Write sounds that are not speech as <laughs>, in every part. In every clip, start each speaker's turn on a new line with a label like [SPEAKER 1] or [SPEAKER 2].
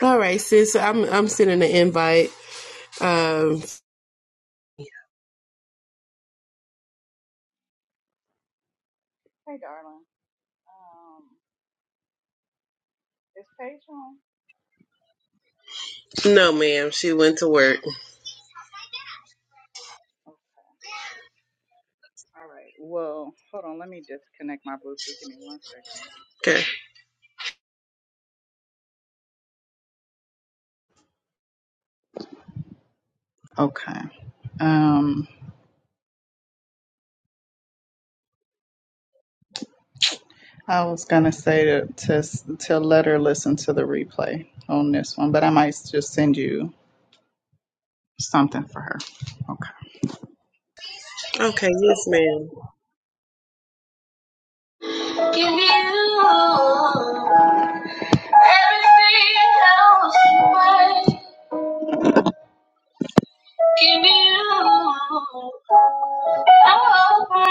[SPEAKER 1] All right, sis. so I'm I'm sending an invite. Um,
[SPEAKER 2] Hey, darling. Um, is Paige on?
[SPEAKER 1] no, ma'am. She went to work.
[SPEAKER 2] Oh, all right. Well, hold on. Let me disconnect my Bluetooth. Give me one second.
[SPEAKER 1] Okay.
[SPEAKER 2] Okay. Um, I was gonna say to to s- to let her listen to the replay on this one, but I might just send you something for her. Okay.
[SPEAKER 1] Okay. Yes, ma'am.
[SPEAKER 2] Give you everything else away. Give me you over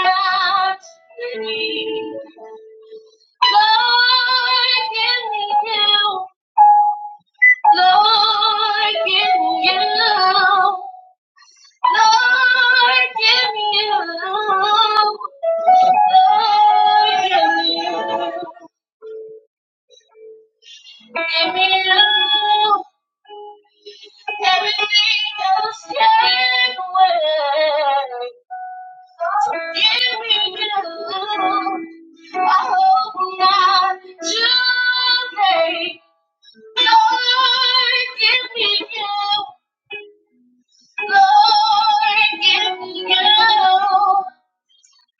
[SPEAKER 2] me. Lord, give me you. Lord, give me you. Lord, give me you. Lord, give me you. Give me you. Everything else can wait. Here we go. I hope not too late. Lord, give me you. Lord, give me you.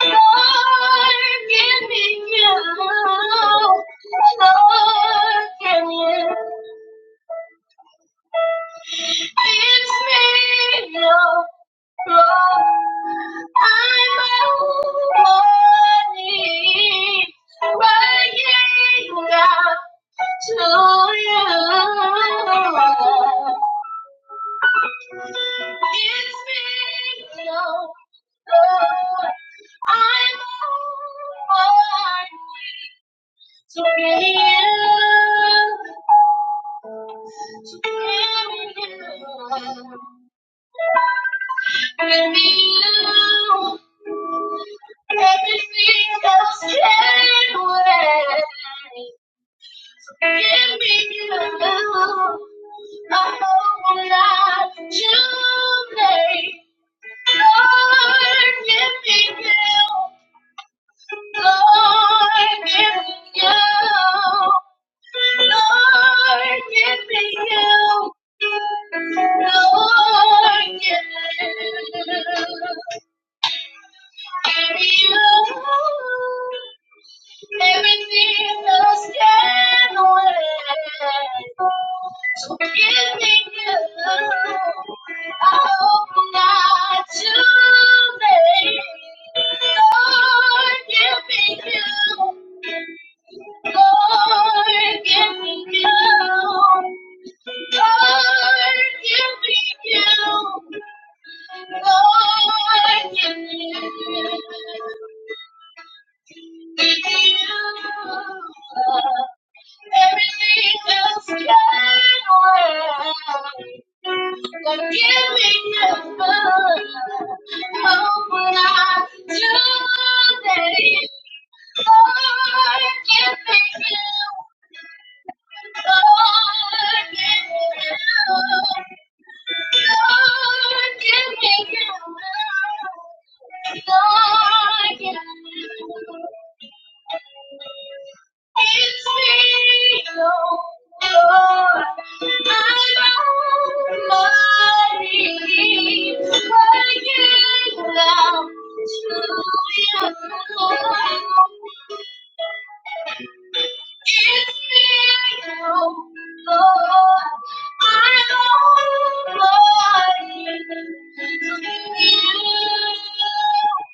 [SPEAKER 2] Lord, give me you. Lord, give me you. It's me, no, no. I'm a woman crying out to you. It's me, no, no. I'm a woman to be you, to be you. Bring me you, everything else can wait. Give me you, I hope I'm not too late. Lord, give me you. Lord, give me you. Lord, give me you. Lord, give me you. Give me you. Everything is getting away. So give me good. I hope not too late. Lord, give me you. Lord, give me you. Lord, give me you. Lord, give me you. Everything else can wait. But give me a good hope not today. Lord, give me you. Thank you. Thank you.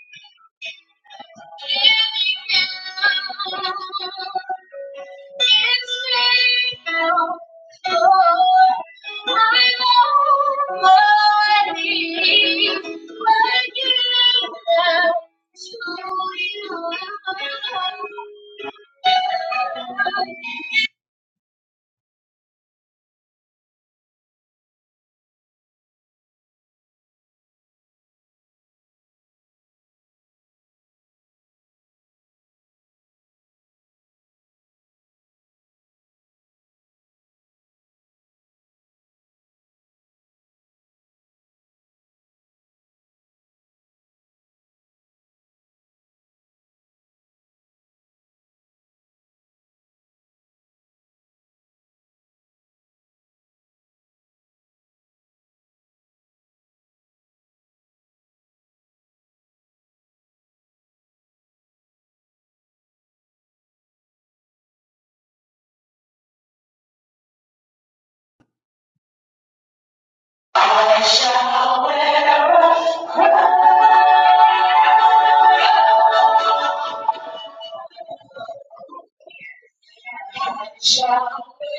[SPEAKER 2] Shall we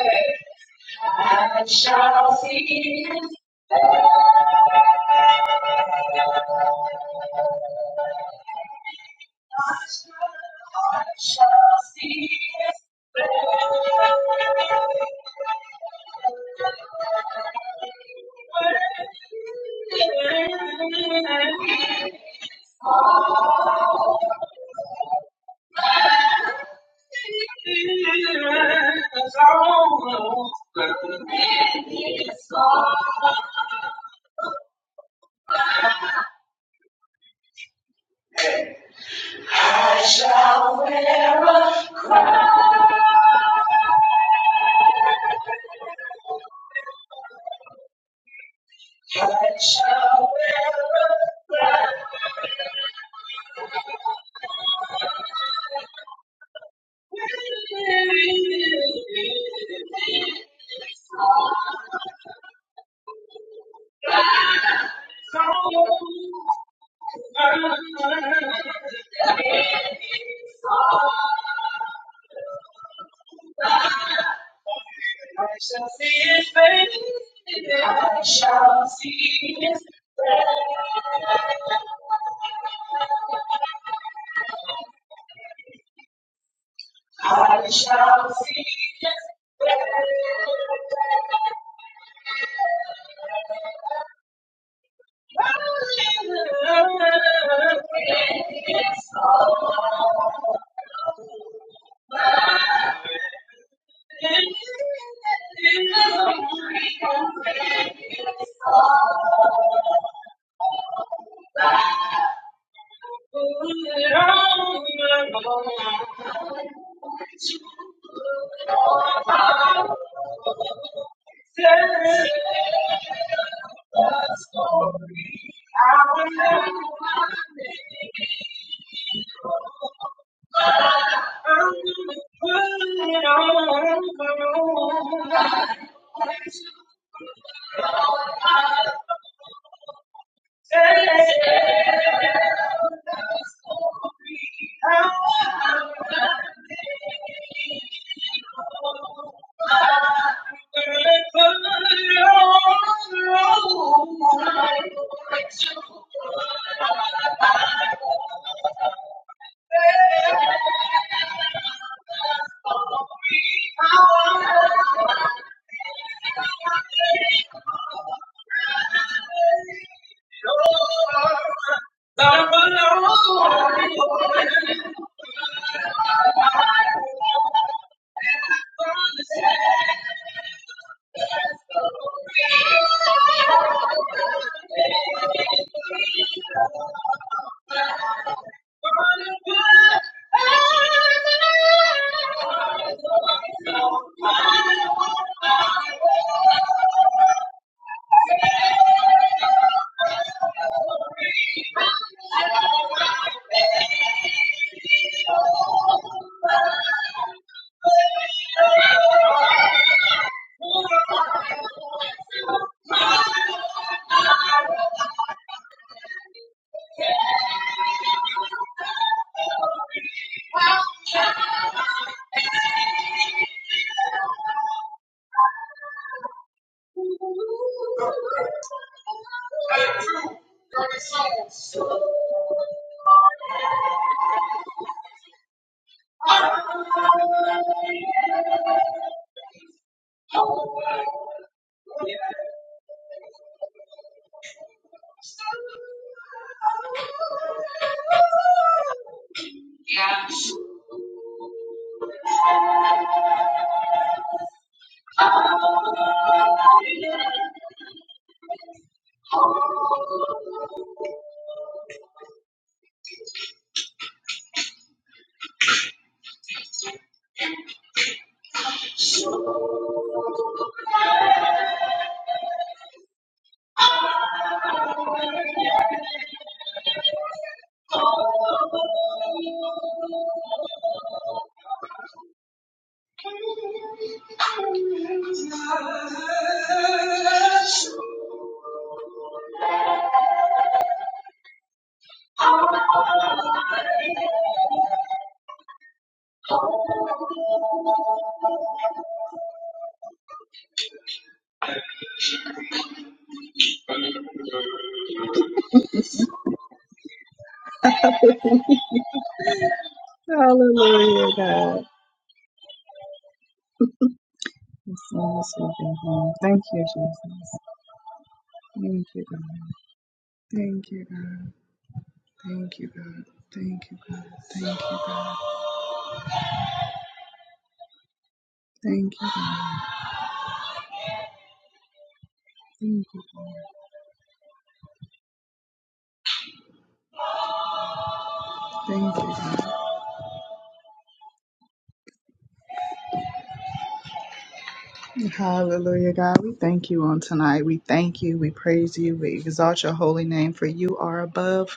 [SPEAKER 2] go? I shall see his master. I shall see his I shall wear a crown. I shall see his face. I shall see his face. I shall see his face. Thank you. Lord, I'm alone. Andrew, dirty souls. Hallelujah, God. Yes, we do, God. Thank you, Jesus. Thank you, God. Thank you, God. Thank you, God. Thank you, God. Thank you, God. Hallelujah, God. We thank you on tonight. We thank you. We praise you. We exalt your holy name, for you are above.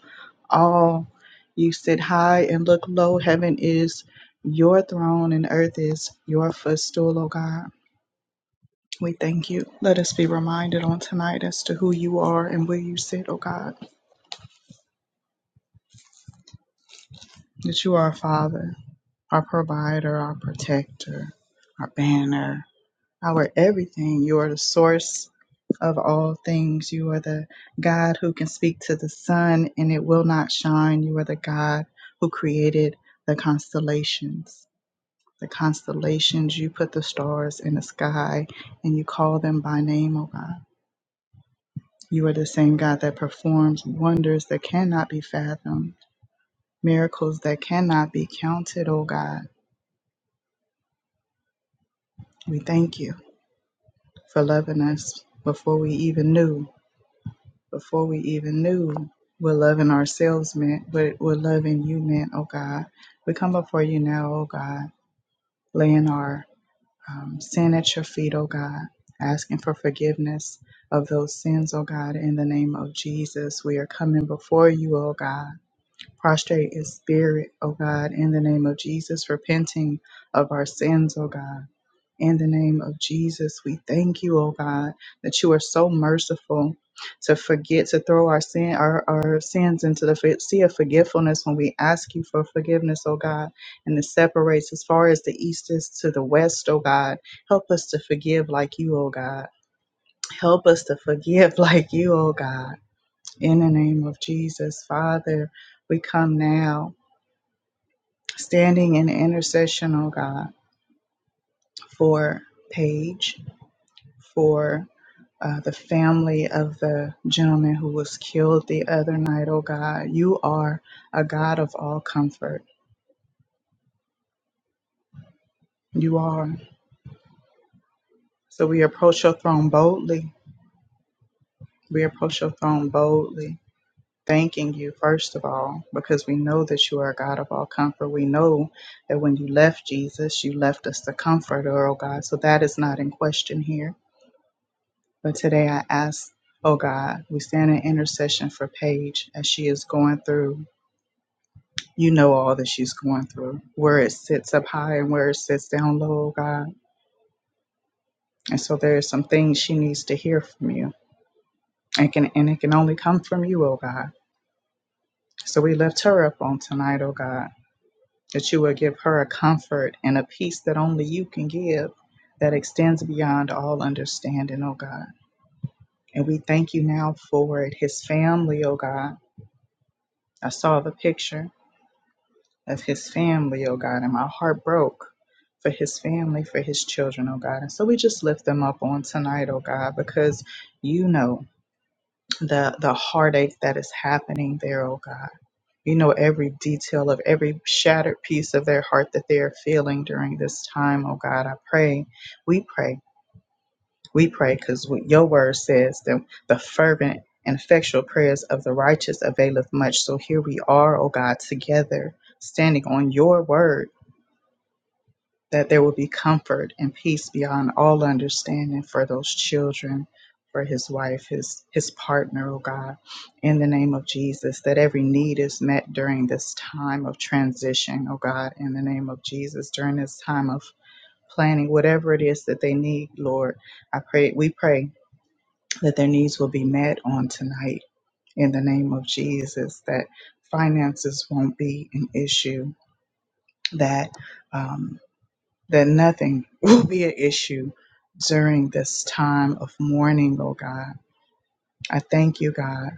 [SPEAKER 2] all. You sit high and look low. Heaven is your throne and earth is your footstool, O God. We thank you. Let us be reminded on tonight as to who you are and where you sit, O God, that you are our Father, our provider, our protector, our banner, our everything. You are the source of all things. You are the God who can speak to the sun and it will not shine. You are the God who created the constellations. the constellations. You put the stars in the sky and you call them by name, O God. You are the same God that performs wonders that cannot be fathomed, miracles that cannot be counted, O God. We thank you for loving us before we even knew, before we even knew what loving ourselves meant, what, what loving you meant, O God. We come before you now, O God, laying our um, sin at your feet, oh God, asking for forgiveness of those sins, oh God, in the name of Jesus. We are coming before you, oh God, prostrate in spirit, oh God, in the name of Jesus, repenting of our sins, oh God. In the name of Jesus, we thank you, oh God, that you are so merciful to forget, to throw our sin, our, our sins into the fi- sea of forgetfulness when we ask you for forgiveness, oh God, and it separates as far as the east is to the west, oh God. Help us to forgive like you, oh God. Help us to forgive <laughs> like you, oh God. In the name of Jesus, Father, we come now standing in intercession, oh God, for Paige, for uh, the family of the gentleman who was killed the other night, oh God. You are a God of all comfort. You are. So we approach your throne boldly. We approach your throne boldly, thanking you, first of all, because we know that you are a God of all comfort. We know that when you left Jesus, you left us the comforter, oh God. So that is not in question here. But today I ask, oh God, we stand in intercession for Paige as she is going through You know all that she's going through, where it sits up high and where it sits down low, oh God. And so there are some things she needs to hear from you. And can and it can only come from you, oh God. So we lift her up on tonight, oh God, that you will give her a comfort and a peace that only you can give that extends beyond all understanding, oh God. And we thank you now for it. His family, oh God. I saw the picture of his family, oh God. And my heart broke for his family, for his children, oh God. And so we just lift them up on tonight, oh God, because you know the the heartache that is happening there, oh God. You know every detail of every shattered piece of their heart that they are feeling during this time, oh God. I pray, we pray, we pray, because your word says that the fervent and effectual prayers of the righteous availeth much. So here we are, oh God, together, standing on your word that there will be comfort and peace beyond all understanding for those children, for his wife, his his partner, oh God, in the name of Jesus, that every need is met during this time of transition, oh God, in the name of Jesus, during this time of planning, whatever it is that they need, Lord. I pray we pray that their needs will be met on tonight in the name of Jesus, that finances won't be an issue, that um, that nothing <laughs> will be an issue during this time of mourning, oh God. I thank you, God.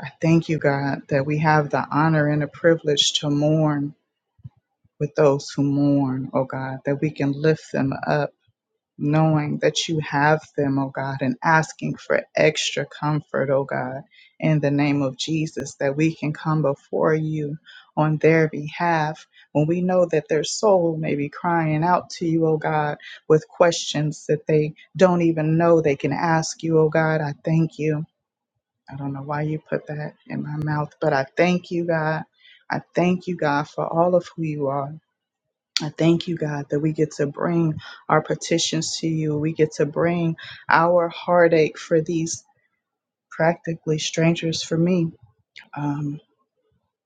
[SPEAKER 2] I thank you, God, that we have the honor and the privilege to mourn with those who mourn, oh God, that we can lift them up knowing that you have them, oh God, and asking for extra comfort, oh God, in the name of Jesus, that we can come before you on their behalf when we know that their soul may be crying out to you, oh God, with questions that they don't even know they can ask you, oh God. I thank you. I don't know why you put that in my mouth, but I thank you, God. I thank you, God, for all of who you are. I thank you, God, that we get to bring our petitions to you. We get to bring our heartache for these practically strangers for me. Um,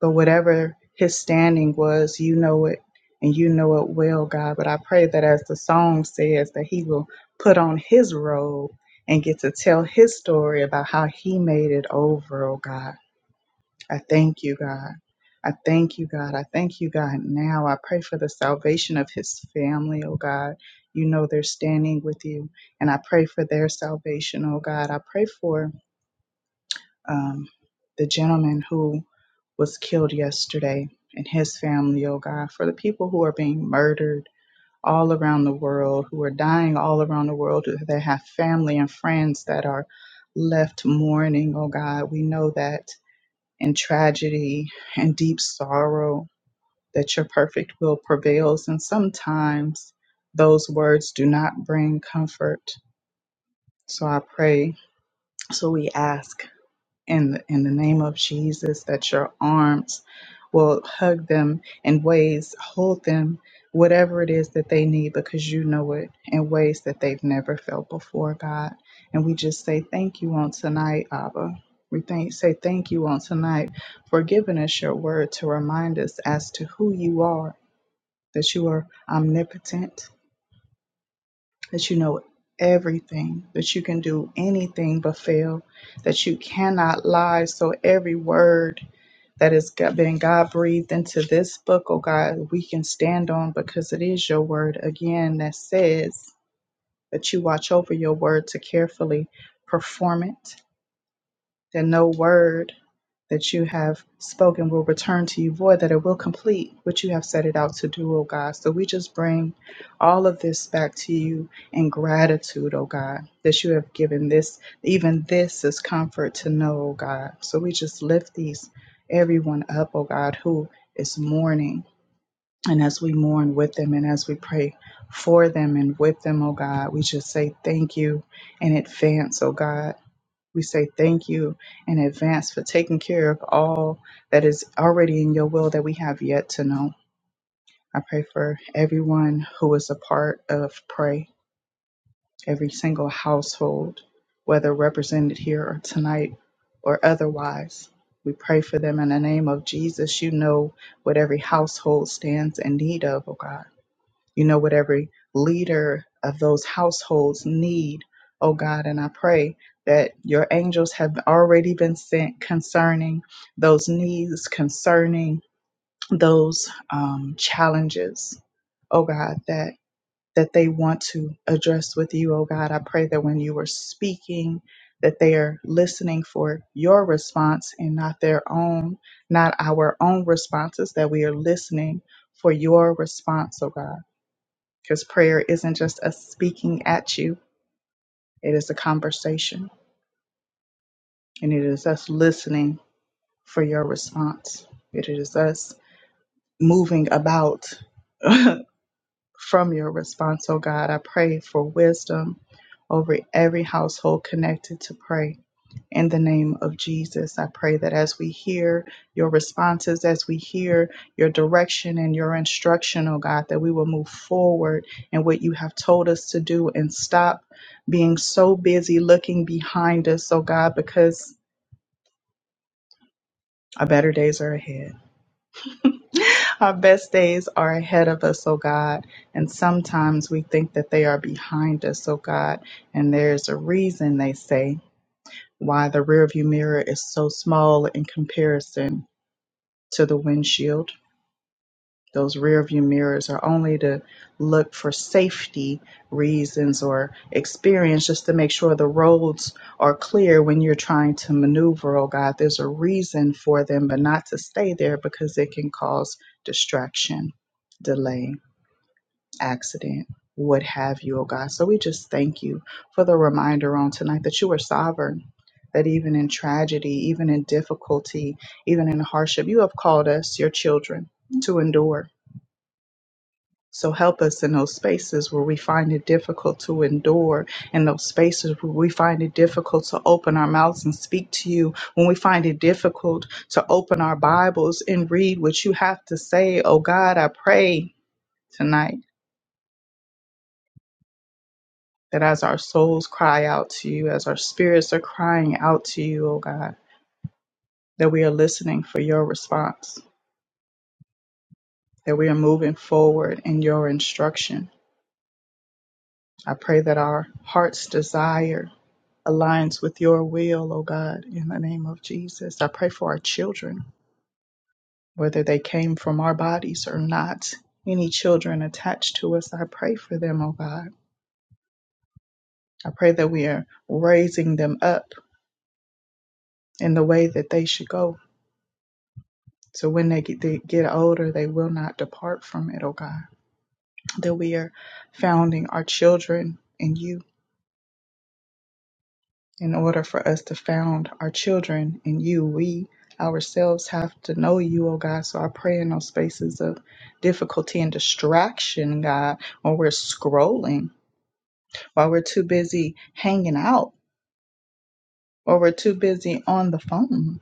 [SPEAKER 2] but whatever his standing was, you know it, and you know it well, God. But I pray that as the song says, that he will put on his robe and get to tell his story about how he made it over, oh God. I thank you, God. I thank you, God. I thank you, God. Now I pray for the salvation of his family, oh God. You know they're standing with you, and I pray for their salvation, oh God. I pray for um, the gentleman who was killed yesterday and his family, oh God, for the people who are being murdered all around the world, who are dying all around the world, that have family and friends that are left mourning, oh God. We know that and tragedy and deep sorrow that your perfect will prevails. And sometimes those words do not bring comfort. So I pray. So we ask in the, in the name of Jesus that your arms will hug them in ways, hold them, whatever it is that they need, because you know it in ways that they've never felt before, God. And we just say thank you on tonight, Abba. We thank, say thank you on tonight for giving us your word to remind us as to who you are, that you are omnipotent, that you know everything, that you can do anything but fail, that you cannot lie. So every word that has got- been God breathed into this book, oh God, we can stand on because it is your word again that says that you watch over your word to carefully perform it that no word that you have spoken will return to you void, that it will complete what you have set it out to do, O God. So we just bring all of this back to you in gratitude, O God, that you have given this, even this is comfort to know, O God. So we just lift these, everyone up, O God, who is mourning. And as we mourn with them and as we pray for them and with them, O God, we just say thank you in advance, O God we say thank you in advance for taking care of all that is already in your will that we have yet to know. I pray for everyone who is a part of Pray, every single household, whether represented here or tonight or otherwise. We pray for them in the name of Jesus. You know what every household stands in need of, oh God you know, what every leader of those households need, oh God. And I pray that your angels have already been sent concerning those needs, concerning those um, challenges, oh God, that that they want to address with you, oh God. I pray that when you are speaking, that they are listening for your response and not their own, not our own responses, that we are listening for your response, oh God. Because prayer isn't just us speaking at you, it is a conversation. And it is us listening for your response. It is us moving about <laughs> from your response. Oh God, I pray for wisdom over every household connected to pray. in the name of Jesus. I pray that as we hear your responses, as we hear your direction and your instruction, oh God, that we will move forward in what you have told us to do and stop being so busy looking behind us, oh God, because our better days are ahead. Our best days are ahead of us, oh God. And sometimes we think that they are behind us, oh God. And there's a reason they say why the rearview mirror is so small in comparison to the windshield. Those rear view mirrors are only to look for safety reasons or experience just to make sure the roads are clear when you're trying to maneuver. Oh God, there's a reason for them, but not to stay there because it can cause distraction, delay accident, what have you, oh God. So we just thank you for the reminder on tonight that you are sovereign, that even in tragedy, even in difficulty, even in hardship, you have called us, your children, to endure. So help us in those spaces where we find it difficult to endure, in those spaces where we find it difficult to open our mouths and speak to you, when we find it difficult to open our Bibles and read what you have to say. Oh God, I pray tonight that as our souls cry out to you, as our spirits are crying out to you, O God, that we are listening for your response, that we are moving forward in your instruction. I pray that our heart's desire aligns with your will, O God, in the name of Jesus. I pray for our children, whether they came from our bodies or not. Any children attached to us, I pray for them, O God. I pray that we are raising them up in the way that they should go, So when they get, they get older, they will not depart from it, oh God. That we are founding our children in you. In order for us to found our children in you, we ourselves have to know you, oh God. So I pray in those spaces of difficulty and distraction, God, when we're scrolling, while we're too busy hanging out, or we're too on the phone,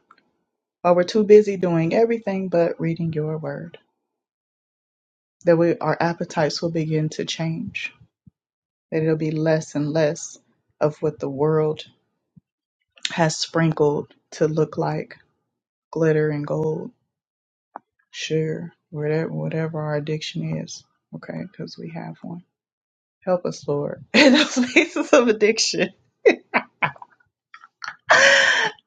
[SPEAKER 2] while we're doing but reading your word, that we, our appetites will begin to change, that it'll be less and less of what the world has sprinkled to look like glitter and gold. Sure, whatever whatever our addiction is, okay, because we have one. Help us, Lord, <laughs> in those places of addiction. <laughs>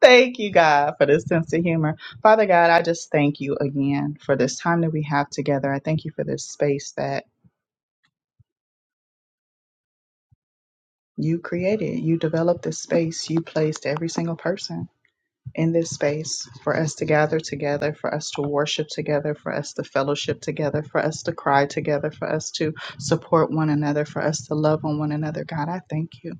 [SPEAKER 2] thank you, God, for this sense of humor. Father God, I just thank you again for this time that we have together. I thank you for this space that you created. You developed this space. You placed every single person. in this space for us to gather together, for us to worship together, for us to fellowship together, for us to cry together, for us to support one another, for us to love on one another. God, I thank you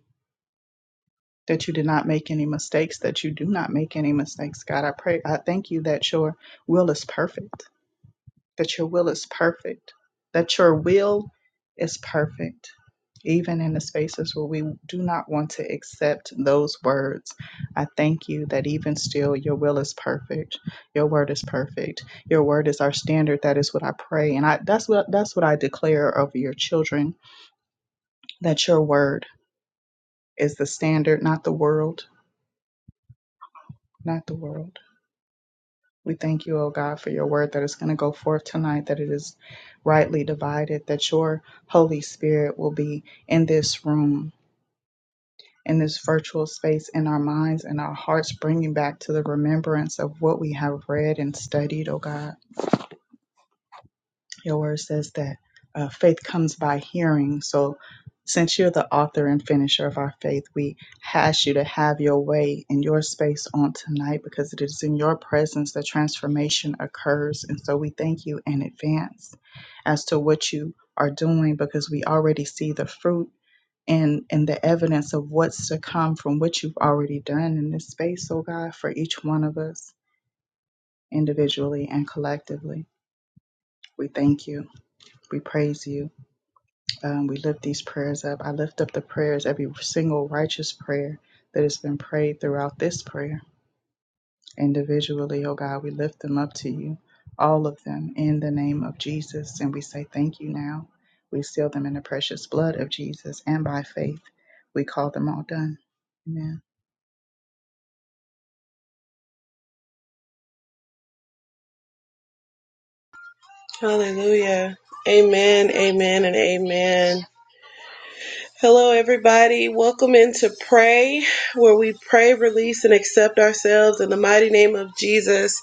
[SPEAKER 2] that you did not make any mistakes, that you do not make any mistakes. God, I pray, I thank you that your will is perfect, that your will is perfect, that your will is perfect even in the spaces where we do not want to accept those words. I thank you that even still, your will is perfect. Your word is perfect. Your word is our standard. That is what I pray, and I that's what that's what I declare over your children. That your word is the standard, not the world, not the world. We thank you, O God, for your word that is going to go forth tonight, that it is rightly divided, that your Holy Spirit will be in this room in this virtual space in our minds and our hearts, bringing back to the remembrance of what we have read and studied, oh God. Your word says that uh, faith comes by hearing. So, since you're the author and finisher of our faith, we ask you to have your way in your space on tonight because it is in your presence that transformation occurs. And so, we thank you in advance as to what you are doing because we already see the fruit and and the evidence of what's to come from what you've already done in this space, oh God, for each one of us individually and collectively. We thank you. We praise you. Um, we lift these prayers up. I lift up the prayers, every single righteous prayer that has been prayed throughout this prayer individually, oh God. We lift them up to you, all of them, in the name of Jesus. And we say thank you now. We seal them in the precious blood of Jesus and by faith. We call them all done. Amen.
[SPEAKER 1] Hallelujah. Amen. Amen. And amen. Hello, everybody. Welcome into pray, where we pray, release, and accept ourselves in the mighty name of Jesus.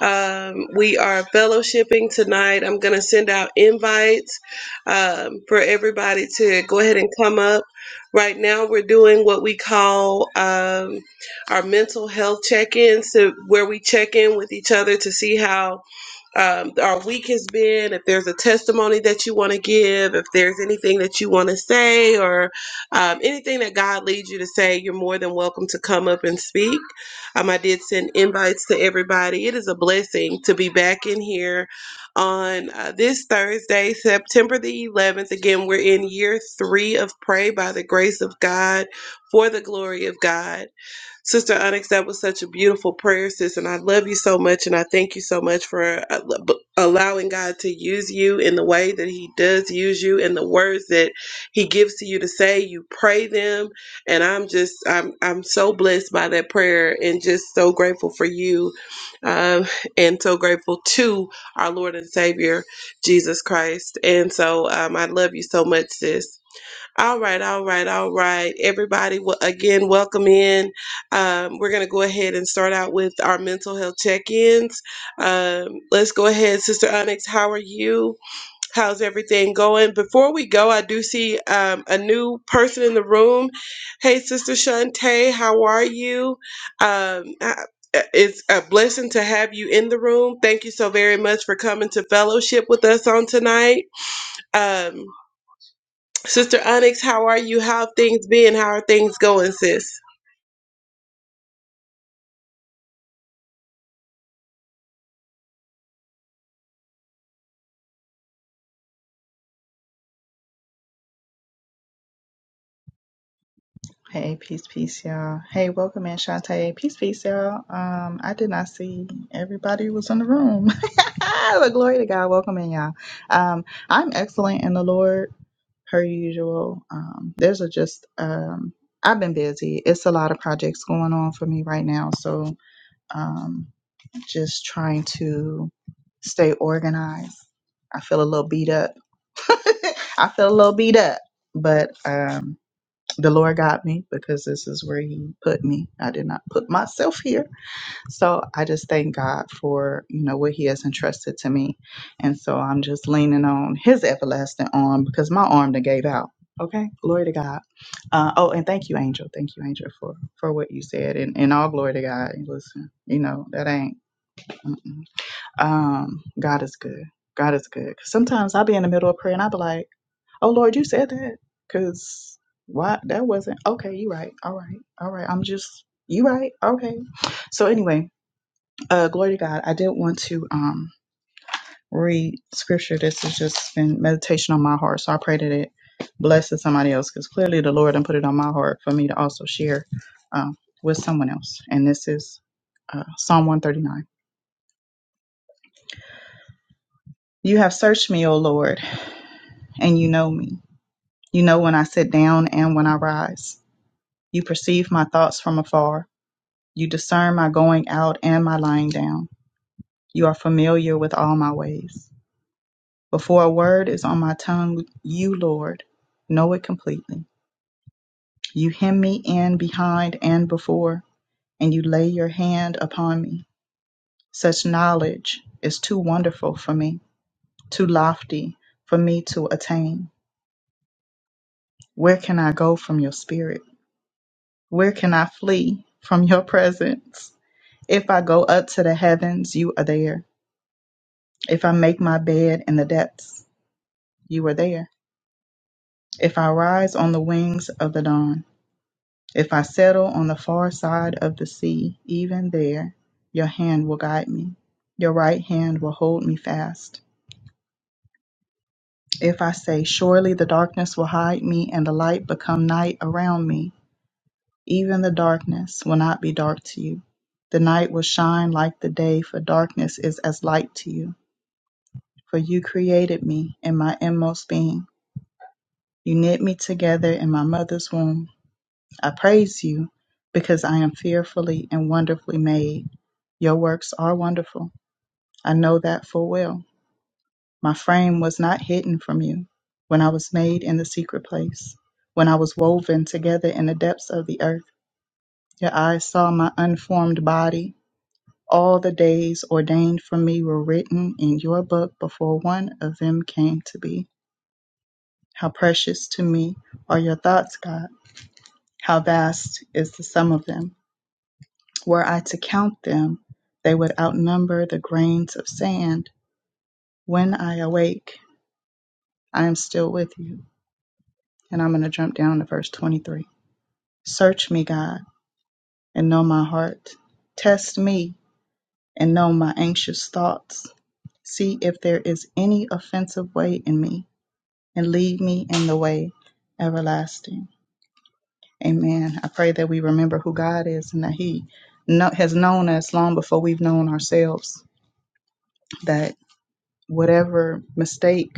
[SPEAKER 1] Um, we are fellowshipping tonight. I'm going to send out invites um, for everybody to go ahead and come up. Right now, we're doing what we call um, our mental health check ins, so where we check in with each other to see how um, our week has been. If there's a testimony that you want to give, if there's anything that you want to say, or um, anything that God leads you to say, you're more than welcome to come up and speak. Um, I did send invites to everybody. It is a blessing to be back in here on uh, this Thursday, September the 11th. Again, we're in year three of Pray by the grace of God for the glory of God. Sister Onyx, that was such a beautiful prayer, sis, and I love you so much, and I thank you so much for uh, b- allowing God to use you in the way that He does use you, and the words that He gives to you to say. You pray them, and I'm just, I'm, I'm so blessed by that prayer, and just so grateful for you, um, and so grateful to our Lord and Savior Jesus Christ. And so, um, I love you so much, sis. All right, all right, all right. Everybody, w- again, welcome in. Um, we're going to go ahead and start out with our mental health check ins. Um, let's go ahead, Sister Onyx. How are you? How's everything going? Before we go, I do see um, a new person in the room. Hey, Sister Shantae, how are you? Um, I- uh, it's a blessing to have you in the room. Thank you so very much for coming to fellowship with us on tonight. Um, Sister Onyx, how are you? How things been? How are things going, sis?
[SPEAKER 2] Hey, peace, peace, y'all. Hey, welcome in, Shantae. Peace, peace, y'all. Um, I did not see everybody was in the room. <laughs> but glory to God. Welcome in, y'all. Um, I'm excellent in the Lord, per usual. Um, there's a just um, I've been busy. It's a lot of projects going on for me right now, so um, just trying to stay organized. I feel a little beat up. <laughs> I feel a little beat up, but um the Lord got me because this is where He put me. I did not put myself here. So I just thank God for, you know, what He has entrusted to me. And so I'm just leaning on His everlasting arm because my arm that gave out. Okay. Glory to God. Uh, oh, and thank you, Angel. Thank you, Angel, for, for what you said. And, and all glory to God. And Listen, you know, that ain't. Mm-mm. Um, God is good. God is good. 'Cause sometimes I'll be in the middle of prayer and I'll be like, Oh Lord, you said that because why that wasn't okay. You right. All right. All right. I'm just you right. Okay. So anyway, uh, glory to God. I did want to um read scripture. This has just been meditation on my heart. So I pray that it blesses somebody else because clearly the Lord and put it on my heart for me to also share um, with someone else. And this is uh, Psalm 139. You have searched me, O Lord, and you know me. You know when I sit down and when I rise. You perceive my thoughts from afar. You discern my going out and my lying down. You are familiar with all my ways. Before a word is on my tongue, you, Lord, know it completely. You hem me in behind and before, and you lay your hand upon me. Such knowledge is too wonderful for me, too lofty for me to attain. Where can I go from your spirit? Where can I flee from your presence? If I go up to the heavens, you are there. If I make my bed in the depths, you are there. If I rise on the wings of the dawn, if I settle on the far side of the sea, even there, your hand will guide me. Your right hand will hold me fast. If I say, Surely the darkness will hide me, and the light become night around me, even the darkness will not be dark to you. The night will shine like the day, for darkness is as light to you. For you created me in my inmost being. You knit me together in my mother's womb. I praise you because I am fearfully and wonderfully made. Your works are wonderful. I know that full well. My frame was not hidden from you when I was made in the secret place, when I was woven together in the depths of the earth. Your eyes saw my unformed body. All the days ordained for me were written in your book before one of them came to be. How precious to me are your thoughts, God. How vast is the sum of them. Were I to count them, they would outnumber the grains of sand. When I awake, I am still with you. And I'm going to jump down to verse 23. Search me, God, and know my heart. Test me and know my anxious thoughts. See if there is any offensive way in me, and lead me in the way everlasting. Amen. I pray that we remember who God is and that He kno- has known us long before we've known ourselves. That whatever mistake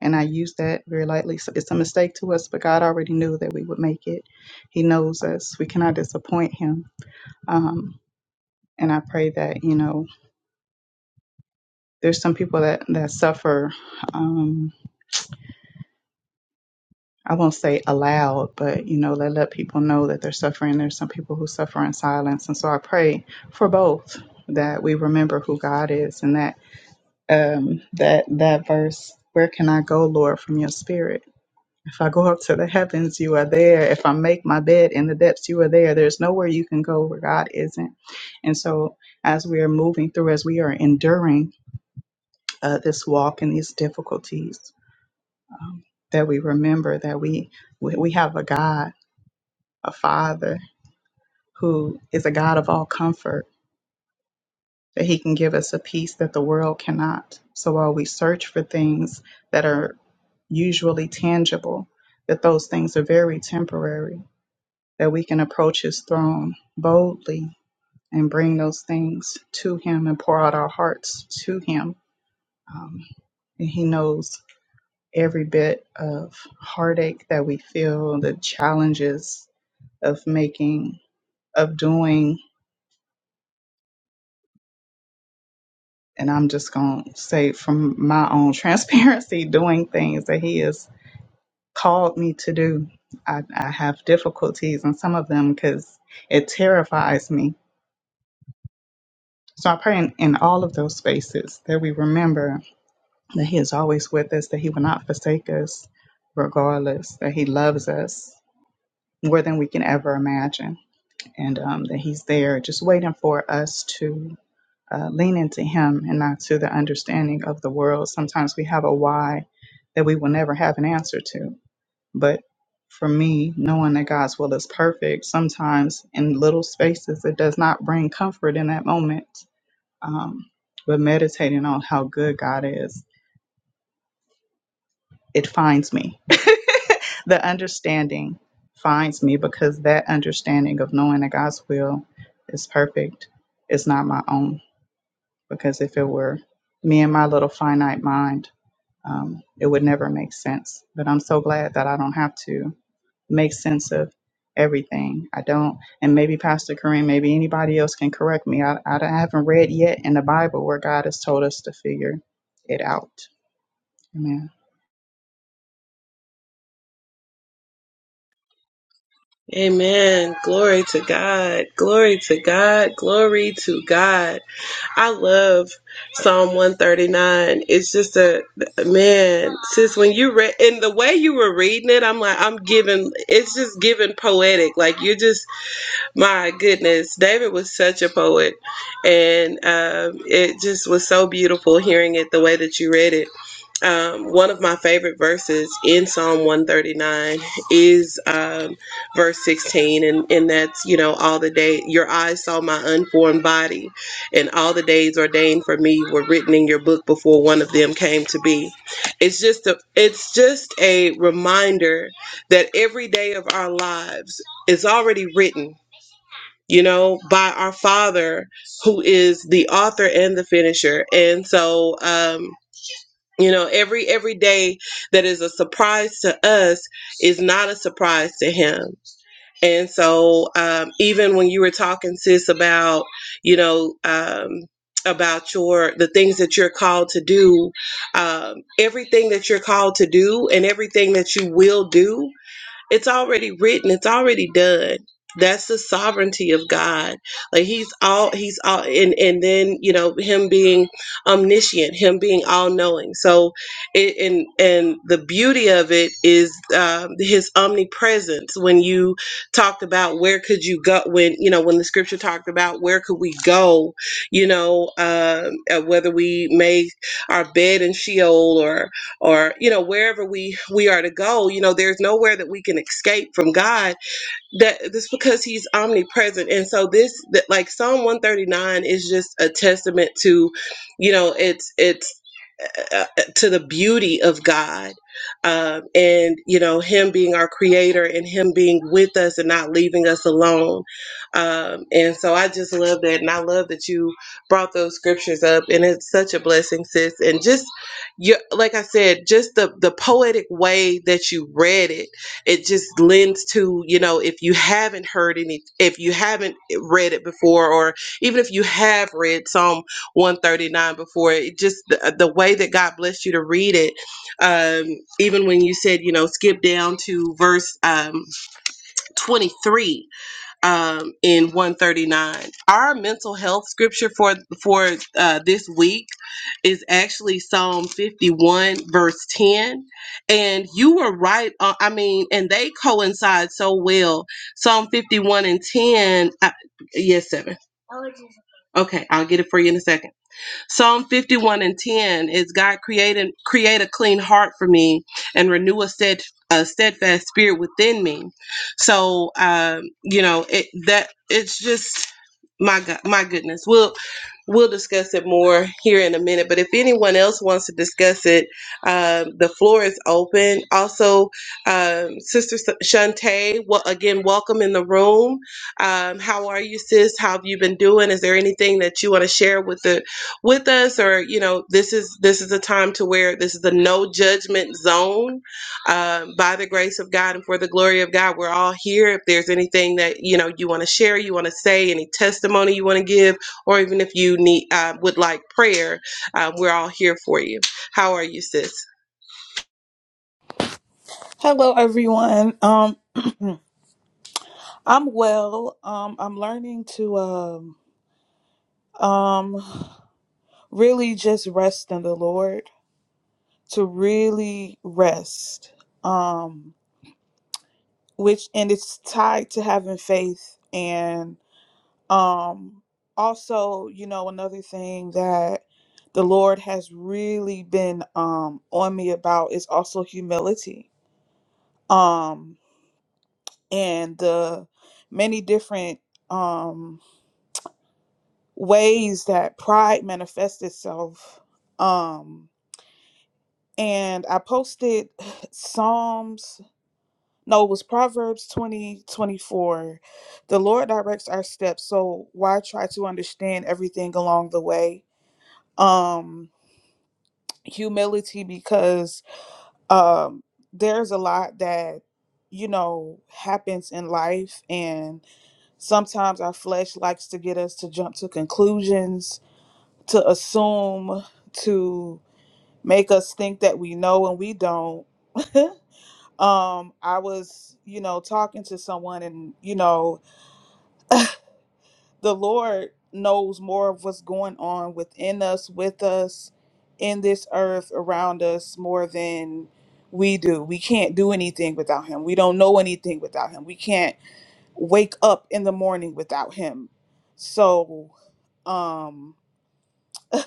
[SPEAKER 2] And I use that very lightly. So it's a mistake to us, but God already knew that we would make it. He knows us. We cannot disappoint Him. Um, and I pray that, you know, there's some people that, that suffer, um, I won't say aloud, but, you know, they let people know that they're suffering. There's some people who suffer in silence. And so I pray for both that we remember who God is and that um, that that verse, where can I go, Lord, from your spirit? If I go up to the heavens, you are there. If I make my bed in the depths, you are there. There's nowhere you can go where God isn't. And so, as we are moving through, as we are enduring uh, this walk and these difficulties, um, that we remember that we we we have a God, a Father who is a God of all comfort. That He can give us a peace that the world cannot. So while we search for things that are usually tangible, that those things are very temporary that we can approach his throne boldly and bring those things to him and pour out our hearts to him. Um, and he knows every bit of heartache that we feel, the challenges of making, of doing. And I'm just going to say from my own transparency, <laughs> doing things that he has called me to do. I, I have difficulties in some of them because it terrifies me. So I pray in, in all of those spaces that we remember that He is always with us, that He will not forsake us, regardless, that He loves us more than we can ever imagine, and um, that He's there just waiting for us to uh, lean into Him and not to the understanding of the world. Sometimes we have a why that we will never have an answer to. But for me, knowing that God's will is perfect, sometimes in little spaces, it does not bring comfort in that moment. Um, but meditating on how good God is it finds me. <laughs> the understanding finds me because that understanding of knowing that God's will is perfect is not my own. Because if it were me and my little finite mind, um, it would never make sense. But I'm so glad that I don't have to make sense of everything. I don't, and maybe Pastor Kareem, maybe anybody else can correct me. I, I haven't read yet in the Bible where God has told us to figure it out. Amen.
[SPEAKER 1] Amen. Glory to God. Glory to God. Glory to God. I love Psalm 139. It's just a man, sis, when you read and the way you were reading it, I'm like, I'm giving it's just giving poetic. Like you're just My goodness, David was such a poet, and um, it just was so beautiful hearing it the way that you read it. Um, one of my favorite verses in Psalm 139 is um, verse 16, and, and that's, you know, all the day, your eyes saw my unformed body, and all the days ordained for me were written in your book before one of them came to be. It's just a, it's just a reminder that every day of our lives is already written you know, by our Father who is the author and the finisher. And so, um, you know, every every day that is a surprise to us is not a surprise to Him. And so, um, even when you were talking, sis, about you know. Um, about your the things that you're called to do um, everything that you're called to do and everything that you will do it's already written, it's already done. That's the sovereignty of God. Like he's all he's all and and then, you know, him being omniscient, him being all knowing. So it, and and the beauty of it is um, his omnipresence when you talked about where could you go when you know when the scripture talked about where could we go you know um, uh, whether we make our bed in sheol or or you know wherever we we are to go you know there's nowhere that we can escape from god that that's because he's omnipresent and so this that like psalm 139 is just a testament to you know it's it's uh, uh, to the beauty of God um, and you know Him being our Creator and Him being with us and not leaving us alone. Um, and so I just love that, and I love that you brought those scriptures up, and it's such a blessing, sis. And just you, like I said, just the the poetic way that you read it, it just lends to you know if you haven't heard any, if you haven't read it before, or even if you have read Psalm 139 before it just the, uh, the way that god blessed you to read it um even when you said you know skip down to verse um 23 um in 139 our mental health scripture for for uh, this week is actually psalm 51 verse 10 and you were right on, i mean and they coincide so well psalm 51 and 10 uh, yes seven okay i'll get it for you in a second Psalm 51 and 10 is God created create a clean heart for me and renew a stead a steadfast spirit within me. So um, you know, it that it's just my God, my goodness. We'll we'll discuss it more here in a minute. But if anyone else wants to discuss it, um, the floor is open. Also, um, Sister S- Shantae, well, again, welcome in the room. Um, how are you, sis? How have you been doing? Is there anything that you want to share with the with us or you know this is this is a time to where this is a no judgment zone um, by the grace of god and for the glory of god we're all here if there's anything that you know you want to share you want to say any testimony you want to give or even if you need uh, would like prayer uh, we're all here for you how are you sis
[SPEAKER 3] Hello, everyone. Um, <clears throat> I'm well. Um, I'm learning to um, um, really just rest in the Lord, to really rest, um, which, and it's tied to having faith. And um, also, you know, another thing that the Lord has really been um, on me about is also humility um, and the many different. Um, ways that pride manifests itself. Um, and I posted <sighs> Psalms, no, it was Proverbs 20 24. The Lord directs our steps, so why try to understand everything along the way? Um, humility, because um, there's a lot that, you know, happens in life, and sometimes our flesh likes to get us to jump to conclusions, to assume, to make us think that we know and we don't. <laughs> um, I was, you know, talking to someone, and you know, the Lord knows more of what's going on within us, with us, in this earth, around us, more than we do. We can't do anything without Him. We don't know anything without Him. We can't wake up in the morning without Him. So, um,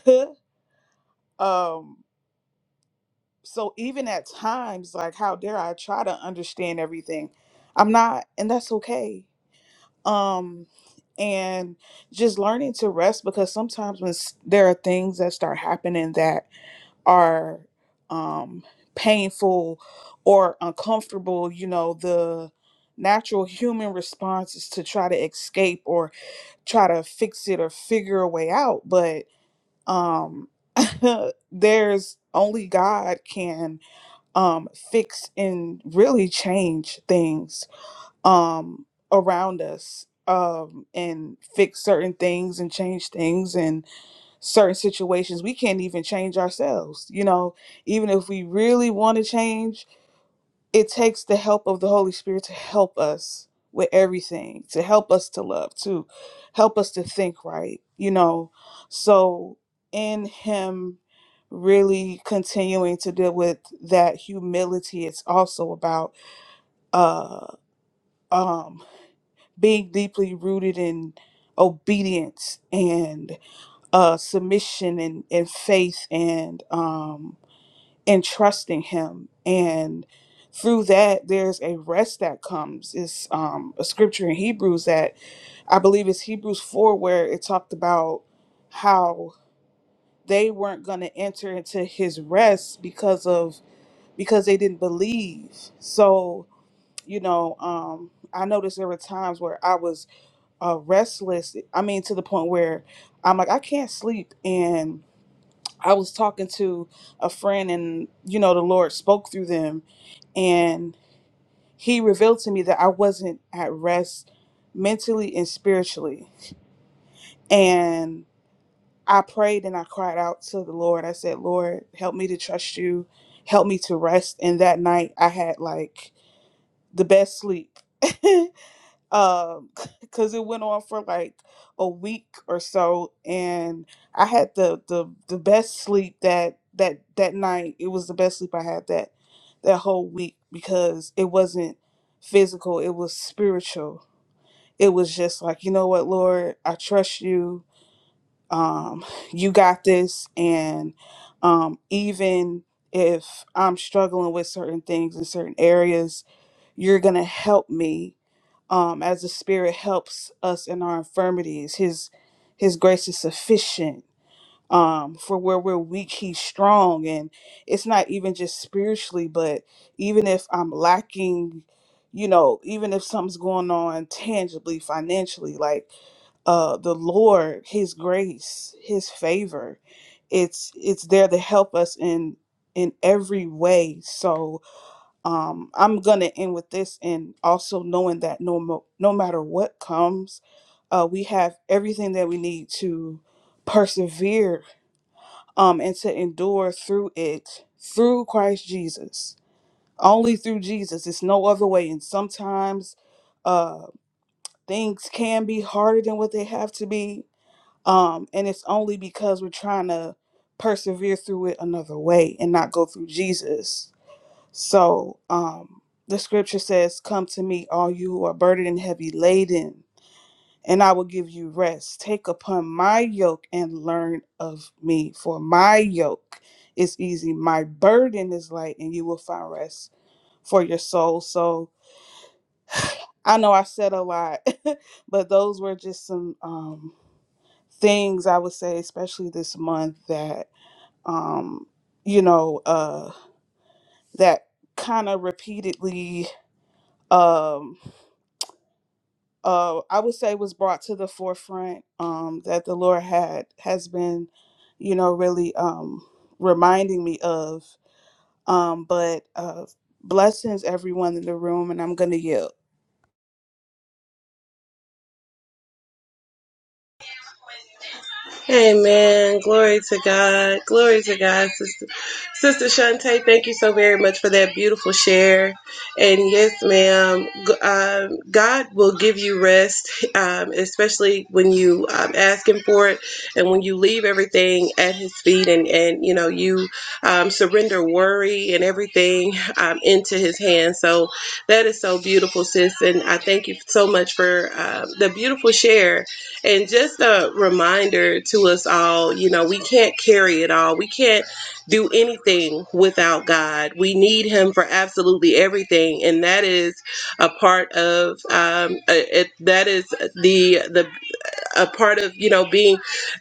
[SPEAKER 3] <laughs> um, so even at times like how dare i try to understand everything i'm not and that's okay um and just learning to rest because sometimes when s- there are things that start happening that are um painful or uncomfortable you know the natural human response is to try to escape or try to fix it or figure a way out but um <laughs> there's only god can um, fix and really change things um, around us um, and fix certain things and change things in certain situations we can't even change ourselves you know even if we really want to change it takes the help of the Holy Spirit to help us with everything, to help us to love, to help us to think right, you know. So, in Him really continuing to deal with that humility, it's also about uh, um, being deeply rooted in obedience and uh, submission and, and faith and. um and trusting him and through that there's a rest that comes it's um, a scripture in hebrews that i believe is hebrews 4 where it talked about how they weren't going to enter into his rest because of because they didn't believe so you know um i noticed there were times where i was uh restless i mean to the point where i'm like i can't sleep and i was talking to a friend and you know the lord spoke through them and he revealed to me that I wasn't at rest mentally and spiritually. And I prayed and I cried out to the Lord. I said, Lord, help me to trust you, help me to rest. And that night I had like the best sleep. <laughs> um <laughs> because it went on for like a week or so and i had the the the best sleep that that that night it was the best sleep i had that that whole week because it wasn't physical it was spiritual it was just like you know what lord i trust you um <laughs> you got this and um even if i'm struggling with certain things in certain areas you're gonna help me um, as the Spirit helps us in our infirmities. His His grace is sufficient. Um, for where we're weak, He's strong, and it's not even just spiritually, but even if I'm lacking, you know, even if something's going on tangibly, financially, like uh, the Lord, His grace, His favor, it's it's there to help us in in every way. So um, I'm gonna end with this, and also knowing that no mo- no matter what comes, uh, we have everything that we need to persevere um, and to endure through it through Christ Jesus. Only through Jesus. It's no other way. And sometimes uh, things can be harder than what they have to be, um, and it's only because we're trying to persevere through it another way and not go through Jesus so um, the scripture says, Come to me, all you who are burdened and heavy laden, and I will give you rest. Take upon my yoke and learn of me, for my yoke is easy, my burden is light, and you will find rest for your soul. So I know I said a lot, <laughs> but those were just some um, things I would say, especially this month, that, um, you know, uh, that kind of repeatedly. Um, uh, I would say was brought to the forefront um, that the Lord had has been, you know, really um, reminding me of. Um, but uh, blessings everyone in the room, and I'm gonna yield.
[SPEAKER 1] Amen. Glory to God. Glory to God, sister. Sister Shante, thank you so very much for that beautiful share. And yes, ma'am, g- um, God will give you rest, um, especially when you um, ask Him for it and when you leave everything at His feet and, and you know, you um, surrender worry and everything um, into His hands. So that is so beautiful, sis. And I thank you so much for um, the beautiful share and just a reminder to us all you know, we can't carry it all. We can't do anything without God. We need Him for absolutely everything. And that is a part of, um, uh, it, that is the, the a part of you know being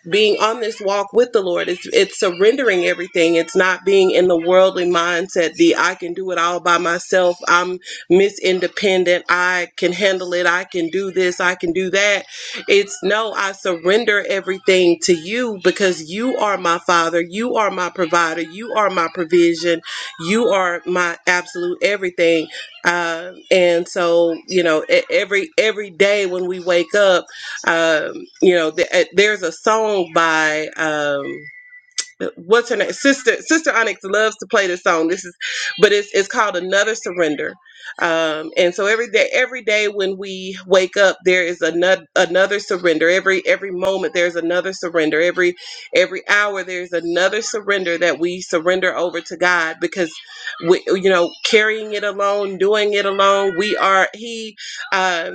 [SPEAKER 1] being on this walk with the Lord. It's it's surrendering everything. It's not being in the worldly mindset, the I can do it all by myself. I'm Miss Independent. I can handle it. I can do this. I can do that. It's no, I surrender everything to you because you are my father. You are my provider. You are my provision. You are my absolute everything. Uh, and so, you know, e- every every day when we wake up um, you know, th- uh, there's a song by um, what's her name? Sister Sister Onyx loves to play this song. This is, but it's it's called Another Surrender. Um, and so every day, every day when we wake up, there is another another surrender. Every every moment there's another surrender. Every every hour there's another surrender that we surrender over to God because we, you know carrying it alone, doing it alone. We are He. Um,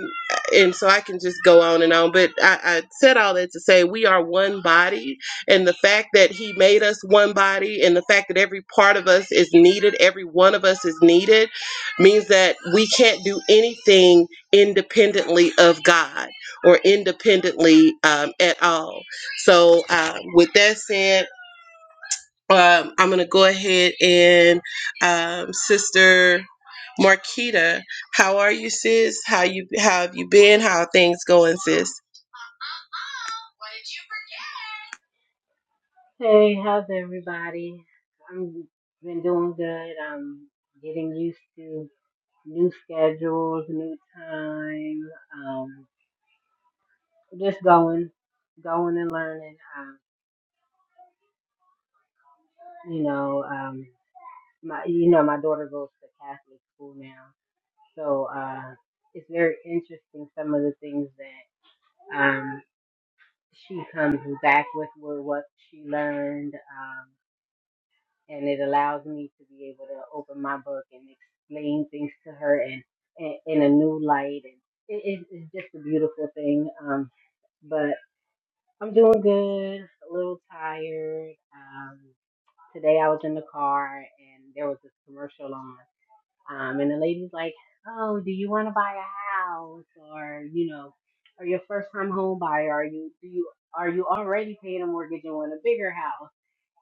[SPEAKER 1] and so I can just go on and on, but I, I said all that to say we are one body and the fact that He made us one body and the fact that every part of us is needed, every one of us is needed, means that we can't do anything independently of God or independently um, at all. So, uh, with that said, um, I'm going to go ahead and um, Sister Marquita, how are you, sis? How you how have you been? How are things going, sis?
[SPEAKER 4] Hey, how's everybody? I'm been doing good. I'm getting used to new schedules, new time. Um, just going, going and learning. Um, you know, um, my you know my daughter goes to Catholic school now, so uh, it's very interesting some of the things that um she comes back with were what she learned. Um, and it allows me to be able to open my book and explain things to her and, and in a new light and it, it, it's just a beautiful thing um but i'm doing good a little tired um today i was in the car and there was this commercial on um and the lady's like oh do you want to buy a house or you know are you a first time home buyer are you do you are you already paying a mortgage and want a bigger house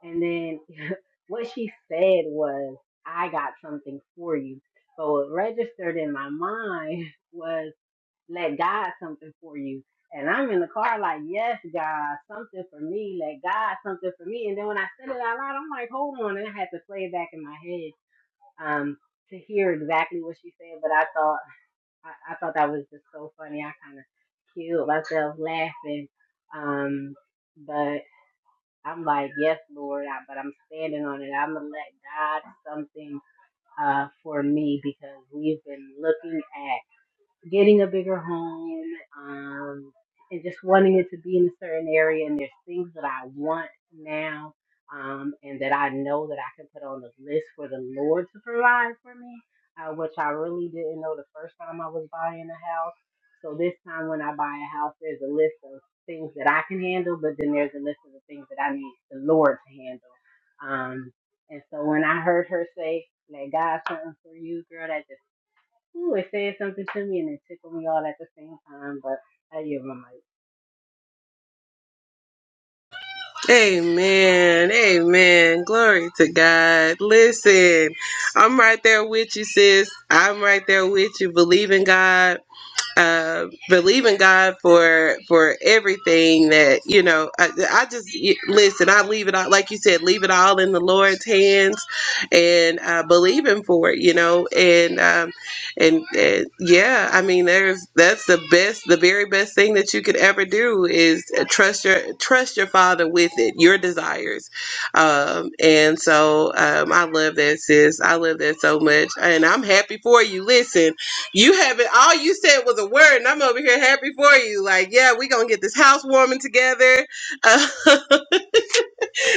[SPEAKER 4] and then <laughs> what she said was, I got something for you. But what registered in my mind <laughs> was, let God something for you. And I'm in the car like, yes, God, something for me. Let God something for me. And then when I said it out loud, I'm like, hold on. And I had to play it back in my head um, to hear exactly what she said. But I thought, I, I thought that was just so funny. I kind of killed myself laughing. Um, but I'm like, yes, Lord, I, but I'm standing on it. I'm gonna let God something uh, for me because we've been looking at getting a bigger home, um, and just wanting it to be in a certain area. And there's things that I want now, um, and that I know that I can put on the list for the Lord to provide for me, uh, which I really didn't know the first time I was buying a house. So this time when I buy a house, there's a list of things that I can handle, but then there's a list of the things that I need the Lord to handle. Um, and so when I heard her say, "Let God something for you, girl," that just Ooh, it said something to me and it tickled me all at the same time, but I give my mic.
[SPEAKER 1] Amen. Amen. Glory to God. Listen, I'm right there with you, sis. I'm right there with you. Believe in God uh, believing God for for everything that you know. I, I just y- listen. I leave it all, like you said, leave it all in the Lord's hands, and uh, believe Him for it. You know, and um, and, and yeah, I mean, there's that's the best, the very best thing that you could ever do is trust your trust your Father with it, your desires, um, and so um, I love that, sis. I love that so much, and I'm happy for you. Listen. You haven't. All you said was a word, and I'm over here happy for you. Like, yeah, we gonna get this housewarming together. Uh, <laughs>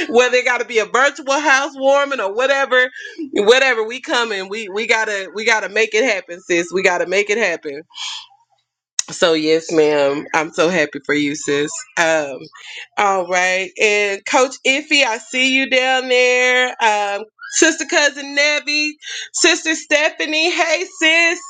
[SPEAKER 1] whether it got to be a virtual housewarming or whatever, whatever, we coming. We we gotta we gotta make it happen, sis. We gotta make it happen. So yes, ma'am. I'm so happy for you, sis. Um, all right. And Coach Iffy, I see you down there. Um, Sister Cousin Nebby, Sister Stephanie, hey sis,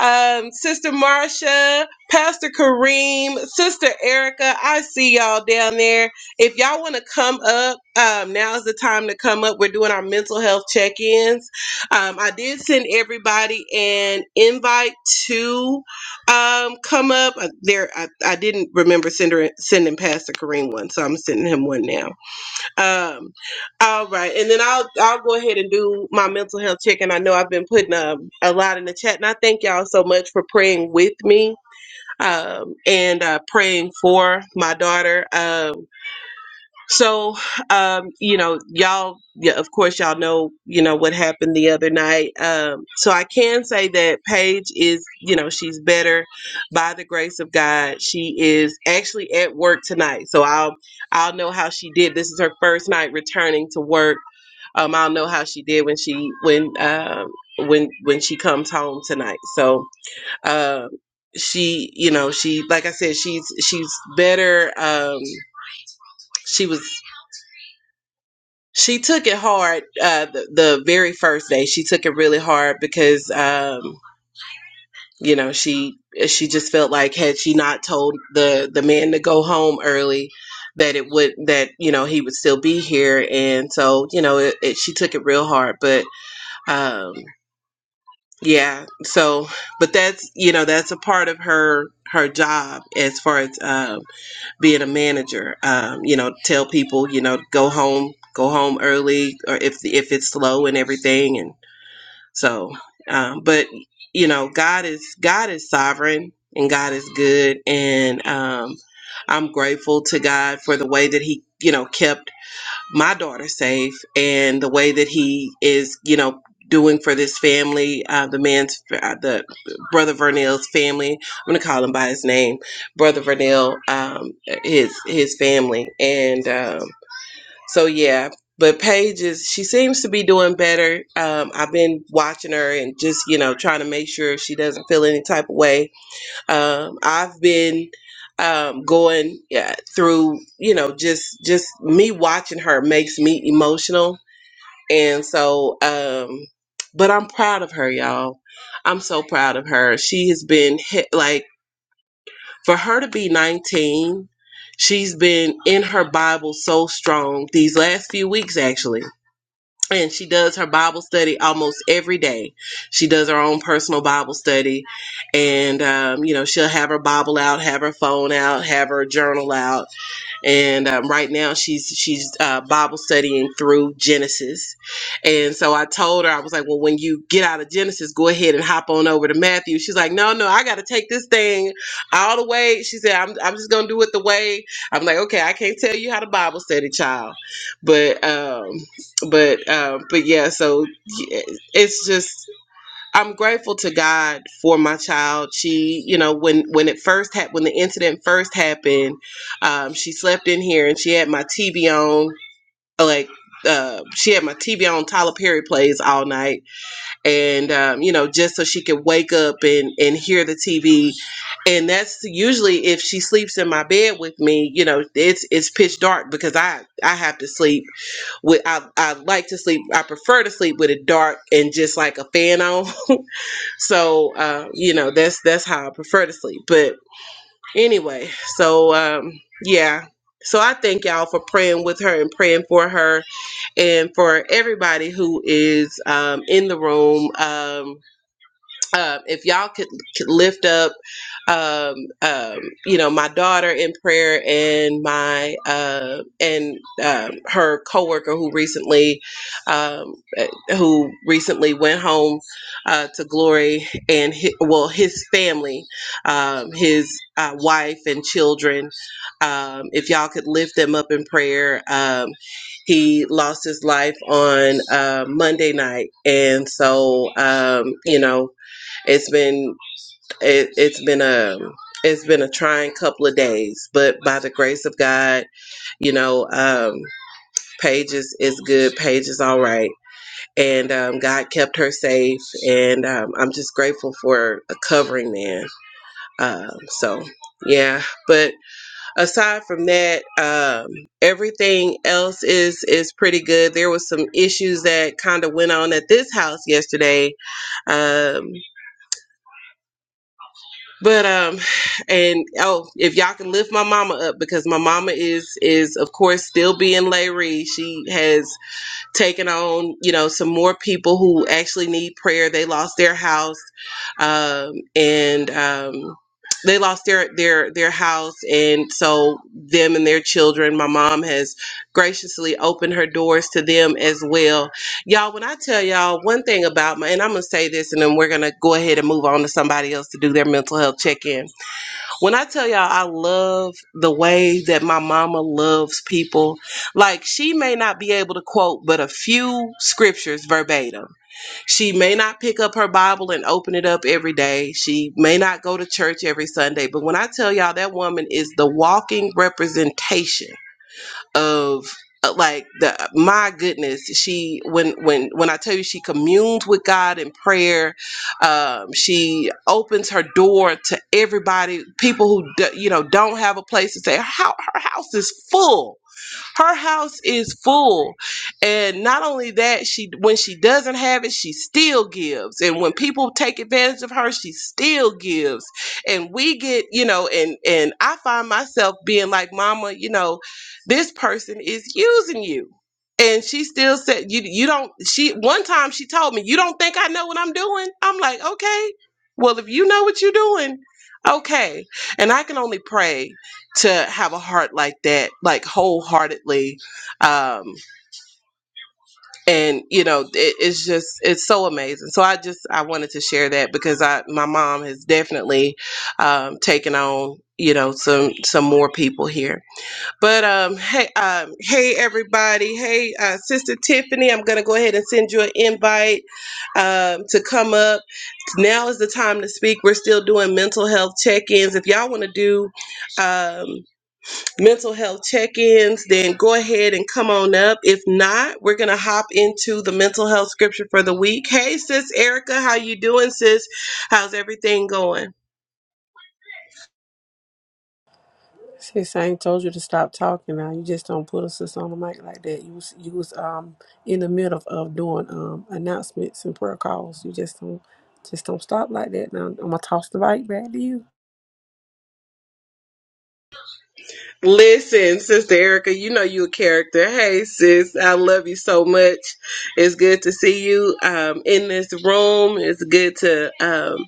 [SPEAKER 1] um, Sister Marcia, Pastor Kareem, Sister Erica, I see y'all down there. If y'all want to come up, um, now's the time to come up. We're doing our mental health check ins. Um, I did send everybody an invite to um come up Uh, there I, I didn't remember sending sending pastor kareem one so i'm sending him one now um all right and then i'll i'll go ahead and do my mental health check and i know i've been putting um, a lot in the chat and i thank y'all so much for praying with me um and uh praying for my daughter Um. So, um, you know, y'all, yeah, of course, y'all know, you know, what happened the other night. Um, so I can say that Paige is, you know, she's better by the grace of God. She is actually at work tonight. So I'll, I'll know how she did. This is her first night returning to work. Um, I'll know how she did when she, when, um, when, when she comes home tonight. So, um, she, you know, she, like I said, she's, she's better. Um, she was she took it hard uh, the, the very first day. She took it really hard because, um, you know, she she just felt like had she not told the the man to go home early, that it would that you know he would still be here, and so you know it, it, she took it real hard. But um, yeah, so but that's you know that's a part of her her job as far as um, being a manager um, you know tell people you know go home go home early or if if it's slow and everything and so um, but you know god is god is sovereign and god is good and um, i'm grateful to god for the way that he you know kept my daughter safe and the way that he is you know doing for this family uh, the man's uh, the brother vernell's family i'm gonna call him by his name brother vernell um, his his family and um, so yeah but Paige is she seems to be doing better um, i've been watching her and just you know trying to make sure she doesn't feel any type of way um, I've been um, going yeah, through, you know, just just me watching her makes me emotional, and so, um, but I'm proud of her, y'all. I'm so proud of her. She has been hit, like for her to be 19. She's been in her Bible so strong these last few weeks, actually and she does her Bible study almost every day. She does her own personal Bible study, and um, you know she'll have her Bible out, have her phone out, have her journal out, and um, right now she's she's uh, Bible studying through Genesis. And so I told her I was like, "Well, when you get out of Genesis, go ahead and hop on over to Matthew." She's like, "No, no, I got to take this thing all the way." She said, "I'm I'm just gonna do it the way." I'm like, "Okay, I can't tell you how to Bible study, child," but um, but um, but yeah. So yeah, it's just. I'm grateful to God for my child. She, you know, when when it first happened, when the incident first happened, um, she slept in here and she had my TV on, like. Uh, she had my TV on Tyler Perry plays all night, and um, you know, just so she could wake up and and hear the TV. And that's usually if she sleeps in my bed with me. You know, it's it's pitch dark because I I have to sleep with I I like to sleep. I prefer to sleep with it dark and just like a fan on so uh, you know, that's that's how I prefer to sleep. But anyway, so um, yeah. So I thank y'all for praying with her and praying for her and for everybody who is um, in the room. Um, um, if y'all could, could lift up, um, um, you know, my daughter in prayer and my uh, and um, her coworker who recently, um, eh, who recently went home uh, to glory, and hi well, his family, um, his uh, wife and children. Um, if y'all could lift them up in prayer, um, he lost his life on uh, Monday night, and so um, you know it's been it, it's been a it's been a trying couple of days, but by the grace of God, you know, um, Paige is, is good. Paige is all right, and um, God kept her safe, and um, I'm just grateful for a covering man. Um, so yeah, but aside from that, um, everything else is is pretty good. There was some issues that kind of went on at this house yesterday, Um, But um, and oh, if y'all can lift my mama up because my mama is is of course still being Larry. She has taking on, you know, some more people who actually need prayer. They lost their house, um, and um, they lost their their their house, and so them and their children. My mom has graciously opened her doors to them as well. Y'all, when I tell y'all one thing about my, and I'm gonna say this, and then we're gonna go ahead and move on to somebody else to do their mental health check in when I tell y'all I love the way that my mama loves people, like she may not be able to quote but a few scriptures verbatim. She may not pick up her Bible and open it up every day. She may not go to church every Sunday, but when I tell y'all that woman is the walking representation of uh, like the my goodness she when when when i tell you she communed with god in prayer um, she opens her door to everybody people who do, you know don't have a place to stay. her, hou- her house is full her house is full. And not only that, she when she doesn't have it, she still gives. And when people take advantage of her, she still gives. And we get, you know, and and I find myself being like, "Mama, you know, this person is using you." And she still said, "You you don't." She one time she told me, "You don't think I know what I'm doing?" I'm like, "Okay, well if you know what you're doing, okay." And I can only pray to have a heart like that like wholeheartedly um and you know it, it's just it's so amazing so i just i wanted to share that because i my mom has definitely um taken on you know some some more people here but um hey um hey everybody hey uh sister tiffany i'm gonna go ahead and send you an invite um to come up now is the time to speak we're still doing mental health check-ins if y'all want to do um mental health check-ins, then go ahead and come on up. If not, we're gonna hop into the mental health scripture for the week. Hey, sis Erica, how you doing, sis? How's everything going?
[SPEAKER 5] Sis, I ain't told you to stop talking now. You just don't put us on the mic like that. You was you was um in the middle of, of doing um announcements and prayer calls. You just don't just don't stop like that now. I'm gonna toss the mic back to you.
[SPEAKER 1] Listen, sister Erica, you know you a character. Hey, sis, I love you so much. It's good to see you um, in this room. It's good to um,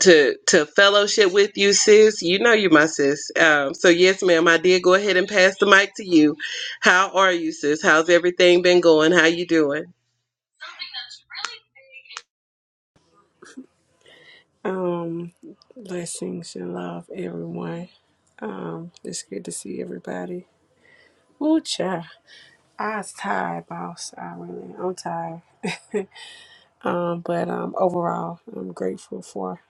[SPEAKER 1] to to fellowship with you, sis. You know you my sis. Um, so yes, ma'am, I did go ahead and pass the mic to you. How are you, sis? How's everything been going? How you doing?
[SPEAKER 5] Um blessings and love everyone. Um it's good to see everybody. Ooh child. I was tired, boss. I really I'm tired. <laughs> um, but um overall I'm grateful for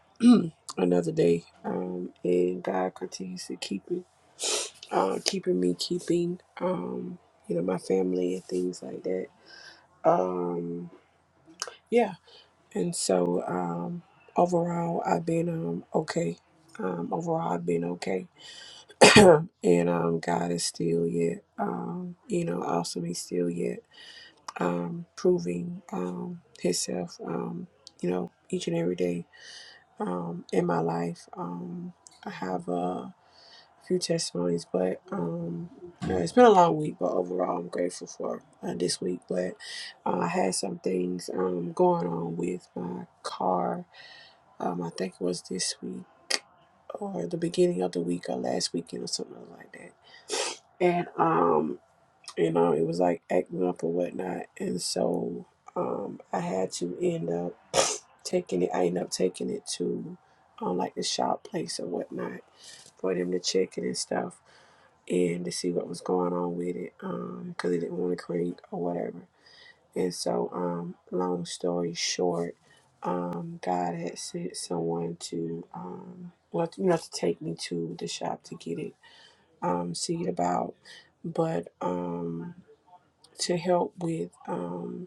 [SPEAKER 5] another day. Um and God continues to keep me uh, keeping me keeping um, you know my family and things like that um, yeah and so um, overall i've been um, okay um, overall i've been okay <clears throat> and um, god is still yet um, you know awesome he's still yet um, proving um, himself um, you know each and every day um, in my life um, i have uh, few testimonies, but um, yeah, it's been a long week. But overall, I'm grateful for uh, this week. But uh, I had some things um going on with my car. Um, I think it was this week or the beginning of the week or last weekend or something like that. And um, you know, it was like acting up or whatnot, and so um, I had to end up <sniffs> taking it. I ended up taking it to um, like the shop place or whatnot for them to check it and stuff and to see what was going on with it um because it didn't want to create or whatever and so um long story short um god had sent someone to um well you know to take me to the shop to get it um see it about but um to help with um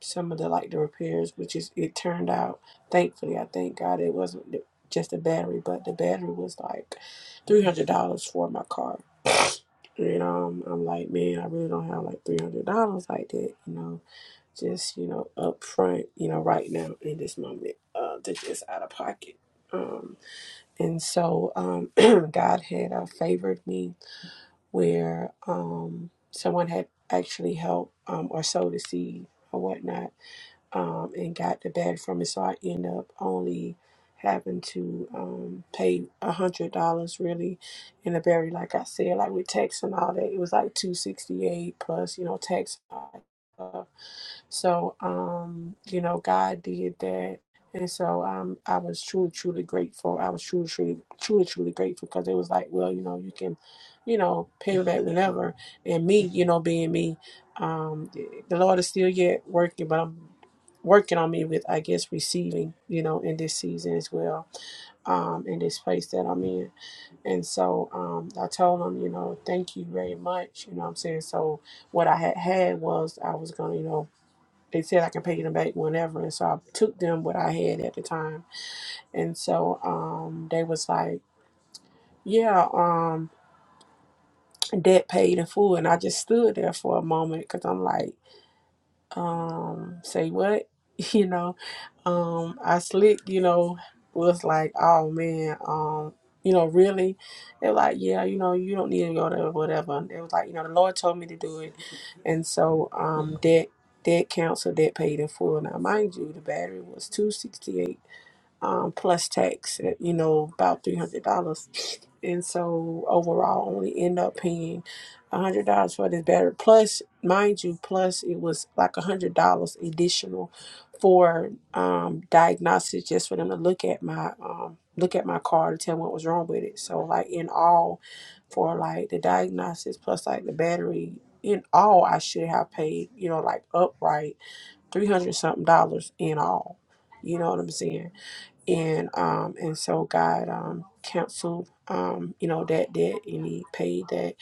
[SPEAKER 5] some of the like the repairs, which is it turned out thankfully. I thank God it wasn't the- just the battery, but the battery was like three hundred dollars for my car. And um, I'm like, man, I really don't have like three hundred dollars like that, you know, just you know, up front, you know, right now in this moment, uh, to just out of pocket. Um, and so um, <clears throat> God had uh, favored me where um, someone had actually helped um, or sowed a seed or whatnot um, and got the bag from it. So I end up only having to um, pay a hundred dollars really in the berry. Like I said, like with tax and all that, it was like two sixty eight plus you know tax. So, um, you know, God did that. And so um, I was truly, truly grateful. I was truly, truly, truly, truly grateful because it was like, well, you know, you can, you know, pivot whenever. And me, you know, being me, um, the Lord is still yet working, but I'm working on me with, I guess, receiving, you know, in this season as well, um, in this place that I'm in. And so um, I told him, you know, thank you very much. You know what I'm saying? So what I had had was I was going to, you know, they said I could pay them back whenever, and so I took them what I had at the time, and so um, they was like, "Yeah, um, debt paid in full," and I just stood there for a moment because I'm like. um say what <laughs> you know um i slick you know was like oh man um you know really they're like yeah you know you don't need to go to whatever it was like you know the lord told me to do it and so um that that council that paid in full now mind you the battery was 268 um, plus tax, at, you know, about three hundred dollars. And so overall, I only end up paying a hundred dollars for this battery. Plus, mind you, plus it was like a hundred dollars additional for um, diagnostics, just for them to look at my um, look at my car to tell what was wrong with it. So, like in all, for like the diagnostics plus like the battery, in all, I should have paid you know like upright three hundred something dollars in all. You know what I'm saying? and um and so God um canceled um you know that debt and he paid that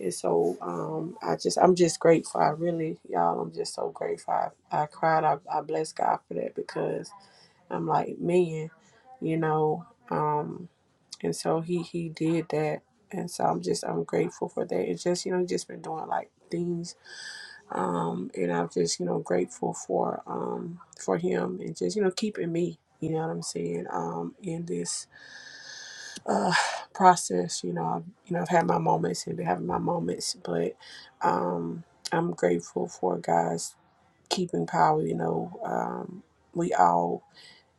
[SPEAKER 5] and so um I just I'm just grateful I really y'all I'm just so grateful I, I cried I, I bless God for that because I'm like man you know um and so he he did that and so I'm just I'm grateful for that it's just you know he just been doing like things um, and I'm just you know grateful for um, for him and just you know keeping me. You know what I'm saying? Um, in this uh, process, you know, I've, you know, I've had my moments and been having my moments, but um, I'm grateful for God's keeping power. You know, um, we all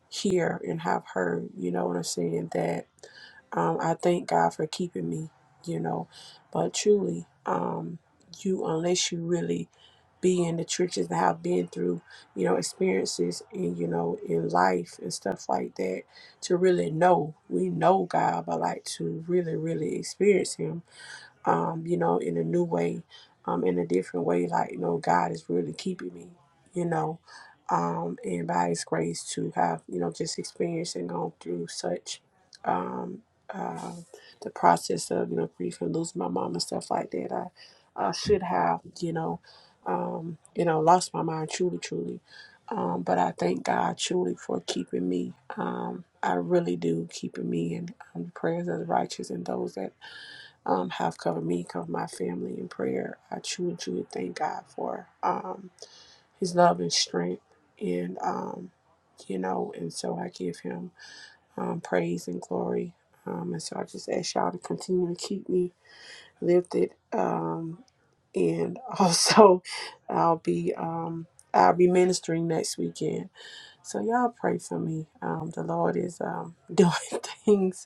[SPEAKER 5] hear and have heard. You know what I'm saying? That um, I thank God for keeping me, you know. But truly, um, you unless you really be in the trenches and have been through, you know, experiences and you know in life and stuff like that to really know. We know God, but like to really, really experience Him um, you know, in a new way, um, in a different way. Like, you know, God is really keeping me, you know, um, and by His grace to have, you know, just experienced and gone through such um, uh, the process of, you know, grief and losing my mom and stuff like that. I, I should have, you know, um, you know, lost my mind truly, truly. Um, but I thank God truly for keeping me. Um, I really do keeping me in um, the prayers of the righteous and those that um, have covered me, covered my family in prayer. I truly, truly thank God for um, His love and strength, and um, you know, and so I give Him um, praise and glory. Um, and so I just ask y'all to continue to keep me lifted, um, and also <laughs> I'll be um, I'll be ministering next weekend. So y'all pray for me. Um, the Lord is um, <laughs> doing things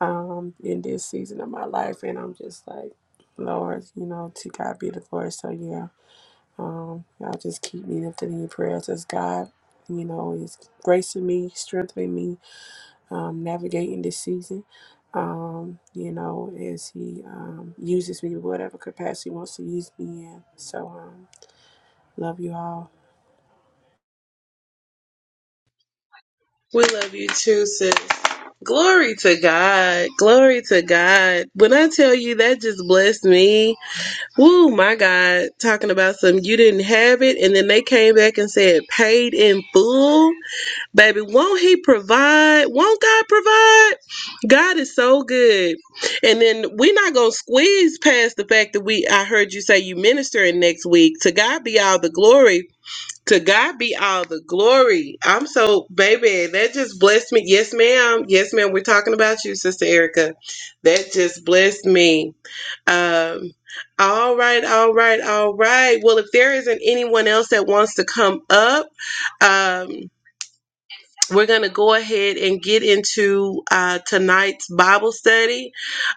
[SPEAKER 5] um, in this season of my life, and I'm just like, Lord, you know, to God be the glory. So yeah, um, y'all just keep me lifted in your prayers as God, you know, is gracing me, strengthening me, um, navigating this season. Um, you know, as He um, uses me in whatever capacity He wants to use me in. So um, love you all,
[SPEAKER 1] We love you too, sis. Glory to God. Glory to God. When I tell you that just blessed me. Woo, my God. Talking about some you didn't have it and then they came back and said paid in full. Baby, won't he provide? Won't God provide? God is so good. And then we're not gonna squeeze past the fact that we I heard you say you ministering next week. To God be all the glory. To God be all the glory. I'm so baby, that just blessed me. Yes, ma'am. Yes, ma'am. We're talking about you, Sister Erica. That just blessed me. Um all right, all right, all right. Well, if there isn't anyone else that wants to come up, um, we're going to go ahead and get into uh, tonight's Bible study.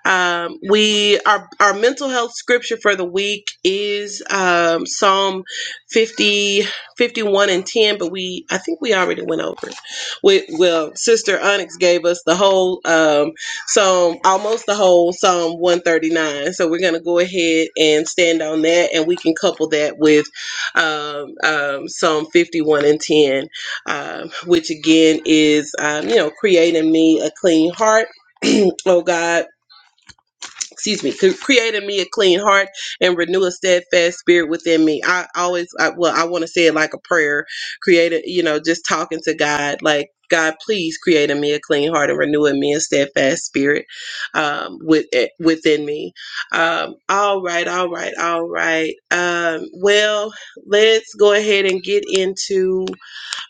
[SPEAKER 1] Um, we our our mental health scripture for the week is um, Psalm 50 51 and ten, but we I think we already went over it. We, well, Sister Onyx gave us the whole um, Psalm, almost the whole Psalm one thirty nine. So we're going to go ahead and stand on that, and we can couple that with um, um, Psalm fifty one and ten um, which again is, um, you know, creating me a clean heart. <clears throat> oh God, excuse me, creating me a clean heart and renew a steadfast spirit within me. I always, I, well, I want to say it like a prayer, created, you know, just talking to God, like, God, please create in me a clean heart and renew in me a steadfast spirit um, with, eh, within me. Um, all right, all right, all right. Um, well, let's go ahead and get into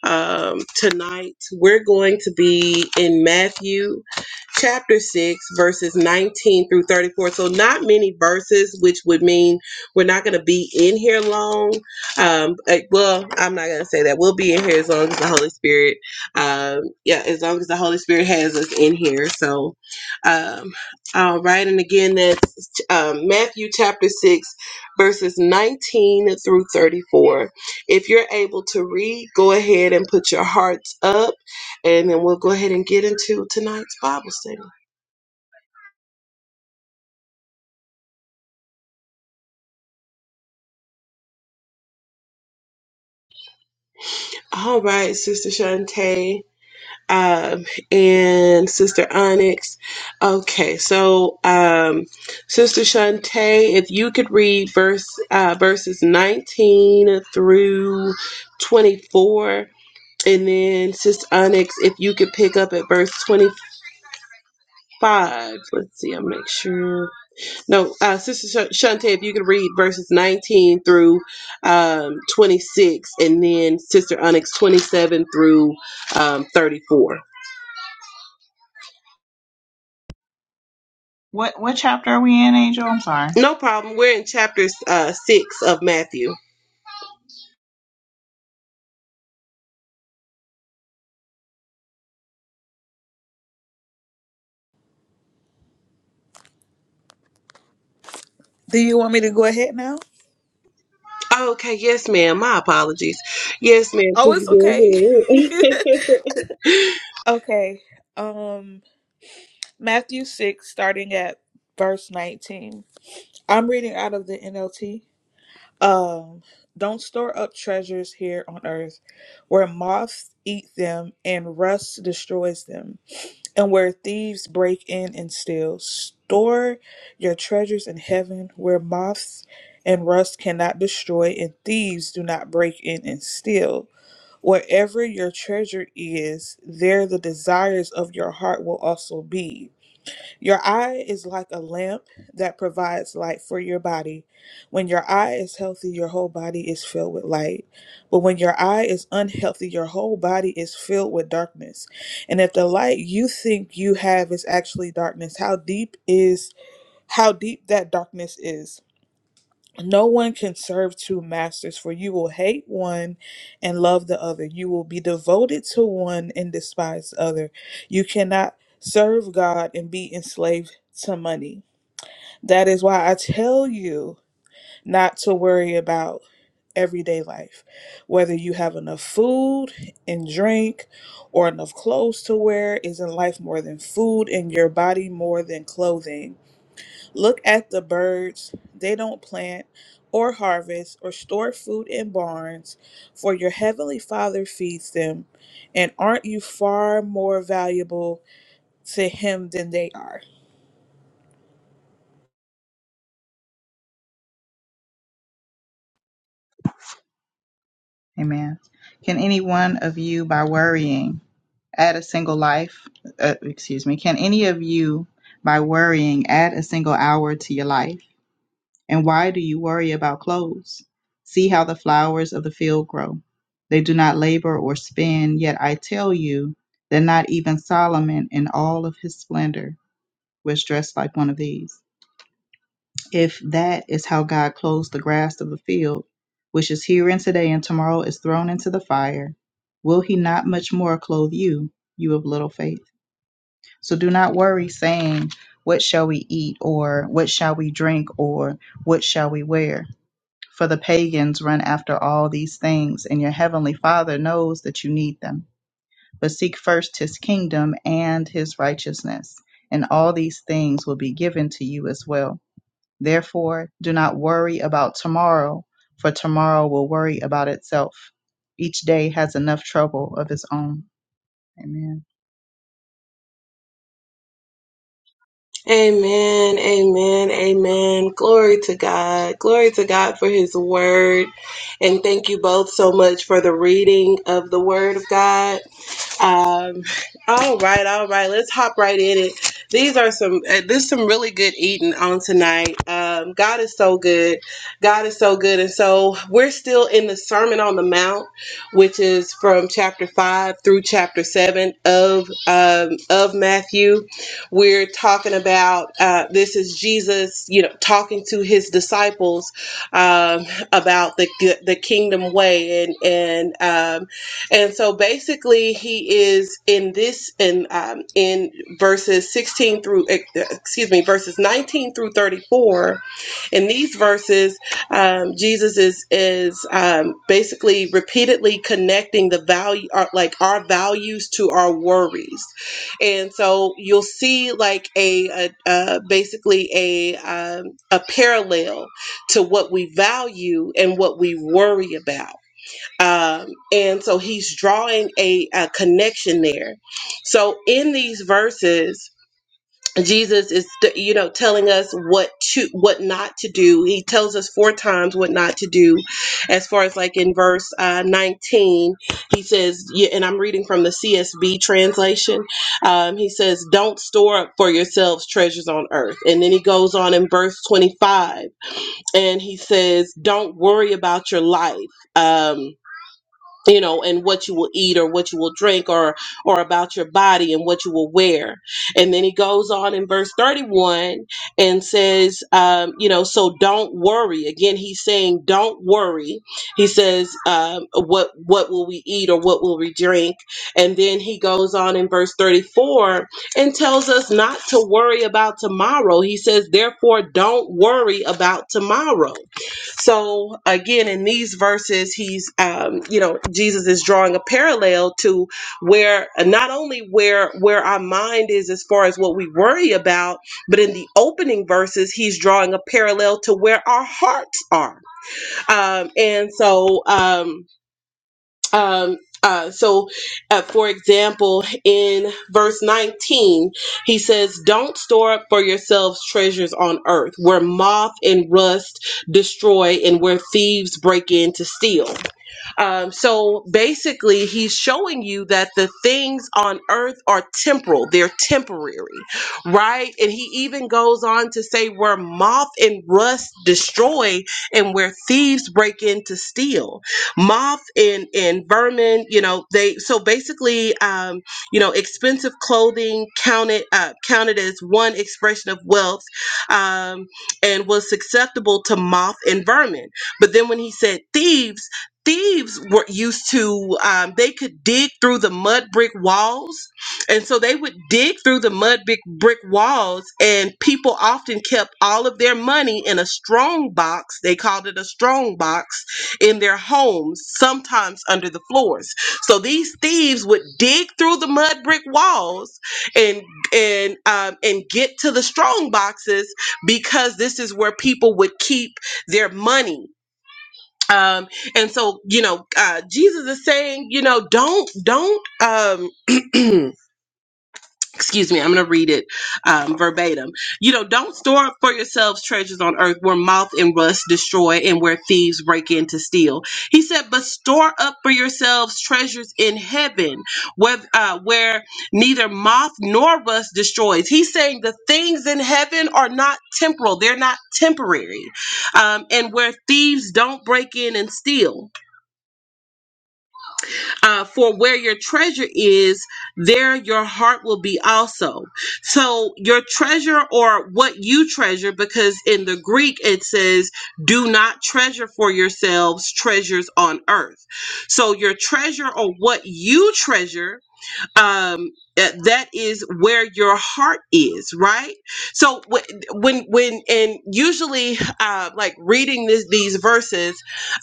[SPEAKER 1] um, tonight, we're going to be in Matthew chapter 6, verses 19 through 34. So, not many verses, which would mean we're not going to be in here long. Um, eh, well, I'm not going to say that. We'll be in here as long as the Holy Spirit, um, yeah, as long as the Holy Spirit has us in here. So, um, all right. And again, that's um, Matthew chapter 6, verses 19 through 34. If you're able to read, go ahead and put your hearts up, and then we'll go ahead and get into tonight's Bible study. All right, Sister Shantae um, and Sister Onyx. Okay, so um, Sister Shantae, if you could read verse uh, verses 19 through 24, and then Sister Onyx, if you could pick up at verse 25. Let's see, I'll make sure. No, uh, Sister Sh- Shante, if you could read verses 19 through um, 26, and then Sister Onyx 27 through um, 34.
[SPEAKER 2] What what chapter are we in, Angel? I'm sorry.
[SPEAKER 1] No problem. We're in chapter uh, 6 of Matthew.
[SPEAKER 3] Do you want me to go ahead now?
[SPEAKER 1] Okay, yes, ma'am. My apologies. Yes, ma'am. <laughs>
[SPEAKER 3] Oh, it's
[SPEAKER 1] Please go
[SPEAKER 3] okay.
[SPEAKER 1] ahead. <laughs>
[SPEAKER 3] <laughs> okay. Um, Matthew six, starting at verse 19. I'm reading out of the NLT. Um, don't store up treasures here on earth, where moths eat them and rust destroys them, and where thieves break in and steal. Store your treasures in heaven, where moths and rust cannot destroy, and thieves do not break in and steal. Wherever your treasure is, there the desires of your heart will also be. Your eye is like a lamp that provides light for your body. When your eye is healthy, your whole body is filled with light. But when your eye is unhealthy, your whole body is filled with darkness. And if the light you think you have is actually darkness, how deep is how deep that darkness is? No one can serve two masters, for you will hate one and love the other. You will be devoted to one and despise the other. You cannot serve God and be enslaved to money. That is why I tell you not to worry about everyday life, whether you have enough food and drink or enough clothes to wear. Isn't life more than food and your body more than clothing? Look at the birds. They don't plant or harvest or store food in barns, for your heavenly Father feeds them. And aren't you far more valuable to Him than they are?
[SPEAKER 2] Amen. Can any one of you, by worrying, add a single life? Uh, excuse me. Can any of you, by worrying, add a single hour to your life? And why do you worry about clothes? See how the flowers of the field grow. They do not labor or spin, yet I tell you that not even Solomon in all of his splendor was dressed like one of these. If that is how God clothes the grass of the field, which is here and today and tomorrow is thrown into the fire, will he not much more clothe you, you of little faith? So do not worry saying, What shall we eat? or What shall we drink? or What shall we wear? For the pagans run after all these things, and your heavenly Father knows that you need them. But seek first his kingdom and his righteousness, and all these things will be given to you as well. Therefore, do not worry about tomorrow, for tomorrow will worry about itself. Each day has enough trouble of its own. Amen.
[SPEAKER 1] Amen, amen, amen. Glory to God. Glory to God for his word. And thank you both so much for the reading of the word of God. Um, all right, all right. Let's hop right in it. These are some. Uh, there's some really good eating on tonight. Um, God is so good. God is so good, and so we're still in the Sermon on the Mount, which is from chapter five through chapter seven of um, of Matthew. We're talking about uh, this is Jesus, you know, talking to his disciples um, about the the kingdom way and and. um. And so basically, he is in this in um, in verses 16 through eh, eh, excuse me verses 19 through 34. In these verses, um, Jesus is is um, basically repeatedly connecting the value our, like our values to our worries, and so you'll see like a, a, a basically a um, a parallel to what we value and what we worry about um, and so he's drawing a, a connection there so in these verses jesus is you know telling us what to what not to do he tells us four times what not to do as far as like in verse uh, 19 he says yeah, and i'm reading from the csb translation um, he says don't store up for yourselves treasures on earth and then he goes on in verse 25 and he says don't worry about your life um, you know and what you will eat or what you will drink or or about your body and what you will wear and then he goes on in verse 31 and says um, you know so don't worry again he's saying don't worry he says um, what what will we eat or what will we drink and then he goes on in verse 34 and tells us not to worry about tomorrow he says therefore don't worry about tomorrow so again, in these verses, he's, um, you know, Jesus is drawing a parallel to where not only where where our mind is as far as what we worry about, but in the opening verses, he's drawing a parallel to where our hearts are. Um, and so. Um, um, uh, so, uh, for example, in verse 19, he says, Don't store up for yourselves treasures on earth where moth and rust destroy and where thieves break in to steal. Um, so basically, he's showing you that the things on earth are temporal, they're temporary, right? And he even goes on to say where moth and rust destroy and where thieves break in to steal moth and and vermin you know they so basically um you know expensive clothing counted uh, counted as one expression of wealth um and was susceptible to moth and vermin but then when he said thieves thieves were used to um, they could dig through the mud brick walls and so they would dig through the mud brick, brick walls and people often kept all of their money in a strong box they called it a strong box in their homes, sometimes under the floors. So these thieves would dig through the mud brick walls and and um, and get to the strong boxes because this is where people would keep their money. Um, and so you know, uh, Jesus is saying, you know, don't don't um, <clears throat> excuse me, I'm going to read it um, verbatim. You know, don't store up for yourselves treasures on earth where moth and rust destroy and where thieves break in to steal. He said, but store up for yourselves treasures in heaven where, uh, where neither moth nor rust destroys. He's saying the things in heaven are not temporal, they're not temporary, um, and where thieves don't break in and steal. Uh, for where your treasure is, there your heart will be also. So your treasure or what you treasure, because in the Greek it says, do not treasure for yourselves treasures on earth. So your treasure or what you treasure um uh, that is where your heart is right so wh- when when and usually uh like reading this these verses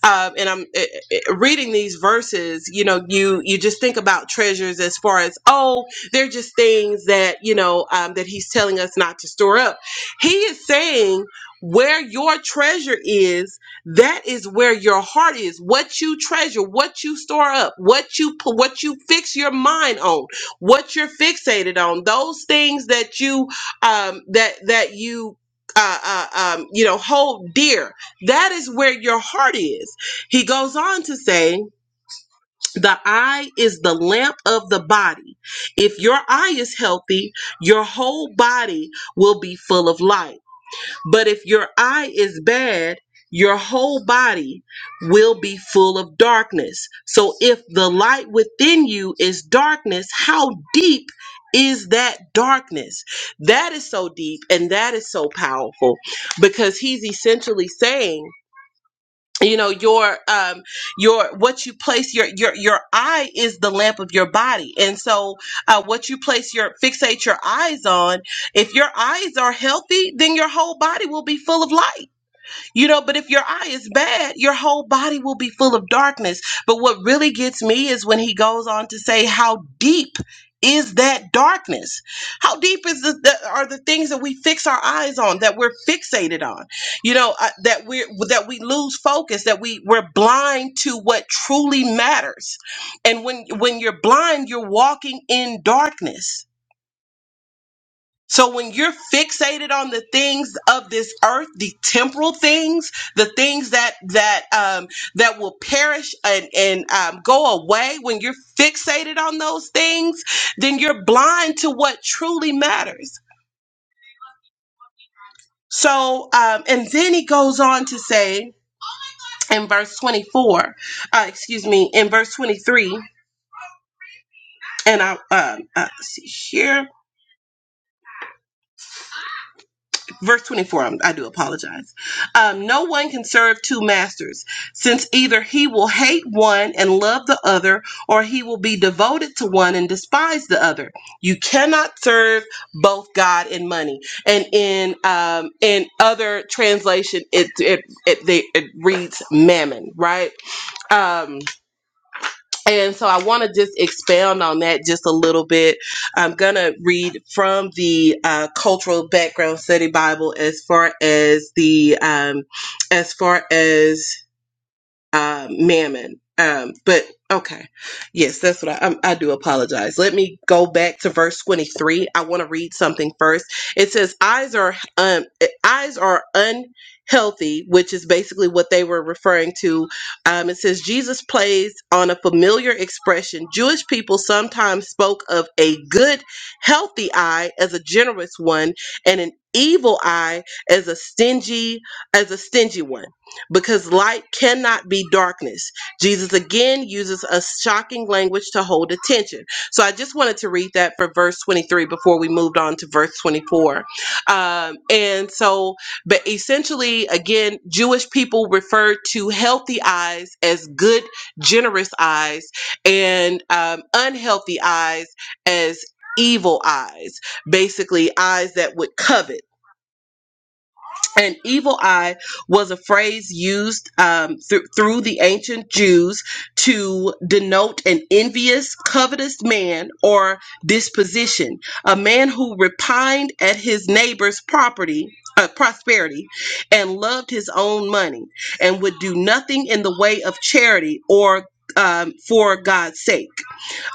[SPEAKER 1] um and i'm uh, uh, uh, reading these verses you know you you just think about treasures as far as oh they're just things that you know um that he's telling us not to store up he is saying where your treasure is that is where your heart is. What you treasure, what you store up, what you pu- what you fix your mind on, what you're fixated on. Those things that you um, that that you uh, uh, um, you know hold dear. That is where your heart is. He goes on to say. The eye is the lamp of the body. If your eye is healthy, your whole body will be full of light. But if your eye is bad, your whole body will be full of darkness. So if the light within you is darkness, how deep is that darkness? That is so deep and that is so powerful because he's essentially saying you know your um your what you place your your your eye is the lamp of your body and so uh what you place your fixate your eyes on if your eyes are healthy then your whole body will be full of light you know, but if your eye is bad, your whole body will be full of darkness. But what really gets me is when he goes on to say, How deep is that darkness? How deep is the, the are the things that we fix our eyes on, that we're fixated on? You know, uh, that we that we lose focus, that we we're blind to what truly matters. And when when you're blind, you're walking in darkness so when you're fixated on the things of this earth, the temporal things, the things that that um, that will perish and and um, go away, when you're fixated on those things, then you're blind to what truly matters. So um, and then he goes on to say in verse 24, uh, excuse me, in verse 23, and I um, uh, let's see here. verse 24 i do apologize um, no one can serve two masters since either he will hate one and love the other or he will be devoted to one and despise the other you cannot serve both god and money and in um, in other translation it it, it, they, it reads mammon right um and so I want to just expound on that just a little bit. I'm going to read from the uh, cultural background study Bible as far as the um, as far as uh, mammon. Um, but okay, yes, that's what I, I, I do apologize. Let me go back to verse 23. I want to read something first. It says, "Eyes are um, eyes are unhealthy," which is basically what they were referring to. Um, it says Jesus plays on a familiar expression. Jewish people sometimes spoke of a good, healthy eye as a generous one, and an evil eye as a stingy as a stingy one because light cannot be darkness. Jesus again uses a shocking language to hold attention. So I just wanted to read that for verse 23 before we moved on to verse 24. Um, and so, but essentially, again, Jewish people refer to healthy eyes as good, generous eyes, and um, unhealthy eyes as evil eyes, basically, eyes that would covet. An evil eye was a phrase used um, thr- through the ancient Jews to denote an envious, covetous man or disposition, a man who repined at his neighbor's property. Uh, prosperity and loved his own money and would do nothing in the way of charity or um, for God's sake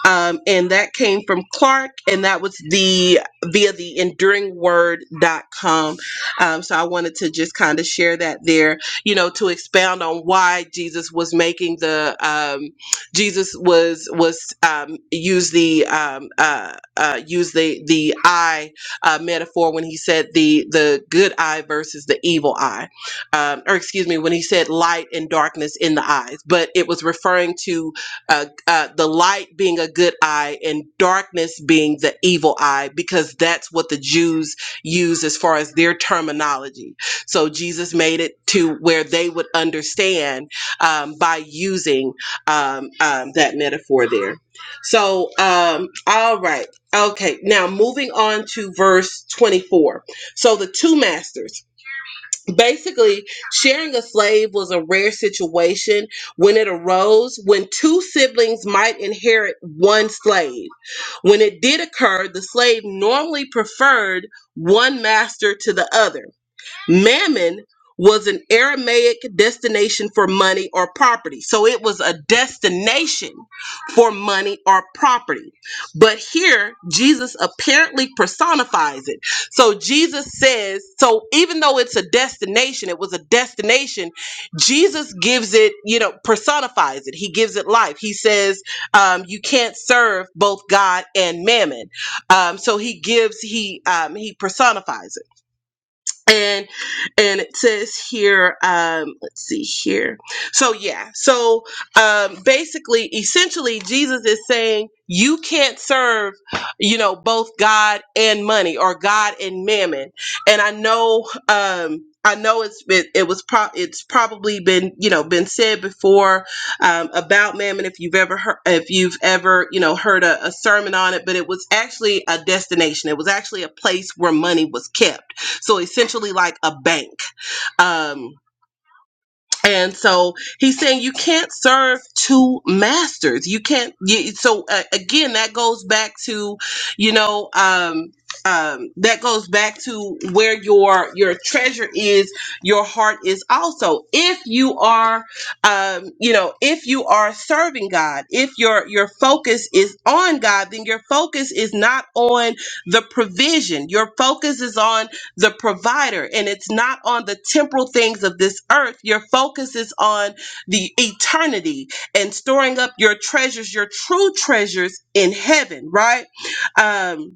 [SPEAKER 1] um, and that came from Clark, and that was the via the enduringword.com. Um, so I wanted to just kind of share that there, you know, to expound on why Jesus was making the um, Jesus was was um, use the um, uh, uh, use the the eye uh, metaphor when he said the the good eye versus the evil eye, um, or excuse me, when he said light and darkness in the eyes, but it was referring to uh, uh, the light being a good eye and darkness being the evil eye, because that's what the Jews use as far as their terminology. So Jesus made it to where they would understand um, by using um, um, that metaphor there. So, um, all right. Okay. Now, moving on to verse 24. So, the two masters basically sharing a slave was a rare situation when it arose when two siblings might inherit one slave when it did occur the slave normally preferred one master to the other Mammon was an Aramaic destination for money or property. So it was a destination for money or property. But here, Jesus apparently personifies it. So Jesus says, so even though it's a destination, it was a destination, Jesus gives it, you know, personifies it. He gives it life. He says, um, you can't serve both God and mammon. Um, so he gives, he, um, he personifies it and and it says here um let's see here so yeah so um basically essentially jesus is saying you can't serve you know both god and money or god and mammon and i know um I know it's been it was pro- it's probably been you know been said before um, about mammon if you've ever heard if you've ever you know heard a, a sermon on it but it was actually a destination it was actually a place where money was kept so essentially, like a bank. Um, and so he's saying you can't serve two masters. You can't. You, so uh, again, that goes back to, you know, um, um, that goes back to where your your treasure is. Your heart is also. If you are, um, you know, if you are serving God, if your your focus is on God, then your focus is not on the provision. Your focus is on the provider, and it's not on the temporal things of this earth. Your focus is on the eternity and storing up your treasures, your true treasures in heaven, right? Um,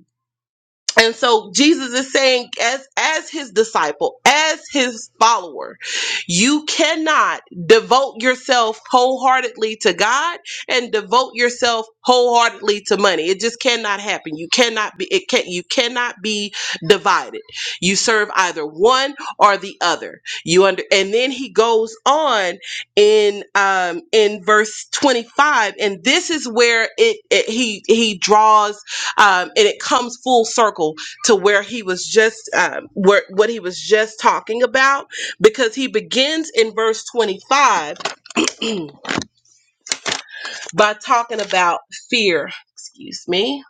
[SPEAKER 1] and so Jesus is saying as as his disciple, as his follower, you cannot devote yourself wholeheartedly to God and devote yourself wholeheartedly to money. It just cannot happen. You cannot be it can you cannot be divided. You serve either one or the other. You under and then he goes on in um in verse 25 and this is where it, it he he draws um, and it comes full circle to where he was just um, where what he was just talking about because he begins in verse 25 by talking about fear excuse me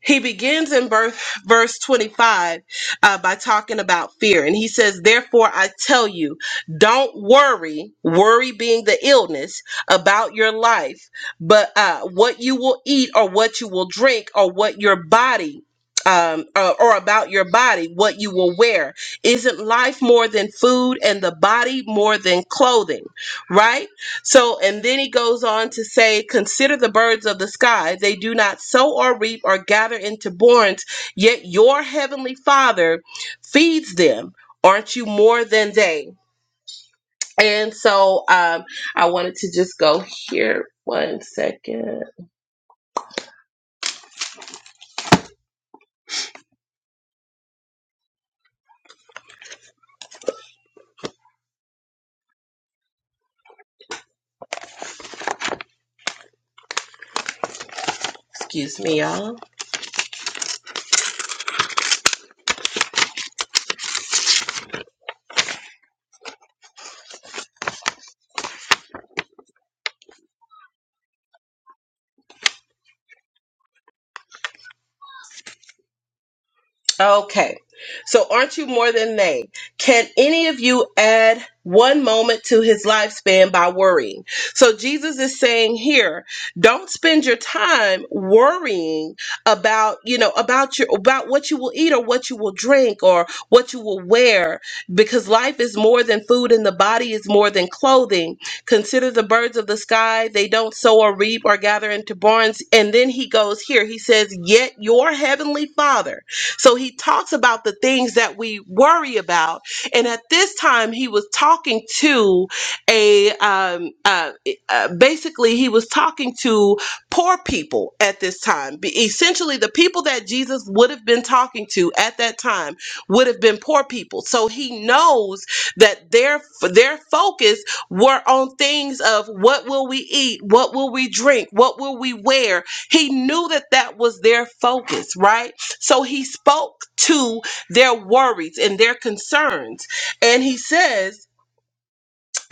[SPEAKER 1] he begins in birth, verse 25 uh, by talking about fear. And he says, Therefore, I tell you, don't worry, worry being the illness about your life, but uh, what you will eat or what you will drink or what your body. Um, uh, or about your body, what you will wear. Isn't life more than food and the body more than clothing, right? So, and then he goes on to say, Consider the birds of the sky. They do not sow or reap or gather into barns, yet your heavenly Father feeds them. Aren't you more than they? And so um, I wanted to just go here one second. Excuse me, y'all. Okay. So aren't you more than they? Can any of you add one moment to his lifespan by worrying? So Jesus is saying here, don't spend your time worrying about, you know, about your about what you will eat or what you will drink or what you will wear because life is more than food and the body is more than clothing. Consider the birds of the sky, they don't sow or reap or gather into barns. And then he goes here, he says, "Yet your heavenly Father so he talks about the things that we worry about. And at this time, he was talking to a, um, uh, uh, basically, he was talking to poor people at this time. Be- Essentially, the people that Jesus would have been talking to at that time would have been poor people. So he knows that their their focus were on things of what will we eat, what will we drink, what will we wear. He knew that that was their focus, right? So he spoke to their worries and their concerns. And he says,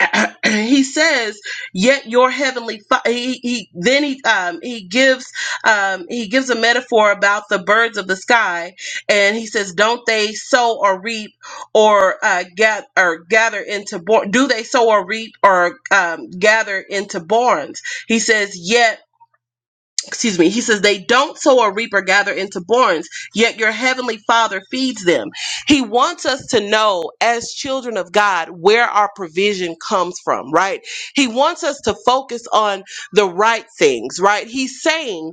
[SPEAKER 1] <clears throat> he says, yet your heavenly fa- he, he then he um he gives um he gives a metaphor about the birds of the sky and he says don't they sow or reap or uh gather or gather into barn do they sow or reap or um gather into barns he says yet excuse me, he says, they don't sow or reap or gather into barns, yet your heavenly father feeds them. He wants us to know as children of God where our provision comes from, right? He wants us to focus on the right things, right? He's saying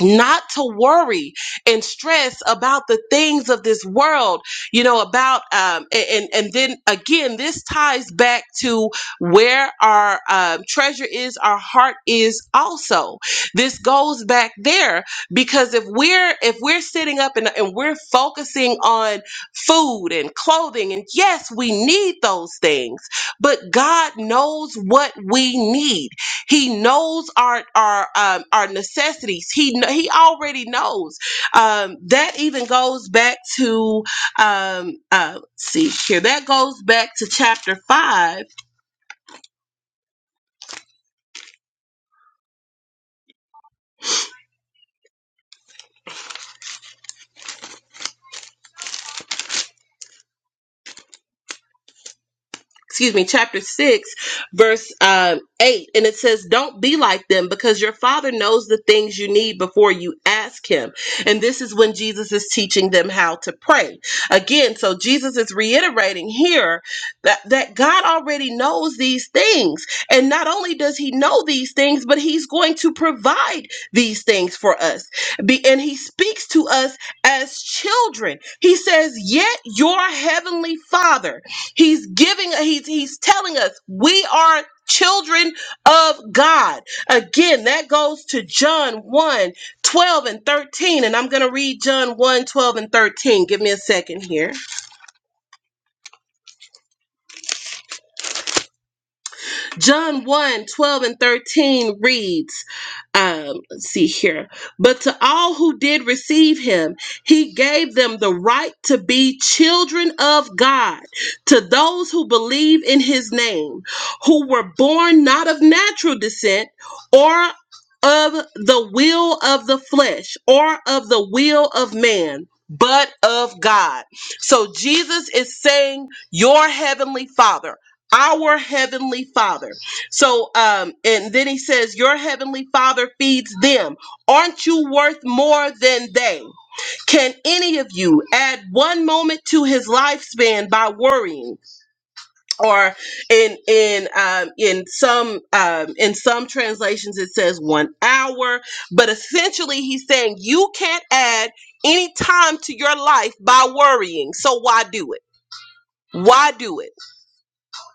[SPEAKER 1] not to worry and stress about the things of this world you know about um a- and and then again this ties back to where our um, treasure is our heart is also this goes back there because if we're if we're sitting up and, and we're focusing on food and clothing and yes we need those things but god knows what we need he knows our our um, our necessities. He kn- he already knows. Um, that even goes back to um, uh, let's see here. That goes back to chapter five excuse me, chapter 6, verse um, 8. And it says, Don't be like them because your father knows the things you need before you ask him. And this is when Jesus is teaching them how to pray. Again, so Jesus is reiterating here that, that God already knows these things. And not only does he know these things, but he's going to provide these things for us. Be, and he speaks to us as children. He says, Yet your heavenly father. He's giving he's he's telling us we are children of God. Again, that goes to John one 12 and 13 and I'm going to read John one 12 and 13. Give me a second here. John one 12 and 13 reads, um, let's see here. But to all who did receive him, he gave them the right to be children of God, to those who believe in his name, who were born not of natural descent or of the will of the flesh or of the will of man. But of God. So Jesus is saying, Your heavenly Father our heavenly father so um and then he says your heavenly father feeds them aren't you worth more than they can any of you add one moment to his lifespan by worrying or in in um, in some um, in some translations it says one hour but essentially he's saying you can't add any time to your life by worrying so why do it why do it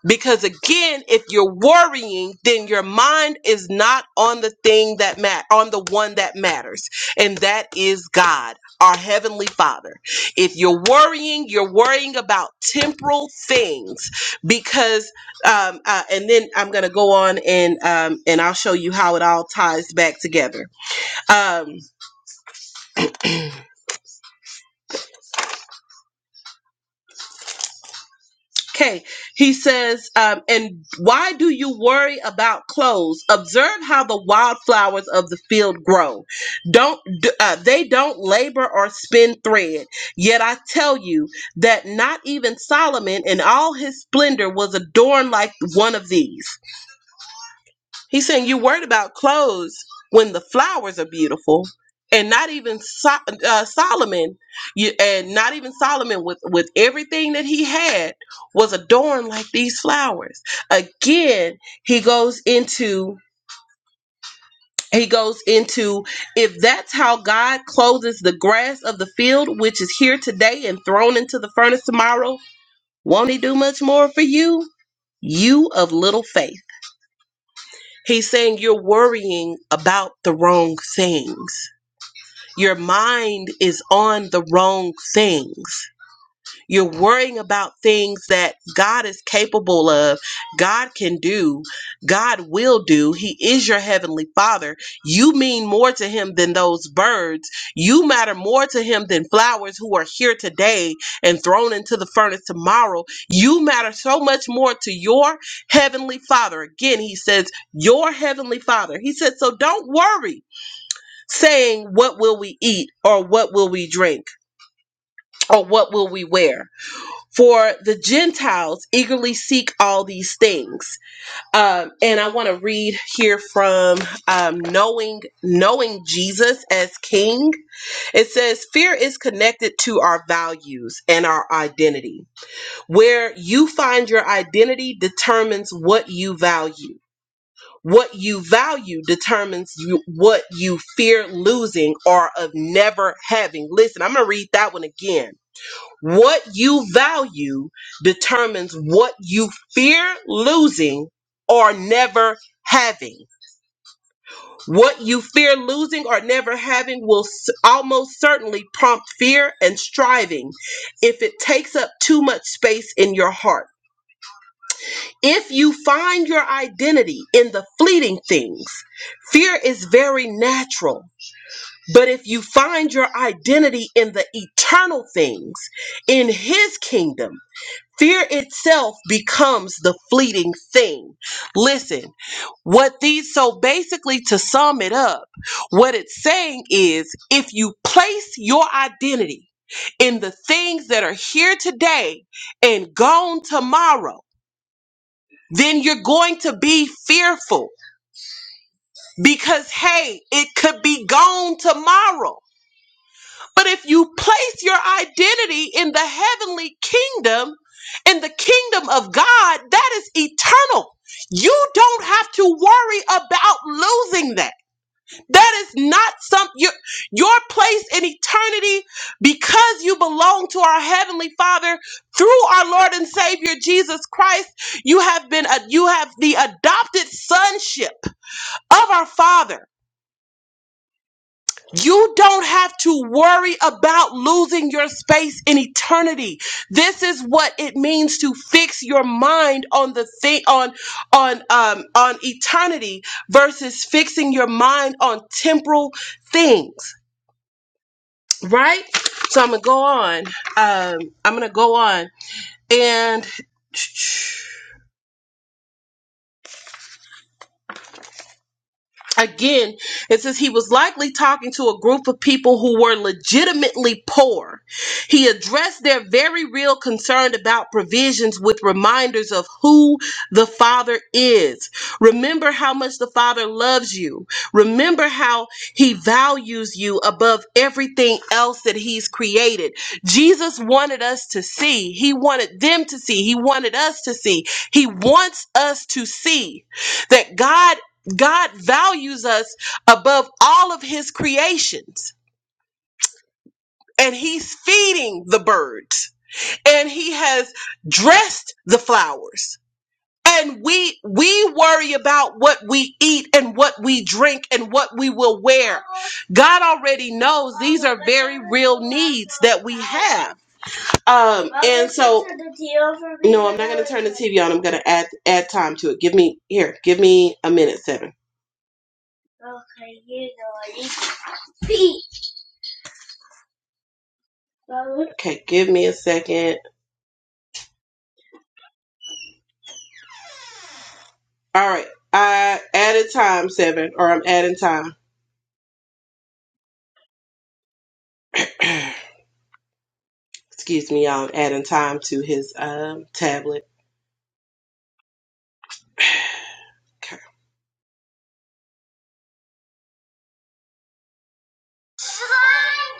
[SPEAKER 1] because again, if you're worrying, then your mind is not on the thing that mat on the one that matters, and that is God, our heavenly Father. If you're worrying, you're worrying about temporal things, because um, uh, and then I'm gonna go on and um, and I'll show you how it all ties back together. Um, Okay, he says, um, and why do you worry about clothes? Observe how the wildflowers of the field grow. Don't d- uh, they don't labor or spin thread? Yet I tell you that not even Solomon in all his splendor was adorned like one of these. He's saying you're worried about clothes when the flowers are beautiful, and not even so- uh, Solomon, you, and not even Solomon with with everything that he had was adorned like these flowers. Again, he goes into he goes into if that's how God clothes the grass of the field, which is here today and thrown into the furnace tomorrow, won't He do much more for you, you of little faith? He's saying you're worrying about the wrong things. Your mind is on the wrong things. You're worrying about things that God is capable of, God can do, God will do. He is your heavenly Father. You mean more to Him than those birds. You matter more to Him than flowers who are here today and thrown into the furnace tomorrow. You matter so much more to your heavenly Father. Again, He says, Your heavenly Father. He says, So don't worry saying, What will we eat or what will we drink or what will we wear? For the Gentiles eagerly seek all these things. Um, and I want to read here from um, knowing knowing Jesus as King. It says, "Fear is connected to our values and our identity. Where you find your identity determines what you value." What you value determines you, what you fear losing or of never having. Listen, I'm going to read that one again what you value determines what you fear losing or never having. What you fear losing or never having will s- almost certainly prompt fear and striving if it takes up too much space in your heart. If you find your identity in the fleeting things, fear is very natural. But if you find your identity in the eternal things, in His kingdom, Fear itself becomes the fleeting thing. Listen, what these, so basically to sum it up, what it's saying is if you place your identity in the things that are here today and gone tomorrow, then you're going to be fearful because, hey, it could be gone tomorrow. But if you place your identity in the heavenly kingdom, in the kingdom of God, that is eternal. You don't have to worry about losing that. That is not something your, your place in eternity because you belong to our heavenly Father through our Lord and Savior Jesus Christ. You have been a, you have the adopted sonship of our Father. You don't have to worry about losing your space in eternity. This is what it means to fix your mind on the thing on on um on eternity versus fixing your mind on temporal things, right? So I'm gonna go on. Um, I'm gonna go on and Again, it says he was likely talking to a group of people who were legitimately poor. He addressed their very real concern about provisions with reminders of who the Father is. Remember how much the Father loves you. Remember how he values you above everything else that he's created. Jesus wanted us to see. He wanted them to see. He wanted us to see. He wants us to see that God God values us above all of his creations. And he's feeding the birds. And he has dressed the flowers. And we we worry about what we eat and what we drink and what we will wear. God already knows these are very real needs that we have. Um and so No, I'm not gonna turn the TV on. I'm gonna add add time to it. Give me here, give me a minute, seven. Okay, give me a second. All right. I added time seven, or I'm adding time. Excuse me, y'all. I'm adding time to his um tablet. Okay.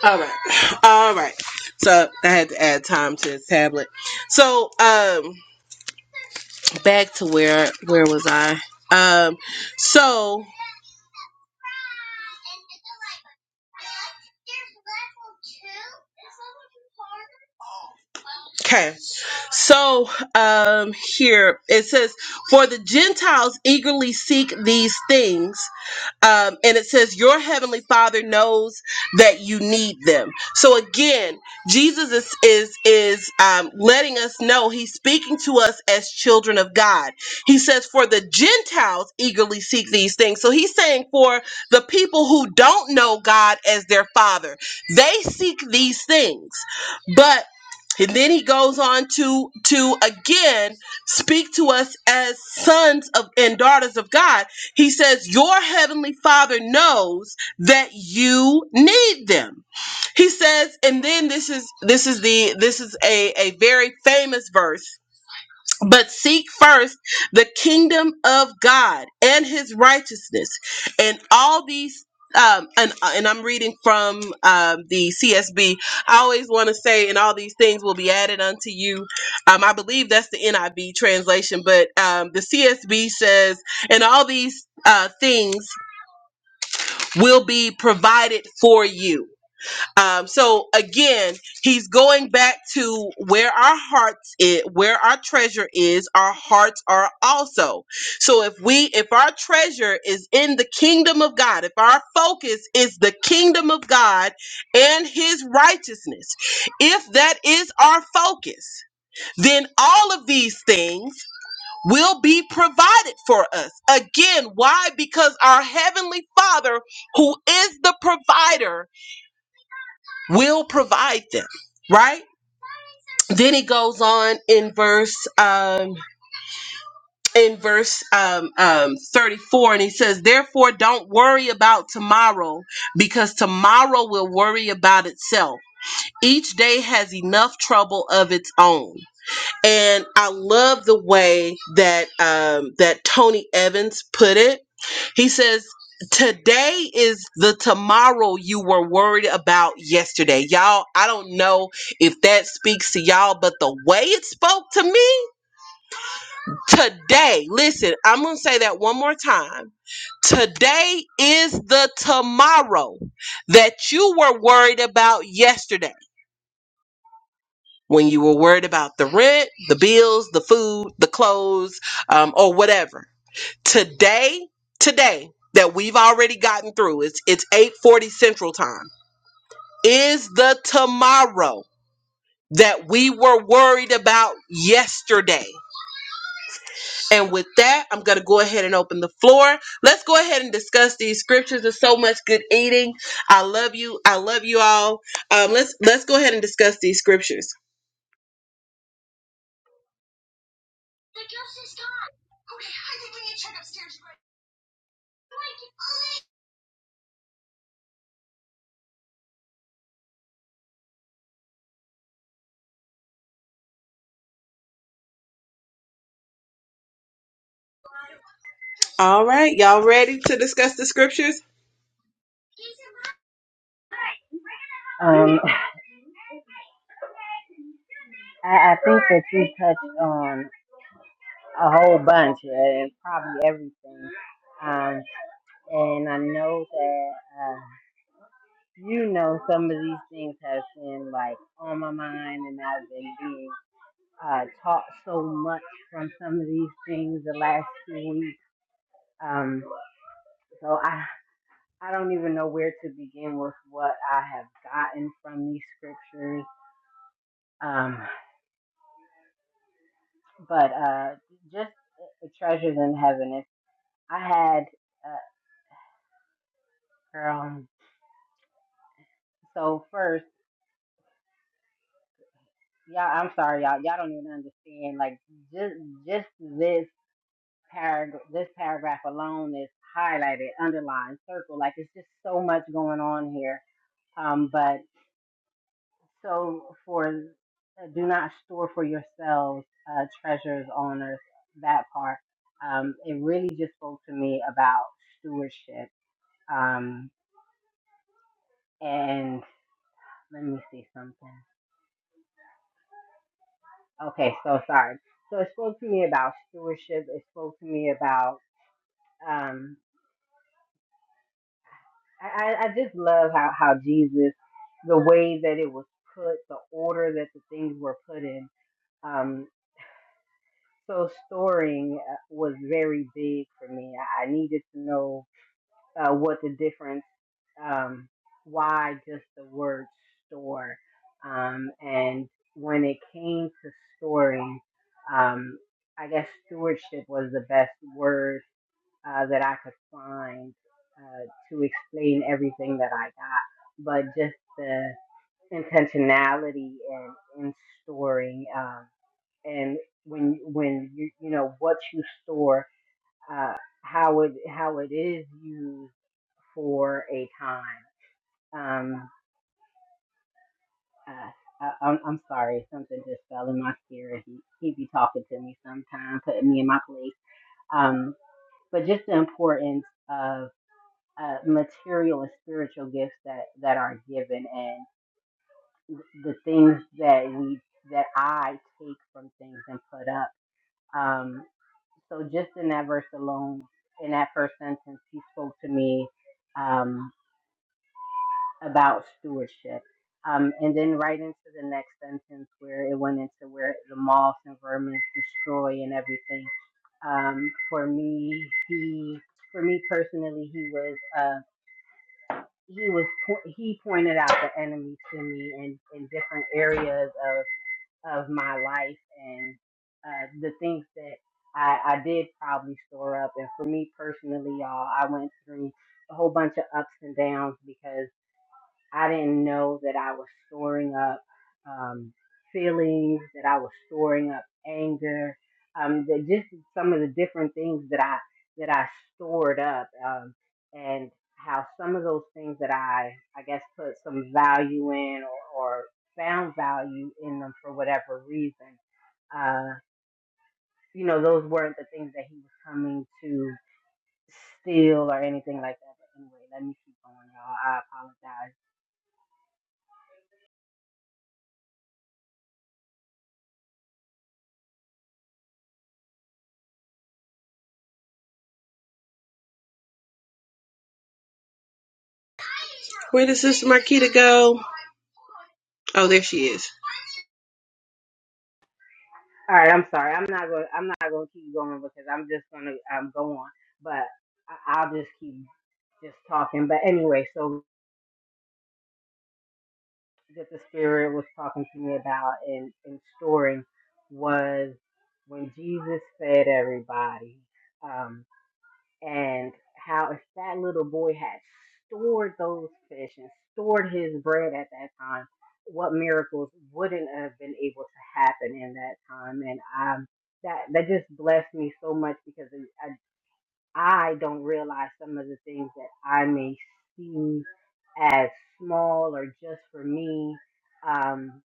[SPEAKER 1] All right. <sighs> All right. So I had to add time to his tablet. So um back to where where was I? Um so okay. So um here it says for the Gentiles eagerly seek these things um, and it says your heavenly father knows that you need them so again jesus is is is um, letting us know he's speaking to us as children of god he says for the gentiles eagerly seek these things so he's saying for the people who don't know god as their father they seek these things but and then he goes on to to again speak to us as sons of and daughters of God he says, Your heavenly father knows that you need them. He says, and then this is this is the this is a, a very famous verse but seek first the kingdom of God and his righteousness, and all these. Um, and, uh, and I'm reading from um, the CSB. I always want to say, and all these things will be added unto you. Um, I believe that's the NIV translation, but um, the CSB says, and all these uh, things will be provided for you. Um, so again, he's going back to where our hearts is, where our treasure is, our hearts are also. So if we, if our treasure is in the kingdom of God, if our focus is the kingdom of God and his righteousness, if that is our focus, then all of these things will be provided for us. Again, why? Because our heavenly father, who is the provider, will provide them right then he goes on in verse um in verse um, um 34 and he says therefore don't worry about tomorrow because tomorrow will worry about itself each day has enough trouble of its own and I love the way that um, that Tony Evans put it. He says, "Today is the tomorrow you were worried about yesterday." Y'all, I don't know if that speaks to y'all, but the way it spoke to me today. Listen, I'm gonna say that one more time. Today is the tomorrow that you were worried about yesterday. when you were worried about the rent, the bills, the food, the clothes, um, or whatever. Today, today that we've already gotten through, it's it's 8:40 Central Time, is the tomorrow that we were worried about yesterday. And with that, I'm gonna go ahead and open the floor. Let's go ahead and discuss these scriptures. There's so much good eating. I love you. I love you all. Um, let's let's go ahead and discuss these scriptures. All right, y'all ready to discuss the scriptures?
[SPEAKER 4] Um, <laughs> I, I think that you touched on a whole bunch uh, and probably everything. Um, and I know that, uh, you know, some of these things have been like on my mind and I've been being uh, taught so much from some of these things the last few weeks. Um, so I, I don't even know where to begin with what I have gotten from these scriptures Um, but uh, just treasures in heaven. If I had, uh, girl. So first, y'all, I'm sorry, y'all. Y'all don't even understand. Like just just this paragraph, this paragraph alone is highlighted, underlined, circled. Like it's just so much going on here. Um, but so for uh, do not store for yourselves uh, treasures on earth. That part. Um, it really just spoke to me about stewardship. Um, And let me see something. Okay, so sorry. So it spoke to me about stewardship. It spoke to me about um I, I I just love how, how Jesus the way that it was put, the order that the things were put in. Um so storing uh, was very big for me. I, I needed to know uh, what the difference. um, why just the word store. Um, and when it came to storing, um, I guess stewardship was the best word uh, that I could find uh, to explain everything that I got. But just the intentionality and in storing, um, and when when you you know what you store, uh, how it how it is used for a time. Um, I, I, I'm, I'm sorry. Something just fell in my spirit. He, he be talking to me sometimes, putting me in my place. Um, but just the importance of uh, material and spiritual gifts that, that are given and the things that we, that I take from things and put up. Um, so just in that verse alone, in that first sentence, he spoke to me. Um, about stewardship. Um, and then right into the next sentence where it went into where the moths and vermin destroy and everything. Um, for me, he, for me personally, he was, uh, he was, po- he pointed out the enemy to me in, in different areas of, of my life and, uh, the things that I, I did probably store up. And for me personally, y'all, I went through a whole bunch of ups and downs because. I didn't know that I was storing up um, feelings, that I was storing up anger, um, that just some of the different things that I that I stored up, um, and how some of those things that I I guess put some value in or, or found value in them for whatever reason, uh, you know, those weren't the things that he was coming to steal or anything like that. But anyway, let me keep going, y'all. I apologize
[SPEAKER 1] Where did Sister Marquita go? Oh, there she is.
[SPEAKER 4] All right, I'm sorry. I'm not going. I'm not going to keep going because I'm just going to um, go on. But I- I'll just keep just talking. But anyway, so that the spirit was talking to me about and in storing was when Jesus fed everybody. um, and how if that little boy had stored those fish and stored his bread at that time, what miracles wouldn't have been able to happen in that time? And um, that that just blessed me so much because I, I don't realize some of the things that I may see as small or just for me. Um,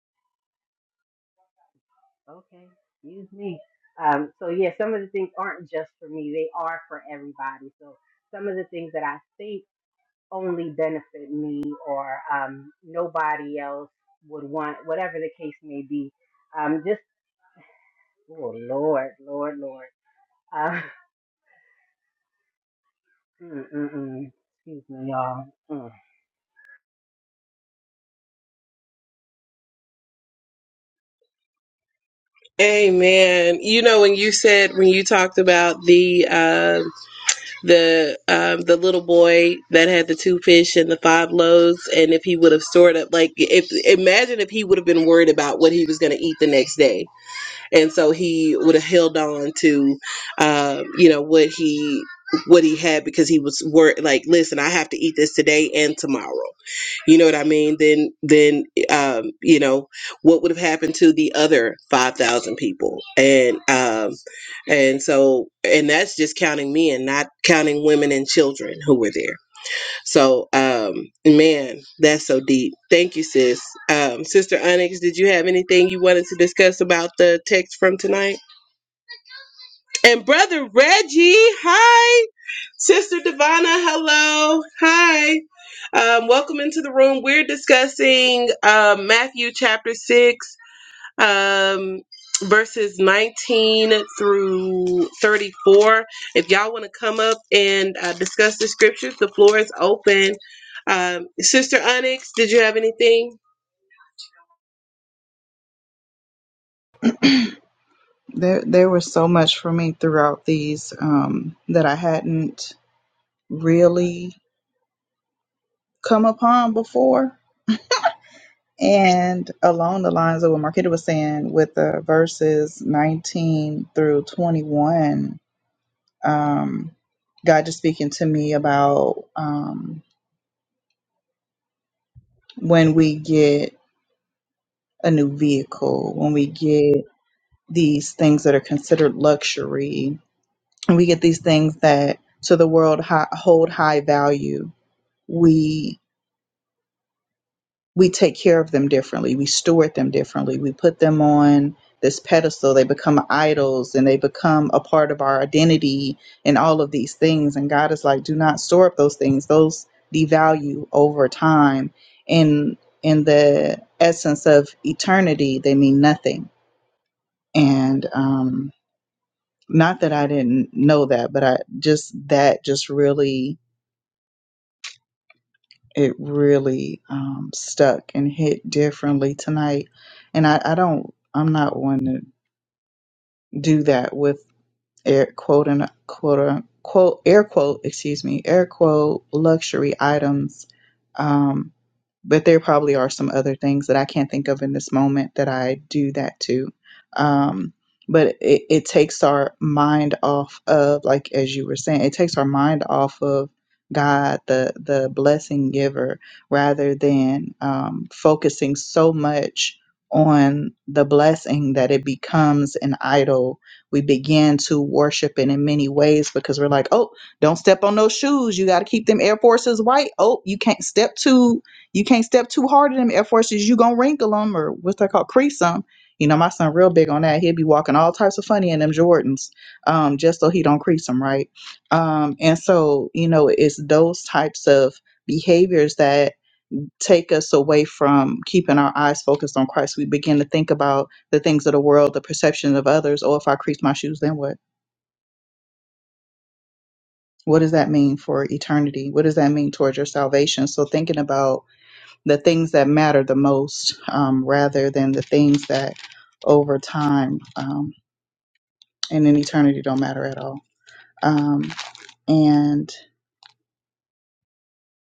[SPEAKER 4] okay, excuse me. Um, so yeah, some of the things aren't just for me; they are for everybody. So some of the things that I think only benefit me or um, nobody else would want, whatever the case may be. Um, just, oh Lord, Lord, Lord. Uh, <laughs> mm, mm, mm. excuse me, y'all. Mm.
[SPEAKER 1] Amen. You know when you said when you talked about the um the um the little boy that had the two fish and the five loaves, and if he would have stored up, like if imagine if he would have been worried about what he was going to eat the next day, and so he would have held on to, um, you know what he what he had because he was worried. Like, listen, I have to eat this today and tomorrow. you know what i mean then then um you know what would have happened to the other 5000 people and um and so and that's just counting men not counting women and children who were there so um man that's so deep thank you sis um sister onyx did you have anything you wanted to discuss about the text from tonight and brother Reggie, hi. Sister Divana, hello. Hi. Um, welcome into the room. We're discussing um, Matthew chapter 6, um, verses 19 through 34. If y'all want to come up and uh, discuss the scriptures, the floor is open. Um, Sister Onyx, did you have anything?
[SPEAKER 2] There, there was so much for me throughout these um, that I hadn't really come upon before. And along the lines of what Marquita was saying with the verses 19 through 21, um, God just speaking to me about um, when we get a new vehicle, when we get these things that are considered luxury, and we get these things that to the world high, hold high value, we we take care of them differently. We steward them differently. We put them on this pedestal. They become idols and they become a part of our identity and all of these things. And God is like, do not store up those things. Those devalue over time. And in the essence of eternity, they mean nothing and um not that i didn't know that but i just that just really it really um stuck and hit differently tonight and i i don't i'm not one to do that with air quote and quote unquote air quote excuse me air quote luxury items Um, but there probably are some other things that I can't think of in this moment that I do that too. Um, but it, it takes our mind off of, like as you were saying, it takes our mind off of God, the the blessing giver, rather than um, focusing so much on the blessing that it becomes an idol. We begin to worship it in many ways because we're like, oh, don't step on those shoes. You got to keep them Air Forces white. Oh, you can't step too you can't step too hard in them Air Forces. You gonna wrinkle them or what's that called, crease them. You know, my son real big on that. He'll be walking all types of funny in them Jordans, um, just so he don't crease them, right? Um, and so you know, it's those types of behaviors that take us away from keeping our eyes focused on Christ. We begin to think about the things of the world, the perception of others. Oh, if I crease my shoes, then what? What does that mean for eternity? What does that mean towards your salvation? So thinking about the things that matter the most um, rather than the things that over time um, and in eternity don't matter at all um, and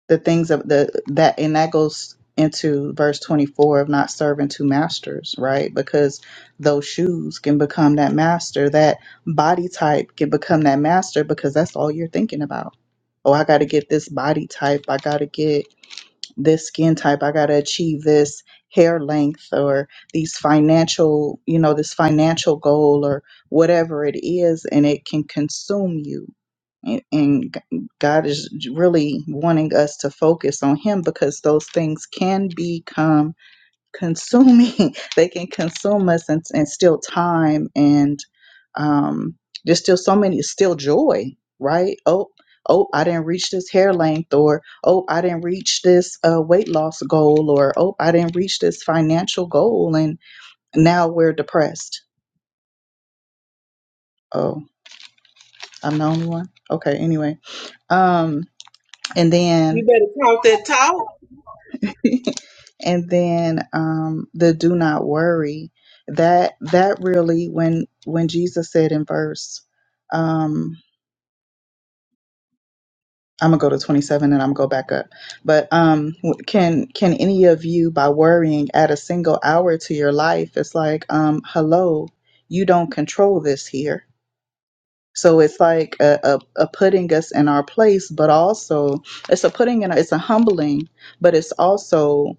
[SPEAKER 2] the things of the that and that goes into verse 24 of not serving two masters right because those shoes can become that master that body type can become that master because that's all you're thinking about oh i got to get this body type i got to get this skin type i got to achieve this hair length or these financial you know this financial goal or whatever it is and it can consume you and and G- god is really wanting us to focus on him because those things can become consuming <laughs> they can consume us and, and steal time and um there's still so many still joy right oh oh i didn't reach this hair length or oh i didn't reach this uh, weight loss goal or oh i didn't reach this financial goal and now we're depressed oh i'm the only one okay anyway um and then
[SPEAKER 1] You better count that talk.
[SPEAKER 2] <laughs> and then um, the do not worry that that really when when jesus said in verse um, i'm gonna go to 27 and i'm gonna go back up but um, w- can can any of you by worrying add a single hour to your life it's like um, hello you don't control this here so it's like a, a, a putting us in our place but also it's a putting in it's a humbling but it's also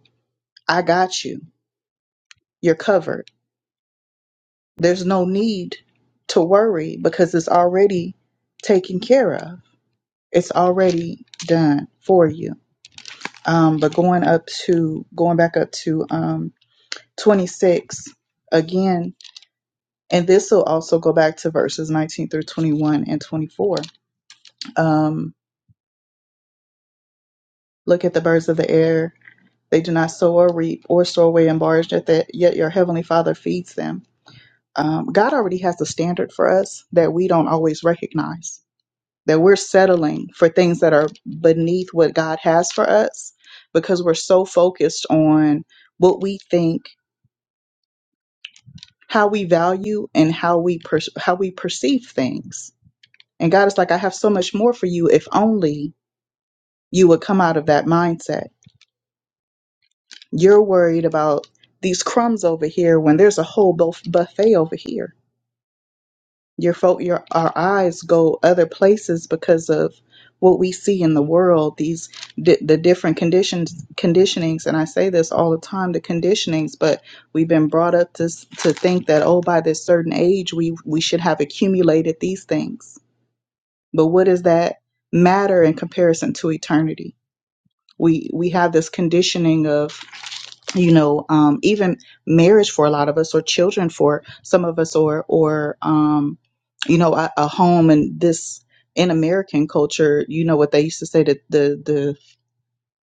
[SPEAKER 2] i got you you're covered There's no need to worry because it's already taken care of. It's already done for you. Um, but going up to going back up to um, 26 again, and this will also go back to verses 19 through 21 and 24. Um, Look at the birds of the air; they do not sow or reap or store away in barns, yet, that, yet your heavenly Father feeds them. Um, God already has a standard for us that we don't always recognize that we're settling for things that are beneath what God has for us because we're so focused on what we think, how we value and how we per- how we perceive things. And God is like I have so much more for you if only you would come out of that mindset. You're worried about these crumbs over here when there's a whole buf- buffet over here Your fo- your our eyes go other places because of what we see in the world. These di- the different conditions conditionings, and I say this all the time: the conditionings. But we've been brought up to s- to think that oh, by this certain age, we we should have accumulated these things. But what does that matter in comparison to eternity? We we have this conditioning of you know um even marriage for a lot of us or children for some of us or or um you know a, a home and this in american culture you know what they used to say that the the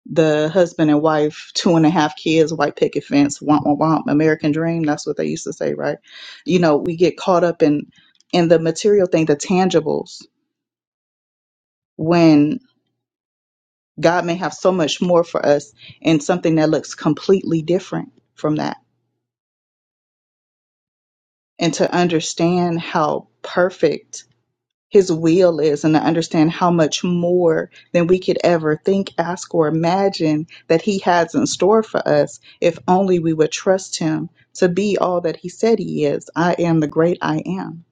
[SPEAKER 2] the husband and wife two and a half kids white picket fence womp womp womp american dream that's what they used to say right you know we get caught up in in the material thing the tangibles when god may have so much more for us in something that looks completely different from that and to understand how perfect his will is and to understand how much more than we could ever think, ask, or imagine that he has in store for us if only we would trust him to be all that he said he is. I am the great I am.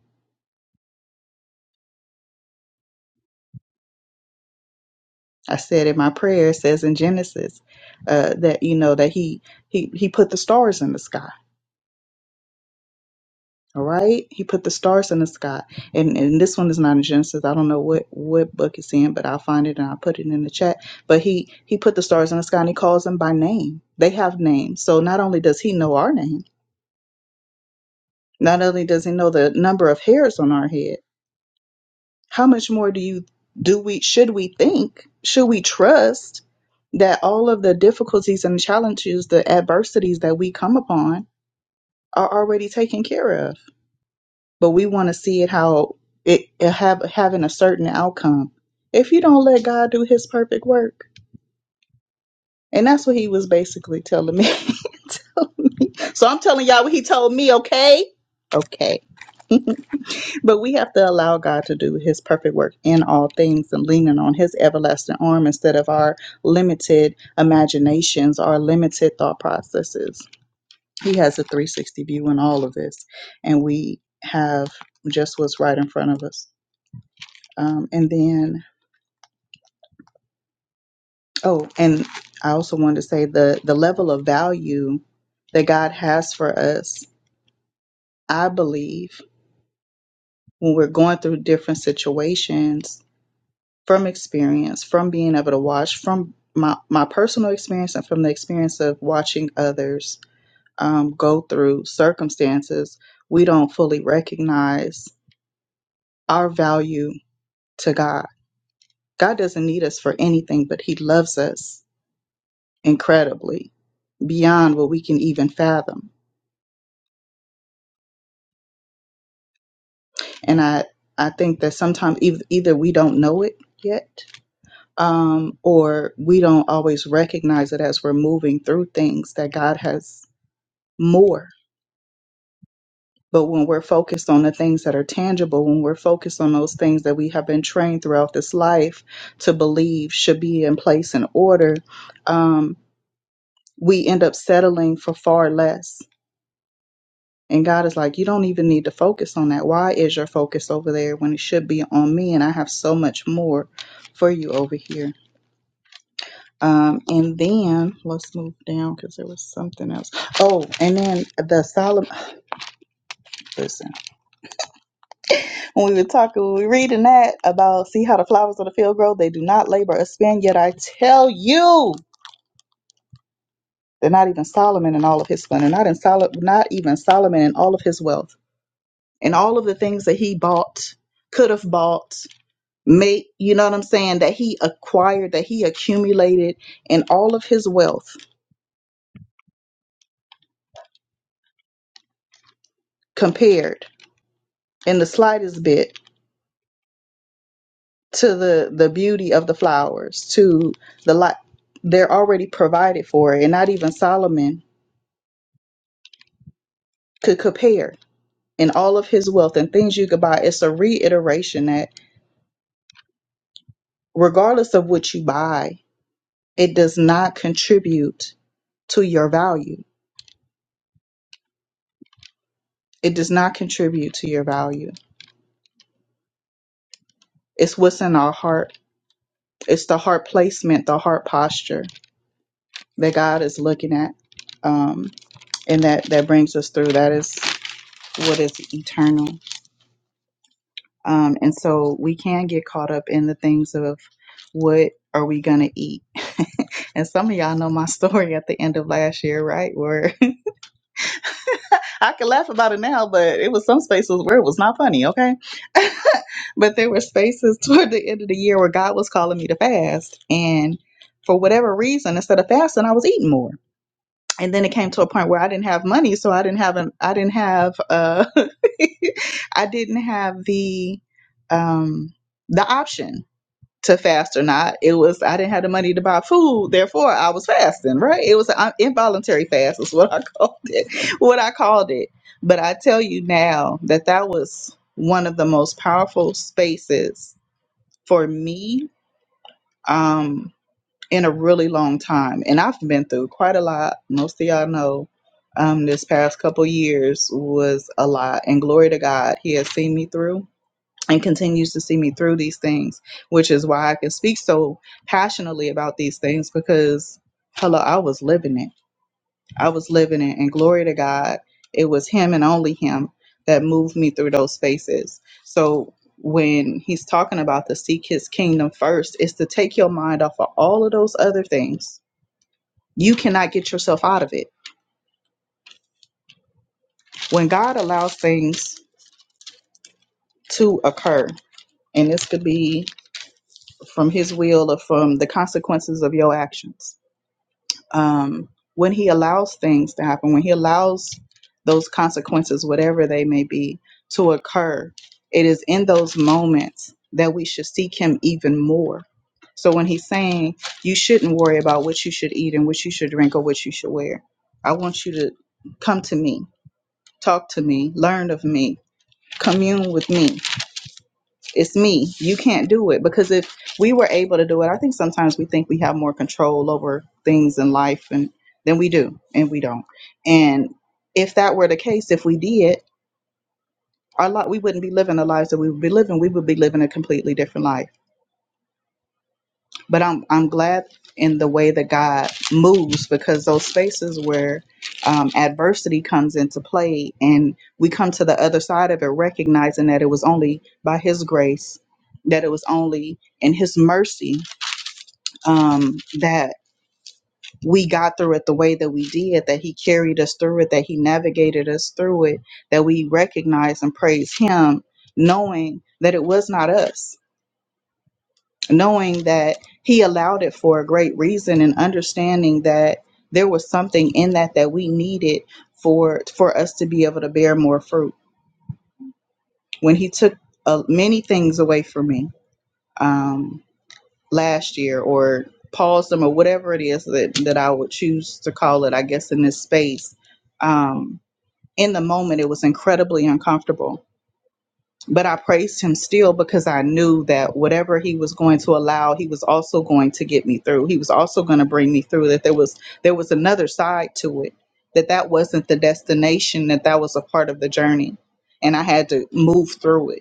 [SPEAKER 2] I said in my prayer, it says in Genesis, uh, that you know that he he he put the stars in the sky All right. He put the stars in the sky. And and this one is not in Genesis. I don't know what, what book it's in, but I'll find it and I'll put it in the chat. But he he put the stars in the sky and he calls them by name. They have names. So not only does he know our name, not only does he know the number of hairs on our head, how much more do you do we should we think? Should we trust that all of the difficulties and challenges, the adversities that we come upon are already taken care of? but we want to see it how it, it have having a certain outcome. If you don't let God do His perfect work, and that's what He was basically telling me. <laughs> so I'm telling y'all what He told me. Okay, okay. But we have to allow God to do His perfect work in all things and leaning on His everlasting arm instead of our limited imaginations, our limited thought processes. He has a 360 view in all of this, and we have just what's right in front of us. Um, and then Oh, and I also wanted to say the the level of value that God has for us, I believe, when we're going through different situations from experience, from being able to watch, from my, my personal experience and from the experience of watching others um, go through circumstances, we don't fully recognize our value to God. God doesn't need us for anything, but He loves us incredibly beyond what we can even fathom and I I think that sometimes eith- either we don't know it yet, um, or we don't always recognize it as we're moving through things that God has more. But when we're focused on the things that are tangible, when we're focused on those things that we have been trained throughout this life to believe should be in place and order, um, we end up settling for far less And God is like, you don't even need to focus on that. Why is your focus over there when it should be on me? And I have so much more for you over here. Um, and then let's move down because there was something else. Oh, and then the Solomon. Listen, when we were talking, we were reading that about see how the flowers of the field grow. They do not labor or spin. Yet I tell you, they're not even Solomon in all of his splendor. Not in Sol- Not even Solomon in all of his wealth. And all of the things that he bought, could have bought make you know what i'm saying that he acquired that he accumulated in all of his wealth compared in the slightest bit to the the beauty of the flowers to the light they're already provided for and not even solomon could compare in all of his wealth and things you could buy it's a reiteration that regardless of what you buy it does not contribute to your value it does not contribute to your value it's what's in our heart it's the heart placement, the heart posture that God is looking at, um, and that that brings us through. That is what is eternal, um, and so we can get caught up in the things of what are we gonna eat. <laughs> and some of y'all know my <laughs> story at the end of last year, right? Where <laughs> I can laugh about it now, but it was some spaces where it was not funny. Okay, <laughs> but there were spaces <laughs> toward the end of the year where God was calling me to fast, and for whatever reason, instead of fasting, I was eating more and then it came to a point where I didn't have money, so I didn't have an I didn't have uh <laughs> I didn't have the um the option to fast or not. It was I didn't have the money to buy food, therefore I was fasting, right? It was an involuntary fast is what I <laughs> called it. What I called it. But I tell you now that that was one of the most powerful spaces for me Um in a really long time. And I've been through quite a lot. Most of y'all know um, this past couple years was a lot. And glory to God, He has seen me through and continues to see me through these things, which is why I can speak so passionately about these things because, hello, I was living it. I was living in. And glory to God, it was Him and only Him that moved me through those spaces. So when He's talking about to seek His kingdom first, is to take your mind off of all of those other things. You cannot get yourself out of it. When God allows things to occur, and this could be from His will or from the consequences of your actions um, when he allows things to happen, when he allows those consequences, whatever they may be, to occur, it is in those moments that we should seek him even more. So when he's saying you shouldn't worry about what you should eat and what you should drink or what you should wear, I want you to come to me, talk to me, learn of me, commune with me it's me. You can't do it. Because if we were able to do it, I think sometimes we think we have more control over things in life and than we do, and we don't. And if that were the case, if we did, our lot we wouldn't be living the lives that we would be living. We would be living a completely different life. but I'm I'm glad in the way that God moves because those spaces where um, adversity comes into play and we come to the other side of it, recognizing that it was only by His grace, that it was only in His mercy um, that we got through it the way that we did, that He carried us through it, that He navigated us through it, that we recognize and praise Him, knowing that it was not us knowing that he allowed it for a great reason and understanding that there was something in that that we needed for for us to be able to bear more fruit when he took uh, many things away from me um last year or paused them or whatever it is that that I would choose to call it I guess in this space um in the moment it was incredibly uncomfortable but I praised him still because I knew that whatever he was going to allow, he was also going to get me through. He was also going to bring me through that there was there was another side to it that that wasn't the destination that that was a part of the journey and I had to move through it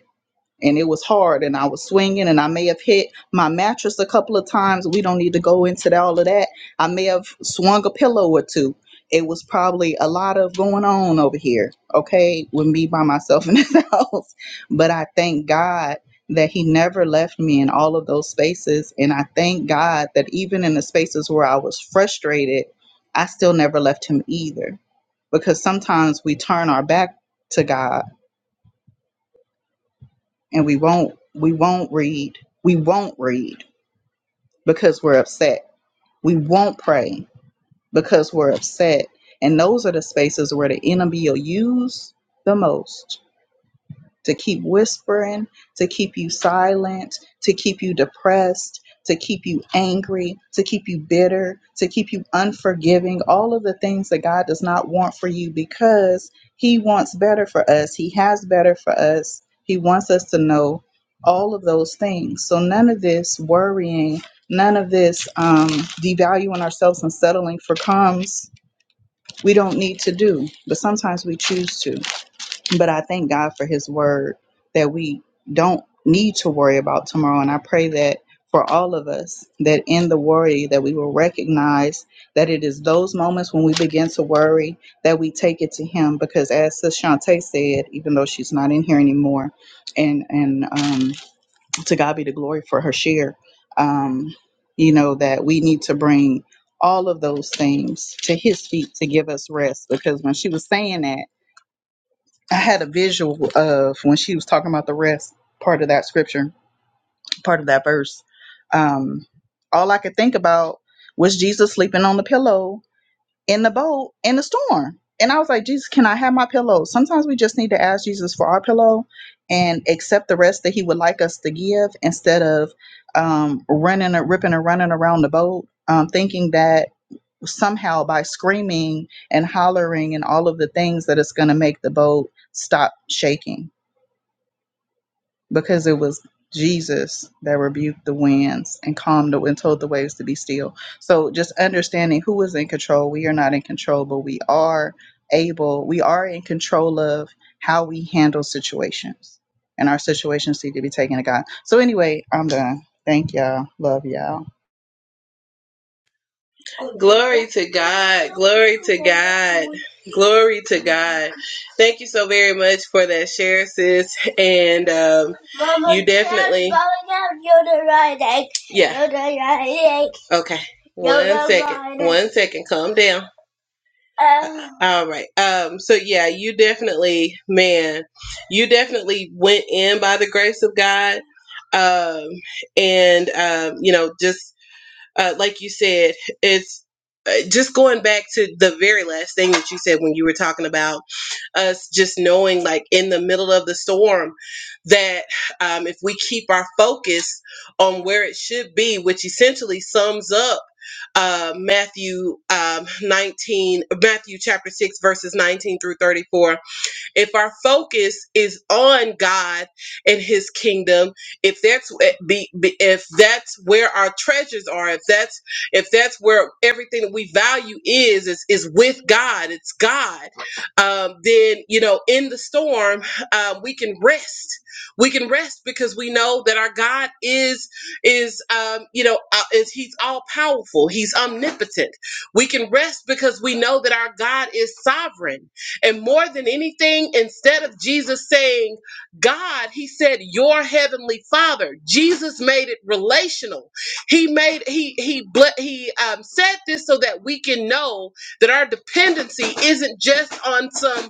[SPEAKER 2] and it was hard and I was swinging and I may have hit my mattress a couple of times. We don't need to go into all of that. I may have swung a pillow or two. It was probably a lot of going on over here, okay, with me by myself in this <laughs> house. But I thank God that He never left me in all of those spaces. And I thank God that even in the spaces where I was frustrated, I still never left Him either. Because sometimes we turn our back to God and we won't we won't read we won't read because we're upset we won't pray because we're upset and those are the spaces where the enemy will use the most to keep whispering, to keep you silent, to keep you depressed, to keep you angry, to keep you bitter, to keep you unforgiving, all of the things that God does not want for you because He wants better for us. He has better for us. He wants us to know all of those things. So none of this worrying, none of this um, devaluing ourselves and settling for crumbs we don't need to do, but sometimes we choose to. But I thank God for His word that we don't need to worry about tomorrow. And I pray that for all of us, that in the worry, that we will recognize that it is those moments when we begin to worry that we take it to Him. Because as Sis Shantae said, even though she's not in here anymore, and and um, to God be the glory for her share. Um, you know that we need to bring all of those things to His feet to give us rest. Because when she was saying that. I had a visual of when she was talking about the rest part of that scripture, part of that verse. Um, all I could think about was Jesus sleeping on the pillow in the boat in the storm. And I was like, Jesus, can I have my pillow? Sometimes we just need to ask Jesus for our pillow and accept the rest that he would like us to give instead of um, running and ripping and running around the boat, um, thinking that somehow by screaming and hollering and all of the things that it's going to make the boat stop shaking because it was Jesus that rebuked the winds and calmed the and told the waves to be still. So just understanding who is in control. We are not in control, but we are able, we are in control of how we handle situations. And our situations need to be taken to God. So anyway, I'm done. Thank y'all. Love y'all.
[SPEAKER 1] Glory to God. Glory to God. Glory to God. Thank you so very much for that share, sis. And um, Mama, you definitely. Yeah. Okay. One second. One second. Calm down. All right. Um, so yeah, you definitely, man, you definitely went in by the grace of God. Um, and um, you know, just uh, like you said, it's uh, just going back to the very last thing that you said when you were talking about us just knowing, like in the middle of the storm, that um, if we keep our focus on where it should be, which essentially sums up uh, Matthew um, 19, Matthew chapter 6, verses 19 through 34 if our focus is on God and His kingdom, if that's be- be- if that's where our treasures are, if that's if that's where everything that we value is is is with God, it's God. Um, then you know, in the storm, um, we can rest. We can rest because we know that our God is is um, you know uh, is He's all powerful. He's omnipotent. We can rest because we know that our God is sovereign. And more than anything, instead of Jesus saying, God, he said, your heavenly father. Jesus made it relational. He made, he, he, ble- he um, said this so that we can know that our dependency isn't just on some,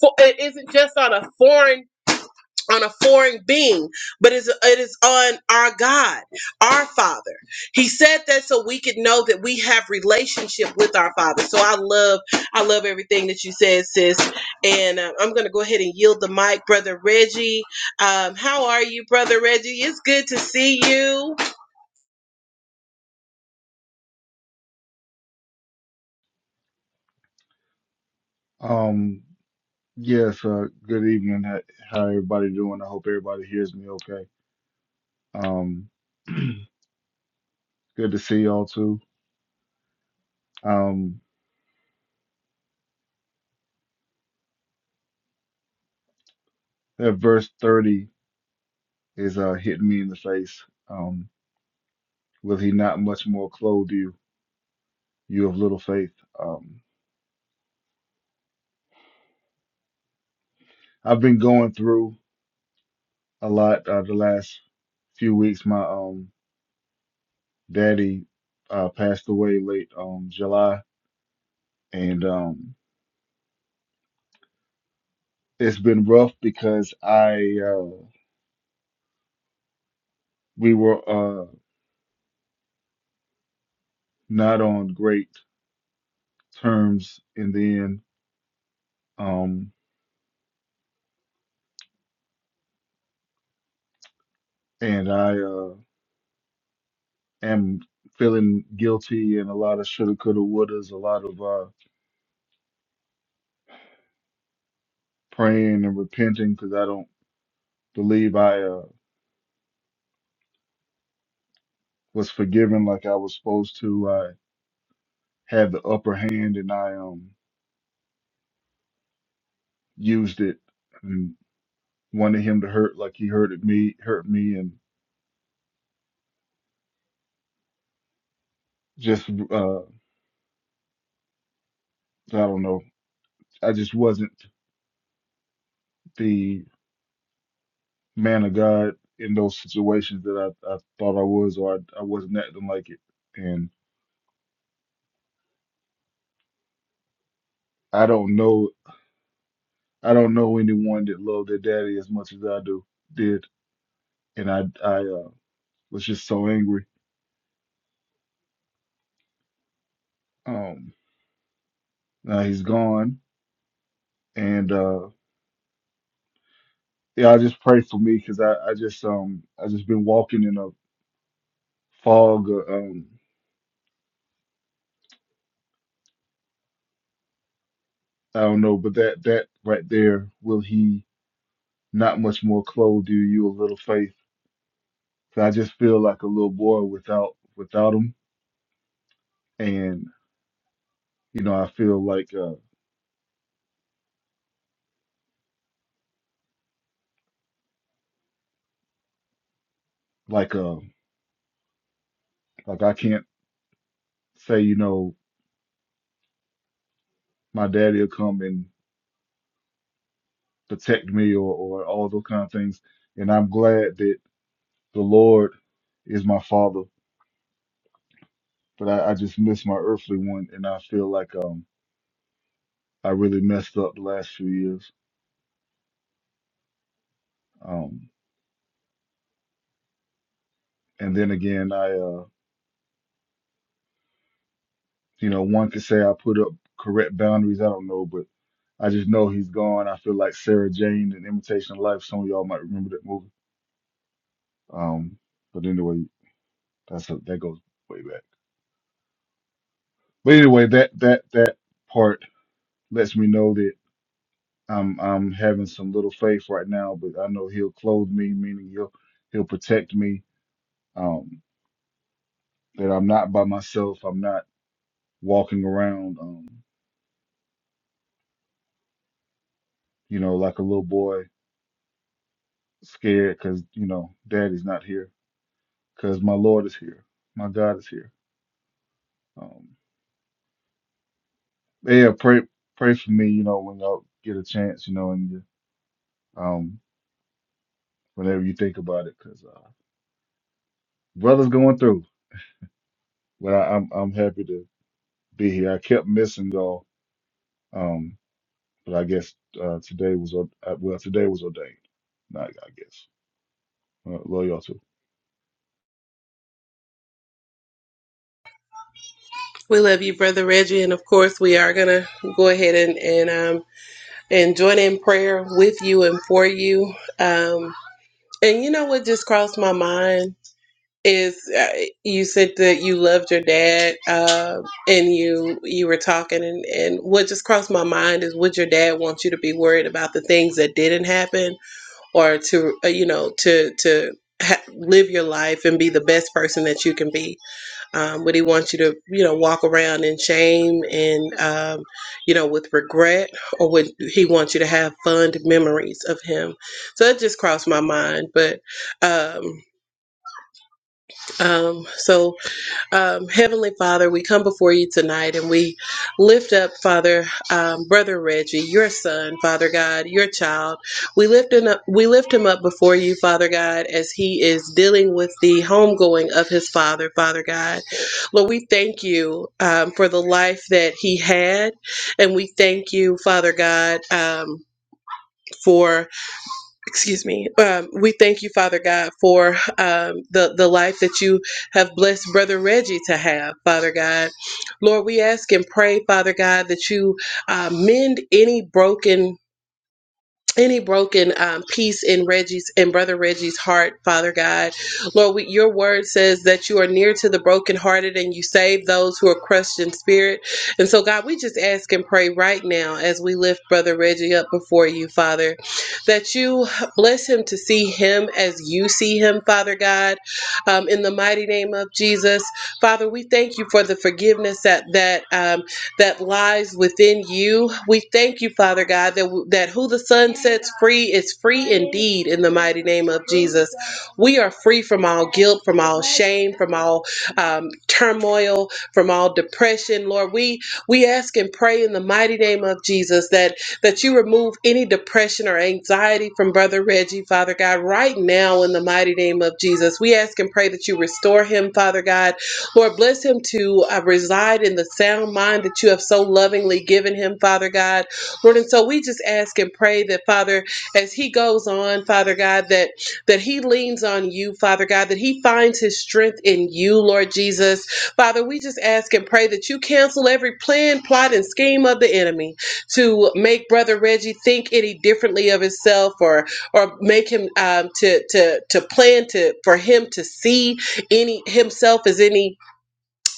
[SPEAKER 1] fo- it isn't just on a foreign on a foreign being, but it's, it is on our God, our Father. He said that so we could know that we have relationship with our Father. So I love, I love everything that you said, sis. And uh, I'm going to go ahead and yield the mic, brother Reggie. Um, how are you, brother Reggie? It's good to see you.
[SPEAKER 6] Um, yes, uh, good evening. How, how everybody doing? I hope everybody hears me okay. Um, <clears throat> good to see y'all too. Um, that verse 30 is uh hitting me in the face. Um, will he not much more clothe you, you of little faith? Um, I've been going through a lot uh, the last few weeks. My um daddy uh passed away late um July, and um it's been rough because I uh we were uh, not on great terms in the end. Um, and I uh, am feeling guilty and a lot of shoulda, coulda, wouldas, a lot of uh, praying and repenting because I don't believe I uh, was forgiven like I was supposed to. I had the upper hand and I um, used it and wanted him to hurt like he hurted me, hurt me, and just uh, I don't know. I just wasn't the man of God in those situations that I, I thought I was or I, I wasn't acting like it. And I don't know I don't know anyone that loved their daddy as much as I do did. And I I uh, was just so angry. Um, now he's gone, and uh, yeah, I just pray for me because I I just um I just been walking in a fog. Of, um, I don't know, but that that right there will he not much more clothe you, you a little faith. 'Cause I just feel like a little boy without without him and you know I feel like uh like uh like I can't say you know my daddy'll come and protect me or or all those kind of things, and I'm glad that the Lord is my father, but I, I just miss my earthly one, and I feel like um I really messed up the last few years, um and then again I uh you know one could say I put up correct boundaries I don't know but I just know he's gone. I feel like Sarah Jane and Imitation Life. Some of y'all might remember that movie Um, but anyway, that's a, that goes way back. But anyway, that that that part lets me know that I'm I'm having some little faith right now, but I know He'll clothe me, meaning He'll He'll protect me. Um, that I'm not by myself. I'm not walking around, um, you know, like a little boy scared because you know Daddy's not here, because my Lord is here, my God is here. Um, yeah, pray pray for me, you know, when y'all get a chance, you know, and um. whenever you think about it, because uh, brother's going through. But I, I'm I'm happy to be here. I kept missing y'all, um, but I guess uh, today was ord- uh, well today was ordained. Not I guess. Uh, love y'all too.
[SPEAKER 1] We love you, brother Reggie, and of course we are going to go ahead and and um and join in prayer with you and for you. Um, and you know what just crossed my mind? is uh, you said that you loved your dad uh, and you you were talking and, and what just crossed my mind is would your dad want you to be worried about the things that didn't happen or to uh, you know to to ha- live your life and be the best person that you can be um, would he want you to you know walk around in shame and um, you know with regret or would he want you to have fond memories of him so that just crossed my mind but um, um, so um, Heavenly Father, we come before you tonight and we lift up, Father, um, Brother Reggie, your son, Father God, your child. We lift him up, we lift him up before you, Father God, as he is dealing with the homegoing of his father, Father God. Lord, we thank you um, for the life that he had, and we thank you, Father God, um, for excuse me um, we thank you father god for um, the, the life that you have blessed brother reggie to have father god lord we ask and pray father god that you uh, mend any broken any broken um, piece in Reggie's in brother Reggie's heart, Father God, Lord, we, your word says that you are near to the brokenhearted and you save those who are crushed in spirit. And so, God, we just ask and pray right now as we lift brother Reggie up before you, Father, that you bless him to see him as you see him, Father God, um, in the mighty name of Jesus, Father. We thank you for the forgiveness that that um, that lies within you. We thank you, Father God, that, that who the Son sets free is free indeed in the mighty name of Jesus. We are free from all guilt, from all shame, from all um, turmoil, from all depression. Lord, we we ask and pray in the mighty name of Jesus that that you remove any depression or anxiety from Brother Reggie, Father God, right now in the mighty name of Jesus. We ask and pray that you restore him, Father God Lord, bless him to uh, reside in the sound mind that you have so lovingly given him, Father God. Lord, and so we just ask and pray that, Father, as he goes on, Father God, that that he leans on you, Father God, that he finds his strength in you, Lord Jesus. Father, we just ask and pray that you cancel every plan, plot, and scheme of the enemy to make Brother Reggie think any differently of himself or or make him um, to to to plan to for him to see any himself as any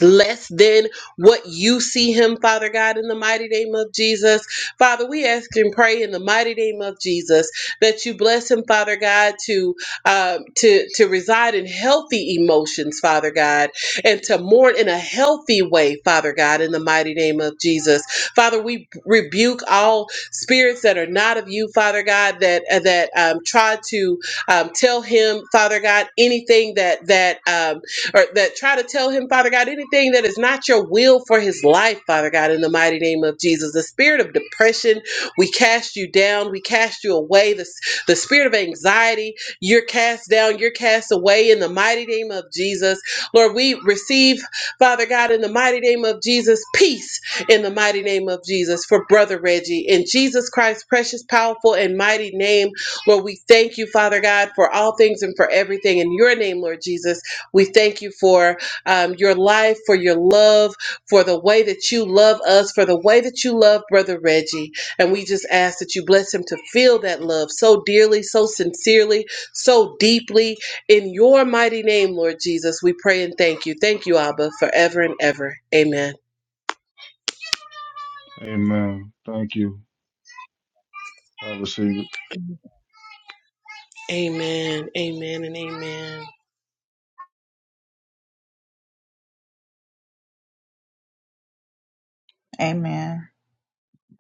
[SPEAKER 1] less than what you see him, Father God, in the mighty name of Jesus. Father, we ask and pray in the mighty name of Jesus that you bless him, Father God, to uh, to to reside in healthy emotions, Father God, and to mourn in a healthy way, Father God, in the mighty name of Jesus. Father, we rebuke all spirits that are not of you, Father God, that that um, try to um, tell him, Father God, anything that that um, or that try to tell him, Father God, anything that is not your will for his life, Father God, in the mighty name of Jesus. The spirit of depression, we cast you down, we cast you away. The, the spirit of anxiety, you're cast down, you're cast away in the mighty name of Jesus. Lord, we receive, Father God, in the mighty name of Jesus, peace in the mighty name of Jesus for Brother Reggie. In Jesus Christ's precious, powerful, and mighty name, Lord, we thank you, Father God, for all things and for everything. In your name, Lord Jesus. We thank you for um, your life, for your love, for the way that you love us, for the way that you love Brother Reggie. And we just ask that you bless him to feel that love so dearly, so sincerely, so deeply. In your mighty name, Lord Jesus, we pray and thank you. Thank you, Abba, forever and ever. Amen.
[SPEAKER 6] Amen. Thank you. I receive it.
[SPEAKER 1] Amen. Amen and amen.
[SPEAKER 2] Amen.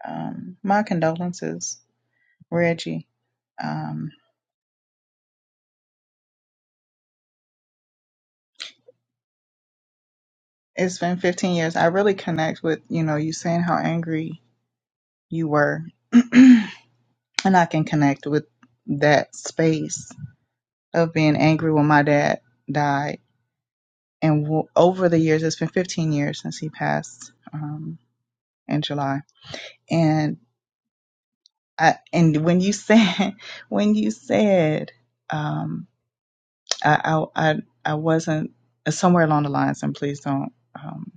[SPEAKER 2] Um, my condolences, Reggie. Um, it's been 15 years. I really connect with, you know, you saying how angry you were <clears throat> and I can connect with that space of being angry when my dad died. And w- over the years, it's been 15 years since he passed um, in July. And I, and when you said <laughs> when you said um, I, I I I wasn't uh, somewhere along the lines, and please don't um,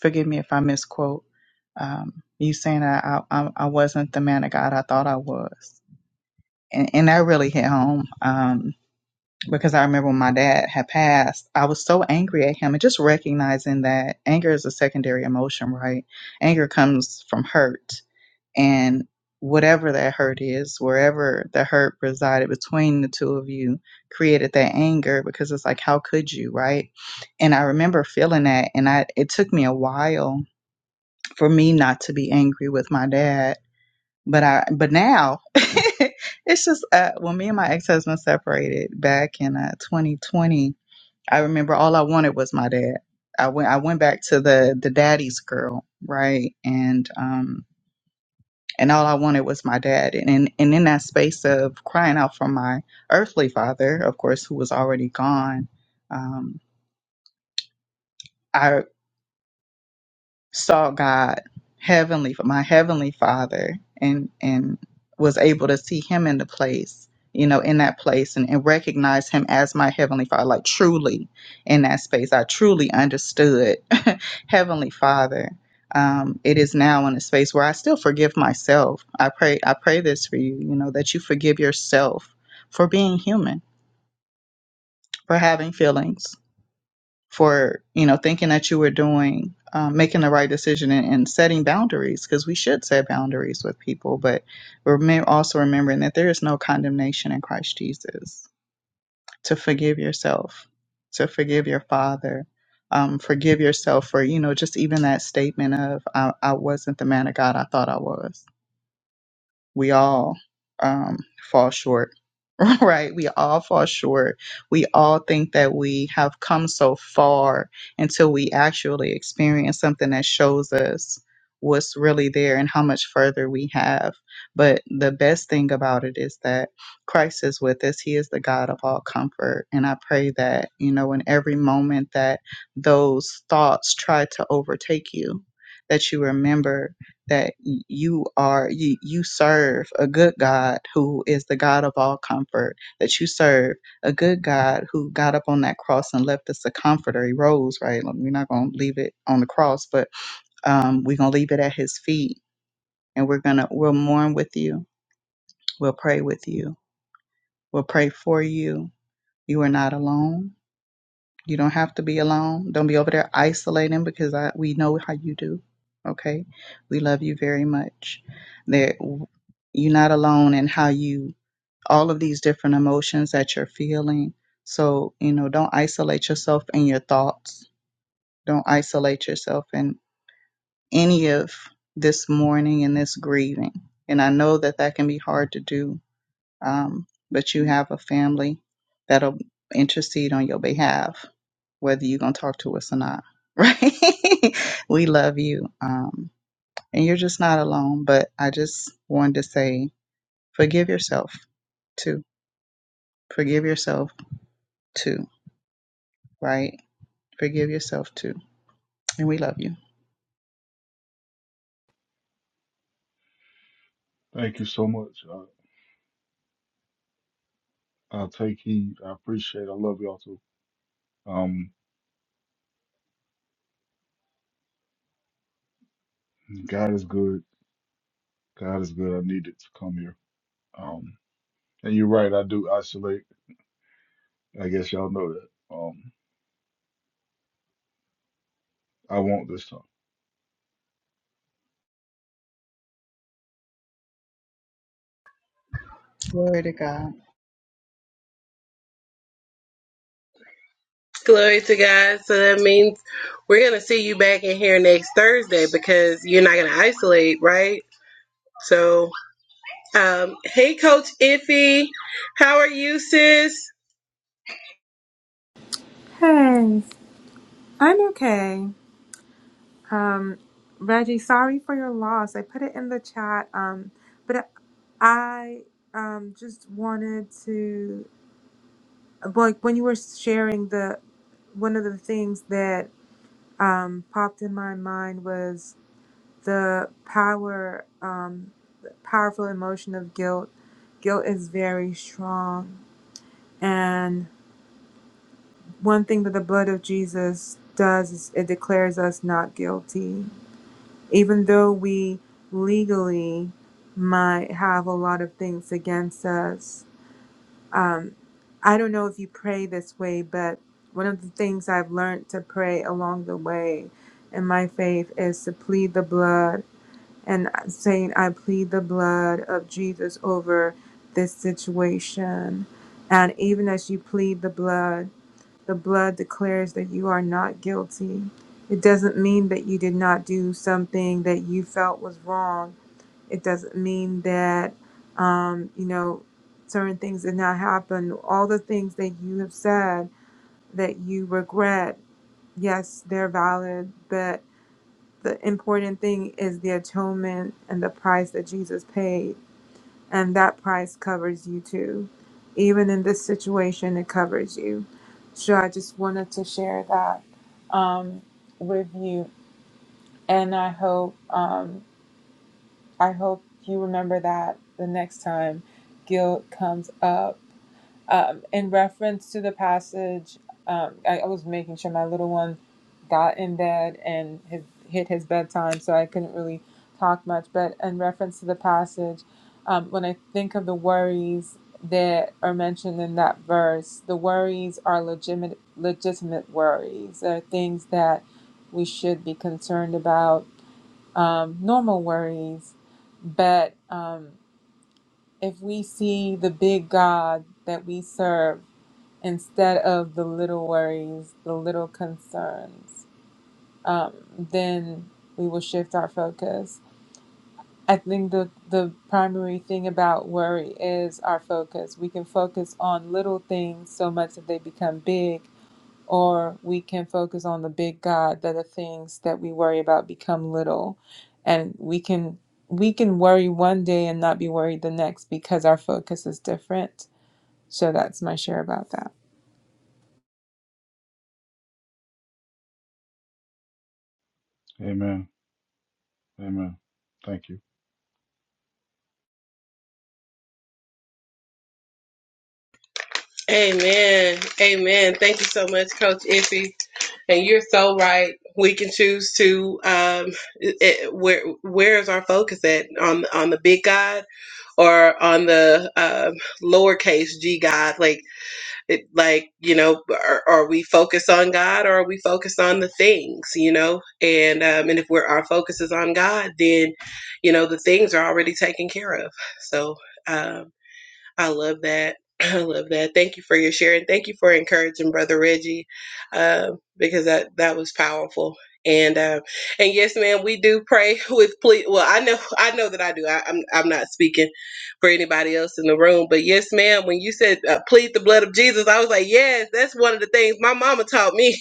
[SPEAKER 2] forgive me if I misquote. Um, you saying that I, I I wasn't the man of God I thought I was, and and that really hit home. Um, because I remember when my dad had passed, I was so angry at him and just recognizing that anger is a secondary emotion, right? Anger comes from hurt and whatever that hurt is, wherever the hurt resided between the two of you created that anger because it's like how could you, right? And I remember feeling that and I it took me a while for me not to be angry with my dad but I, but now <laughs> it's just uh, when me and my ex husband separated back in uh, 2020. I remember all I wanted was my dad. I went I went back to the the daddy's girl, right? And um and all I wanted was my dad. And in, and in that space of crying out for my earthly father, of course, who was already gone, um, I. saw God, heavenly, my heavenly Father, and and was able to see Him in the place, you know, in that place, and, and recognize Him as my heavenly Father, like truly in that space. I truly understood <laughs> heavenly Father. Um, it is now in a space where I still forgive myself. I pray, I pray this for you, you know, that you forgive yourself for being human, for having feelings for you know thinking that you were doing um, making the right decision and, and setting boundaries because we should set boundaries with people but remem- also remembering that there is no condemnation in christ jesus to forgive yourself to forgive your father um, forgive yourself for you know just even that statement of I, I wasn't the man of god i thought i was we all um, fall short <laughs> right? We all fall short. We all think that we have come so far until we actually experience something that shows us what's really there and how much further we have. But the best thing about it is that Christ is with us. He is the God of all comfort. And I pray that, you know, in every moment that those thoughts try to overtake you, that you remember that y- you are you, you serve a good God who is the God of all comfort that you serve a good God who got up on that cross and left us a comforter he rose right Like, we're not going to leave it on the cross but um, we're going to leave it at his feet and we're going to we'll mourn with you we'll pray with you we'll pray for you you are not alone You don't have to be alone. Don't be over there isolating because I, we know how you do. Okay. We love you very much. That you're not alone in how you, all of these different emotions that you're feeling. So, you know, don't isolate yourself in your thoughts. Don't isolate yourself in any of this mourning and this grieving. And I know that that can be hard to do. Um, but you have a family that'll intercede on your behalf whether you're going to talk to us or not, <laughs> right? we love you. Um, and you're just not alone. But I just wanted to say, forgive yourself too. Forgive yourself too, right? Forgive yourself too. And we love you.
[SPEAKER 6] Thank you so much. I, I'll take heed. I appreciate. It. I love y'all too. Um, God is good. God is good. I needed to come here. Um, and you're right. I do isolate. I guess y'all know that. Um, I won't this time.
[SPEAKER 2] Glory to God.
[SPEAKER 1] Glory to God. So that means we're going to see you back in here next Thursday because you're not going to isolate, right? So. Um, hey, Coach Iffy, how are you, sis?
[SPEAKER 7] Hey, I'm okay. Um, Reggie, sorry for your loss. I put it in the chat. Um, but I um just wanted to like when you were sharing the one of the things that um popped in my mind was the power um the powerful emotion of guilt. Guilt is very strong and one thing that the blood of Jesus does is it declares us not guilty even though we legally might have a lot of things against us. Um, I don't know if you pray this way, but one of the things I've learned to pray along the way in my faith is to plead the blood and saying, I plead the blood of Jesus over this situation. And even as you plead the blood, the blood declares that you are not guilty. It doesn't mean that you did not do something that you felt was wrong. It doesn't mean that, um, you know, certain things did not happen. All the things that you have said that you regret, yes, they're valid, but the important thing is the atonement and the price that Jesus paid and that price covers you too. Even in this situation, it covers you. So I just wanted to share that um, with you, and I hope um, I hope you remember that the next time guilt comes up. Um, in reference to the passage, um, I, I was making sure my little one got in bed and had hit his bedtime, so I couldn't really talk much. But in reference to the passage, um, when I think of the worries that are mentioned in that verse, the worries are legitimate, legitimate worries. They're things that we should be concerned about, um, normal worries. But um, if we see the big God that we serve, instead of the little worries, the little concerns, um, then we will shift our focus. I think the, the primary thing about worry is our focus. We can focus on little things so much that they become big, or we can focus on the big God that the things that we worry about become little. And we can we can worry one day and not be worried the next because our focus is different. So that's my share about that.
[SPEAKER 6] Amen. Amen. Thank you.
[SPEAKER 1] Amen. Amen. Thank you so much, Coach Iffy. And you're so right. We can choose to um, it, it- where where is our focus at on on the big God or on the um, lowercase G God? Like it, like you know are, are we focused on god or are we focused on the things you know and um and if we're our focus is on god then you know the things are already taken care of so um, I love that. <clears throat> <laughs> I love that. Thank you for your share and thank you for encouraging Brother Reggie, uh, because that that was powerful. And uh, and yes, ma'am, we do pray <laughs> with plea. Well, I know I know that I do. I, I'm I'm not speaking for anybody else in the room, but yes, ma'am, when you said uh, plead the blood of Jesus, I was like, yes, that's one of the things my mama taught me.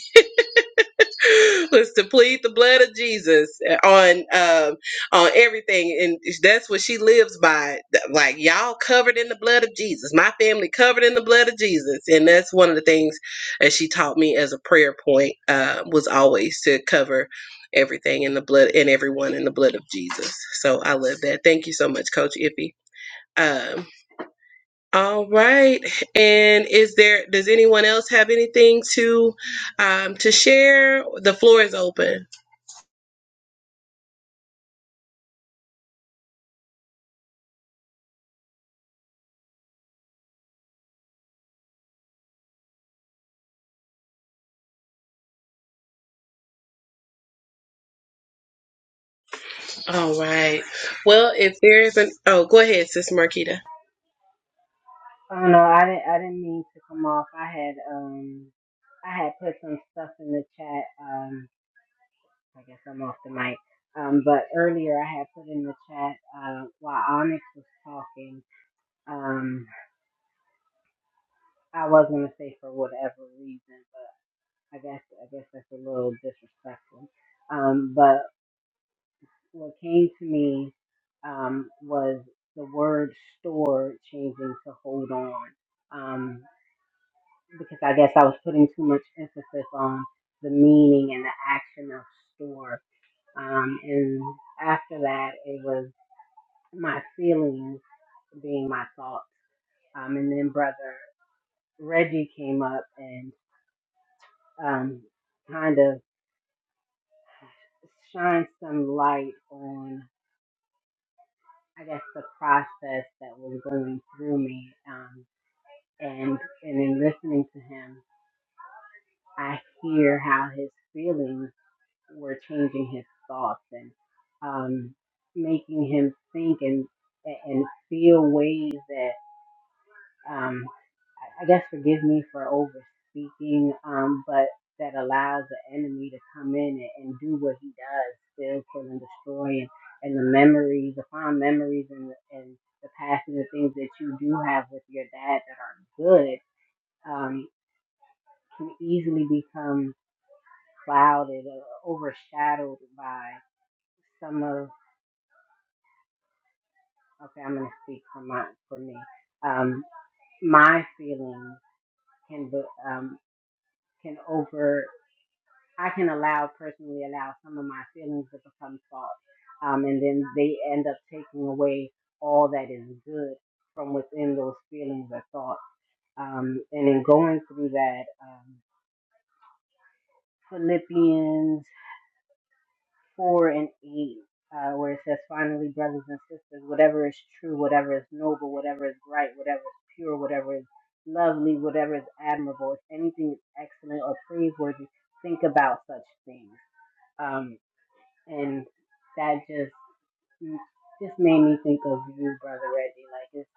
[SPEAKER 1] <laughs> was to plead the blood of Jesus on um, on everything, and that's what she lives by. Th- Like y'all covered in the blood of Jesus, my family covered in the blood of Jesus, and that's one of the things that she taught me as a prayer point uh, was always to cover everything in the blood and everyone in the blood of Jesus. So I love that. Thank you so much, Coach Iffy. Um, all right. And is there does anyone else have anything to um, to share? The floor is open. All right. Well, if there is an oh, go ahead, Sis Marquita.
[SPEAKER 4] I don't know. I didn't. I didn't mean to come off. I had um, I had put some stuff in the chat. Um, I guess I'm off the mic. Um, but earlier I had put in the chat uh, while Onyx was talking. Um, I was gonna say for whatever reason, I guess I guess that's a little disrespectful. Um, but what came to me um, was the word "store" changing to "hold on," um, because I guess I was putting too much emphasis on the meaning and the action of "store." Um, and after that, it was my feelings being my thoughts. Um, and then brother Reggie came up and um, kind of shined some light on. I guess the process that was going through me. Um, and and in listening to him, I hear how his feelings were changing his thoughts and um, making him think and and feel ways that um, I I guess forgive me for over speaking, um, but that allows the enemy to come in and, and do what he does, still kill and destroy, and, and the memories, the fond memories, and and the past and the things that you do have with your dad that are good um, can easily become clouded or overshadowed by some of. Okay, I'm going to speak for my for me. Um, my feelings can be- um, can overshadow. I can allow personally allow some of my feelings to become thought, um, and then they end up taking away all that is good from within those feelings or thoughts. Um, and in going through that, um, Philippians four and eight, uh, where it says, "Finally, brothers and sisters, whatever is true, whatever is noble, whatever is right, whatever is pure, whatever is lovely, whatever is admirable, if anything is excellent or praiseworthy, think about such things." Um, and that just just made me think of you, brother Reggie. Like it's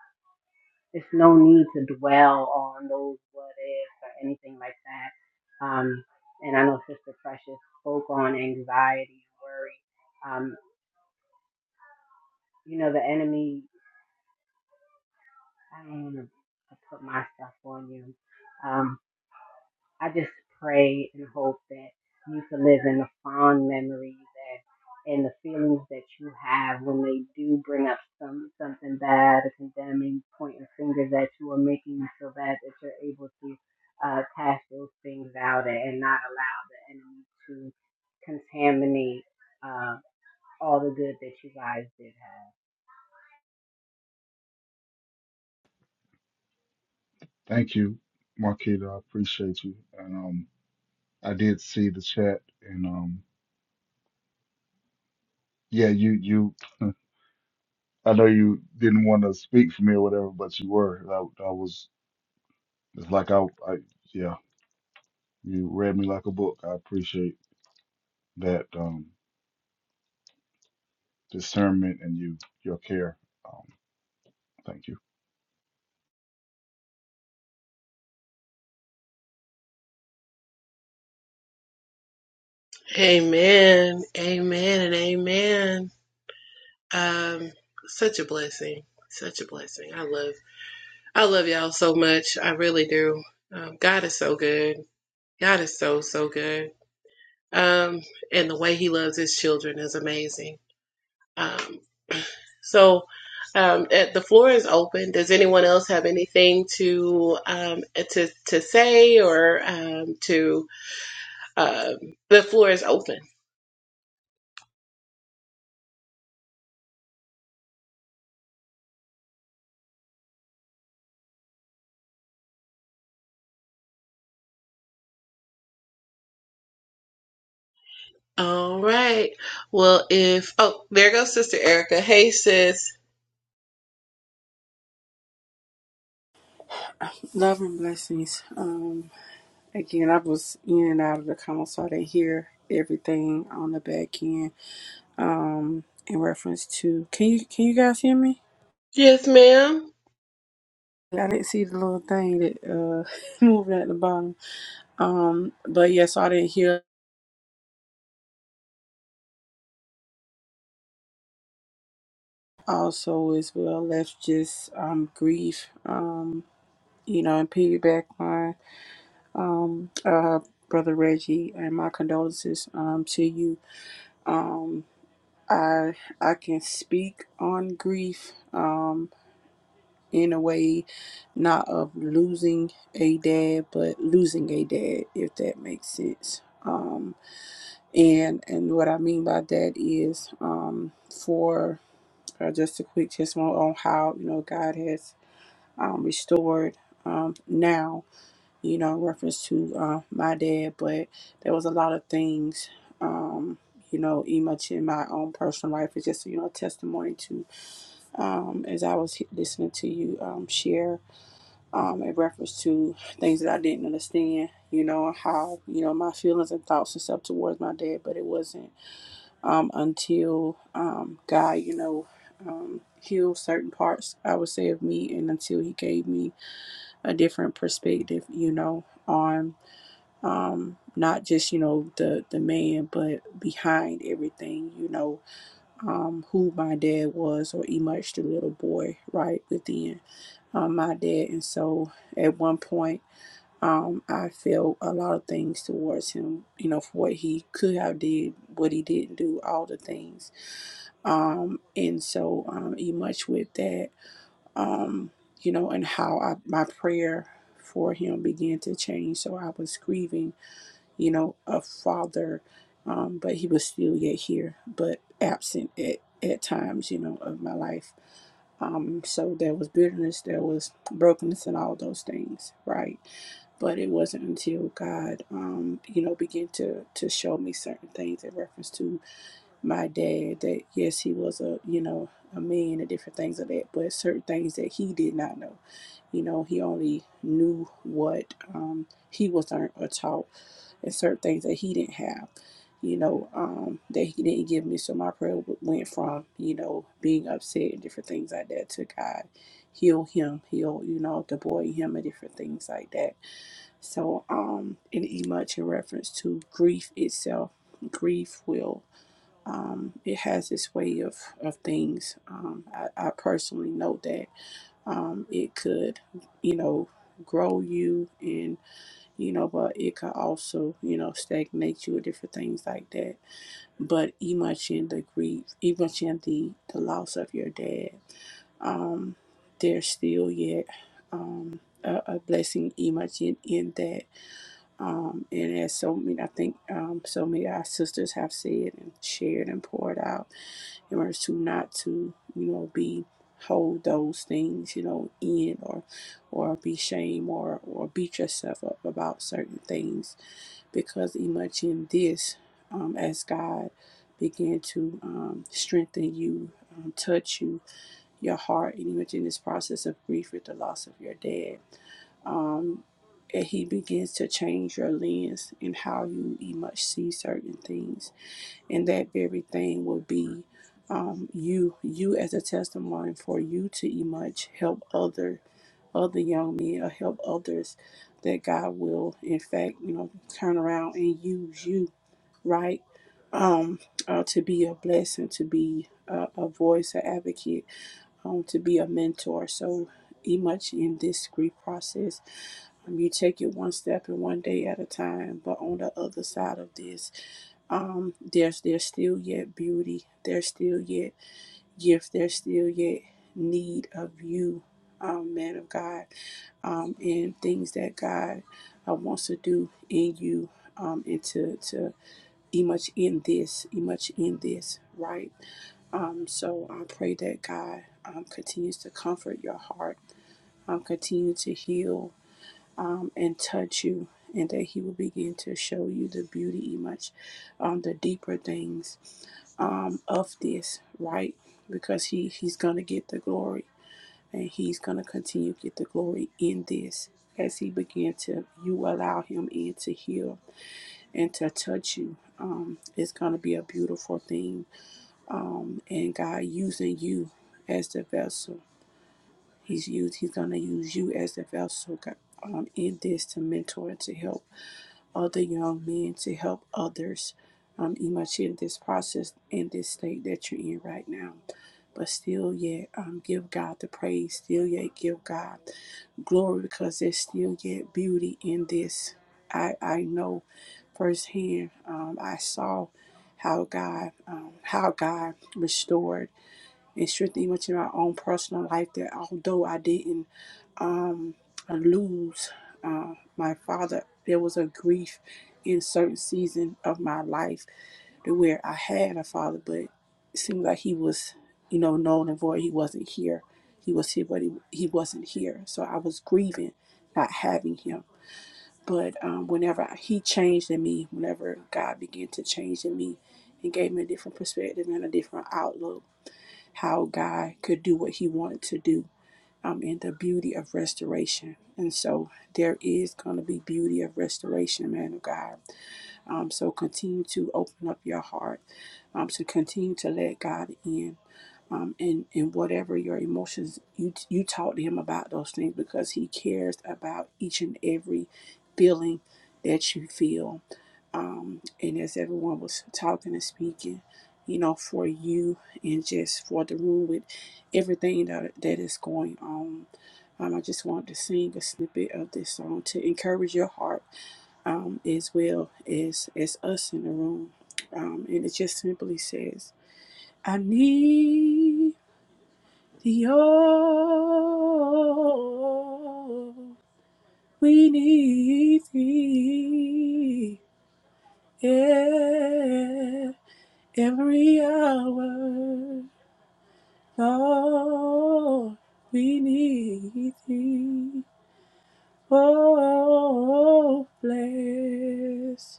[SPEAKER 4] it's no need to dwell on those what ifs or anything like that. Um, and I know Sister Precious spoke on anxiety, worry. Um, you know the enemy. I don't want to put myself on you, um, I just pray and hope that you can live in the fond memories and, and the feelings that you have when they do bring up some something bad or condemning, pointing fingers at you or making you feel bad that you're able to uh, cast those things out and, not allow the enemy to contaminate uh, all the good that you guys did have.
[SPEAKER 6] Thank you, Marquita. I appreciate you. And um, I did see the chat, and um, yeah, you you. <laughs> I know you didn't want to speak for me or whatever, but you were. I, I was. It's like I, I, yeah. You read me like a book. I appreciate that um, discernment and you your care. Um, thank you.
[SPEAKER 1] Amen. Amen and amen. Um such a blessing. Such a blessing. I love I love y'all so much. I really do. Um, God is so good. God is so so good. um, and the way he loves his children is amazing. Um, so, um, the floor is open. Does anyone else have anything to um, to to say or um, to? Um, the floor is open. All right. Well, if oh, there goes Sister Erica. Hey, sis.
[SPEAKER 5] love and blessings. Um, again, I was in and out of the coma, so I didn't hear everything on the back end um in reference to can you can you guys hear me
[SPEAKER 1] Yes, ma'am.
[SPEAKER 5] i didn't see the little thing that uh <laughs> moving at the bottom um but yes i didn't hear also as well that's just um grief um you know and piggyback on um uh brother reggie and my condolences um to you i i can speak on grief Um. in a way, not of losing a dad, but losing a dad, if that makes sense. Um, and and what I mean by that is um, for uh, just a quick testimony on how you know God has um, restored um, now, you know, in reference to uh, my dad, but there was a lot of things. Um, you know, even much in my own personal life, it's just you know a testimony to um, as I was listening to you um, share um, in reference to things that I didn't understand, you know, how, you know, my feelings and thoughts and stuff towards my dad, but it wasn't um, until um, God, you know, um, healed certain parts, I would say, of me, and until He gave me a different perspective, you know, on um, not just, you know, the, the man, but behind everything, you know, um, who my dad was or emerged the little boy right within um, my dad. And so at one point, um, I feel a lot of things towards him, you know, for what he could have did, what he didn't do, all the things. Um, and so um, he much with that, um, you know, and how I, my prayer for him began to change. So I was grieving you know, a father, um, but he was still yet here, but absent at, at times, you know, of my life. Um, so there was bitterness, there was brokenness, and all those things, right? but it wasn't until God, um, you know, began to to show me certain things in reference to my dad that yes he was a you know a man and different things of that but certain things that he did not know you know he only knew what um, he was learned or taught and certain things that he didn't have you know um, that he didn't give me so my prayer went from you know being upset and different things like that to god heal him heal you know the boy in him and different things like that so um and e much in reference to grief itself grief will um, it has its way of, of things. Um, I, I personally know that um, it could, you know, grow you and, you know, but it could also, you know, stagnate you or different things like that. But even in the grief, even in the, the loss of your dad, um, there's still yet um, a, a blessing imagine in in that. Um, and as so many, I think um, so many of our sisters have said and shared and poured out in order to not to you know be hold those things you know in or or be shame or or beat yourself up about certain things because much in this um, as god began to um, strengthen you um, touch you your heart and much in this process of grief with the loss of your dad um, and he begins to change your lens in how you much see certain things and that very thing will be um, you you as a testimony for you to emerge help other other young men or help others that God will in fact you know turn around and use you right um uh, to be a blessing to be a, a voice an advocate um, to be a mentor so much in this grief process um, you take it one step and one day at a time but on the other side of this um there's there's still yet beauty there's still yet gift there's still yet need of you um man of god um and things that god uh, wants to do in you um and to to e much in this e much in this right um so i pray that god um continues to comfort your heart um continue to heal um, and touch you, and that He will begin to show you the beauty, much um, the deeper things um, of this, right? Because He He's gonna get the glory, and He's gonna continue to get the glory in this as He begin to you allow Him in to heal and to touch you. Um, it's gonna be a beautiful thing, um, and God using you as the vessel. He's used. He's gonna use you as the vessel God, um, in this to mentor and to help other young men to help others um, immature in this process in this state that you're in right now. But still yet um, give God the praise, still yet give God glory because there's still yet beauty in this. I, I know firsthand, um, I saw how God um, how God restored and strengthen even in my own personal life that although I didn't um, lose uh, my father, there was a grief in certain season of my life to where I had a father, but it seemed like he was, you know, known and void. He wasn't here. He was here, but he, he wasn't here. So I was grieving not having him. But um, whenever he changed in me, whenever God began to change in me and gave me a different perspective and a different outlook, how God could do what He wanted to do, um, and the beauty of restoration. And so there is going to be beauty of restoration, man of God. Um, so continue to open up your heart, um, to continue to let God in. Um, and, and whatever your emotions, you, you talk to him about those things because he cares about each and every feeling that you feel. Um, and as everyone was talking and speaking, you know, for you and just for the room with everything that, that is going on. Um, I just wanted to sing a snippet of this song to encourage your heart um, is Will, is is us in the room, um, and it just simply says, "I need the oil. We need thee, yeah, every hour, Lord. We need thee. Oh, bless."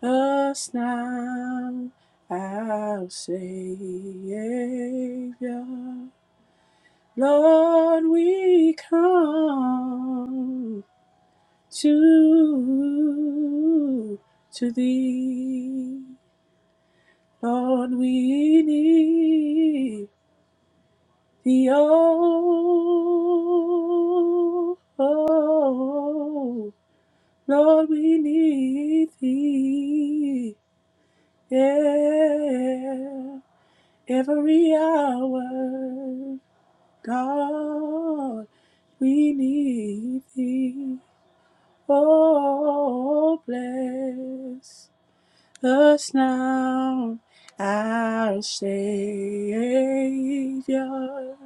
[SPEAKER 5] Us now, our Savior, Lord, we come to to Thee. Lord, we need Thee. Oh, oh, Lord, we need Thee. Yeah. Every hour, God, we need thee. Oh, bless us now, our Savior.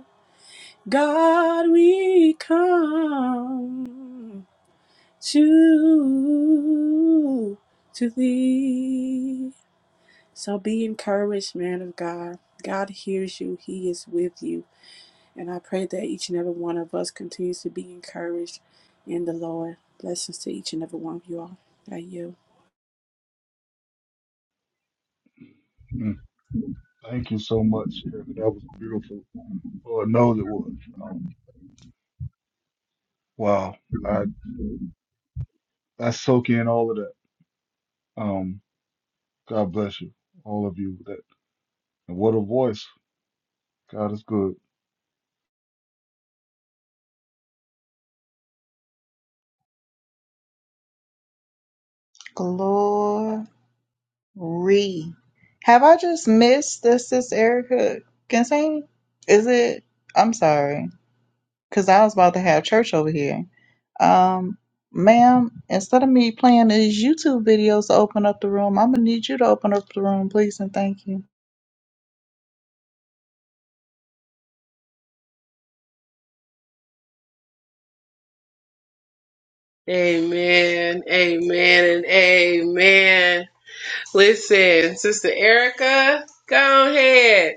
[SPEAKER 5] God, we come to, to thee. So be encouraged, man of God. God hears you, He is with you. And I pray that each and every one of us continues to be encouraged in the Lord. Blessings to each and every one of you all. I you.
[SPEAKER 6] Mm. Thank you so much, Erica. That was beautiful. Lord knows it was. Um, wow. I I soak in all of that. Um, God bless you, all of you. That and what a voice. God is good.
[SPEAKER 2] Glory. Re. Have I just missed the Sis Erica can't Ginsane? Is it? I'm sorry, because I was about to have church over here. Um, ma'am, instead of me playing these YouTube videos to open up the room, I'm gonna need you to open up the room, please and thank you,
[SPEAKER 1] Amen. Amen. And amen. Listen, Sister Erica, go ahead.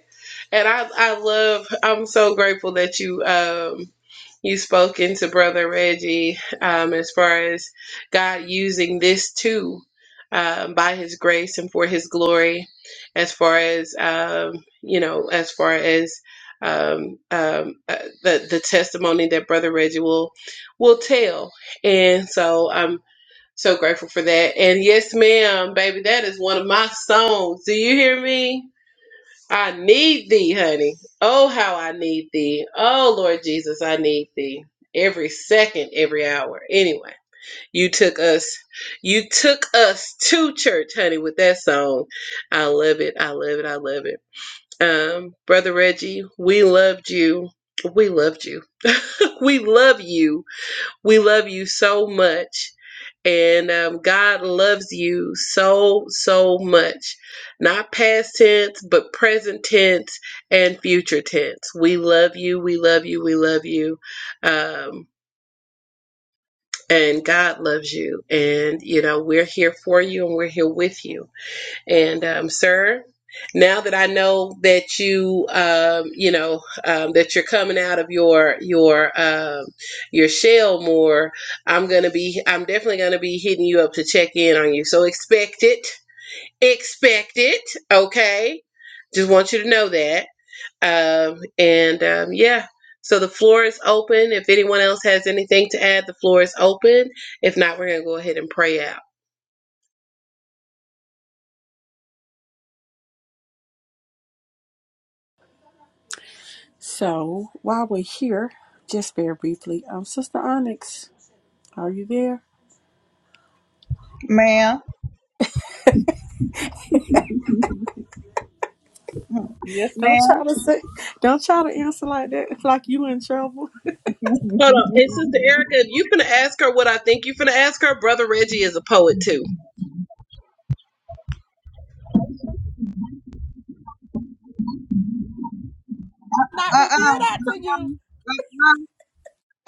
[SPEAKER 1] And I, I love. I'm so grateful that you um you spoke into Brother Reggie um as far as God using this too. Um, by his grace and for his glory as far as um, you know as far as um, um, uh, the the testimony that brother reggie will will tell and so so grateful for that. And yes, ma'am, baby, that is one of my songs. Do you hear me? I need thee, honey. Oh, how I need thee. Oh, Lord Jesus, I need thee. Every second, every hour. Anyway, you took us, you took us to church, honey, with that song. I love it. I love it. I love it. Um, Brother Reggie, we loved you. We loved you. <laughs> we love you we love you so much. And um, God loves you so, so much. Not past tense, but present tense and future tense. We love you. We love you. We love you. Um, and God loves you. And, you know, we're here for you and we're here with you and um, sir, now that I know that you, um, you know, um, that you're coming out of your your um, your shell more, I'm gonna be, I'm definitely gonna be hitting you up to check in on you. So expect it, expect it, okay? Just want you to know that. Um, and um, yeah. So the floor is open. If anyone else has anything to add, the floor is open. If not, we're going to go ahead and pray out.
[SPEAKER 5] So while we're here, just very briefly, um, Sister Onyx, are you there?
[SPEAKER 2] ma'am. Yes, ma'am.
[SPEAKER 5] Don't try to say, don't try to answer like that. <laughs> It's like you in trouble.
[SPEAKER 1] Hold on. And Sister Erica, if you finna ask her what I think you finna ask her, Brother Reggie is a poet too.
[SPEAKER 5] Not
[SPEAKER 2] Uh
[SPEAKER 5] reveal that
[SPEAKER 2] uh-uh.
[SPEAKER 5] to you.
[SPEAKER 2] uh.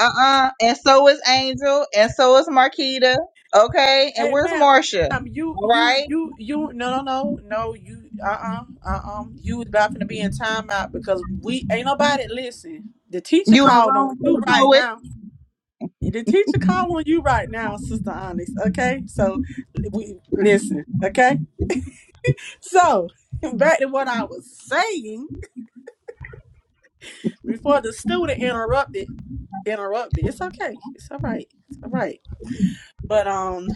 [SPEAKER 2] Uh uh. And so is Angel, and so is Marquita. Okay, and
[SPEAKER 5] Hey,
[SPEAKER 2] where's
[SPEAKER 5] ma'am,
[SPEAKER 2] Marcia?
[SPEAKER 5] um, you,
[SPEAKER 2] All
[SPEAKER 5] you,
[SPEAKER 2] right,
[SPEAKER 5] you, you. No, no, no, no. You, uh, uh-uh, uh, uh, You was about to be in timeout because we ain't nobody listen. The teacher
[SPEAKER 2] you in the
[SPEAKER 5] called on
[SPEAKER 2] room, full
[SPEAKER 5] you
[SPEAKER 2] of
[SPEAKER 5] right
[SPEAKER 2] poets?
[SPEAKER 5] now. the teacher calling you right now, Sister Onyx. Okay, so we listen. Okay, so <laughs> back to what I was saying before the student interrupted. Interrupted. It's okay. It's all right. It's all right. But um,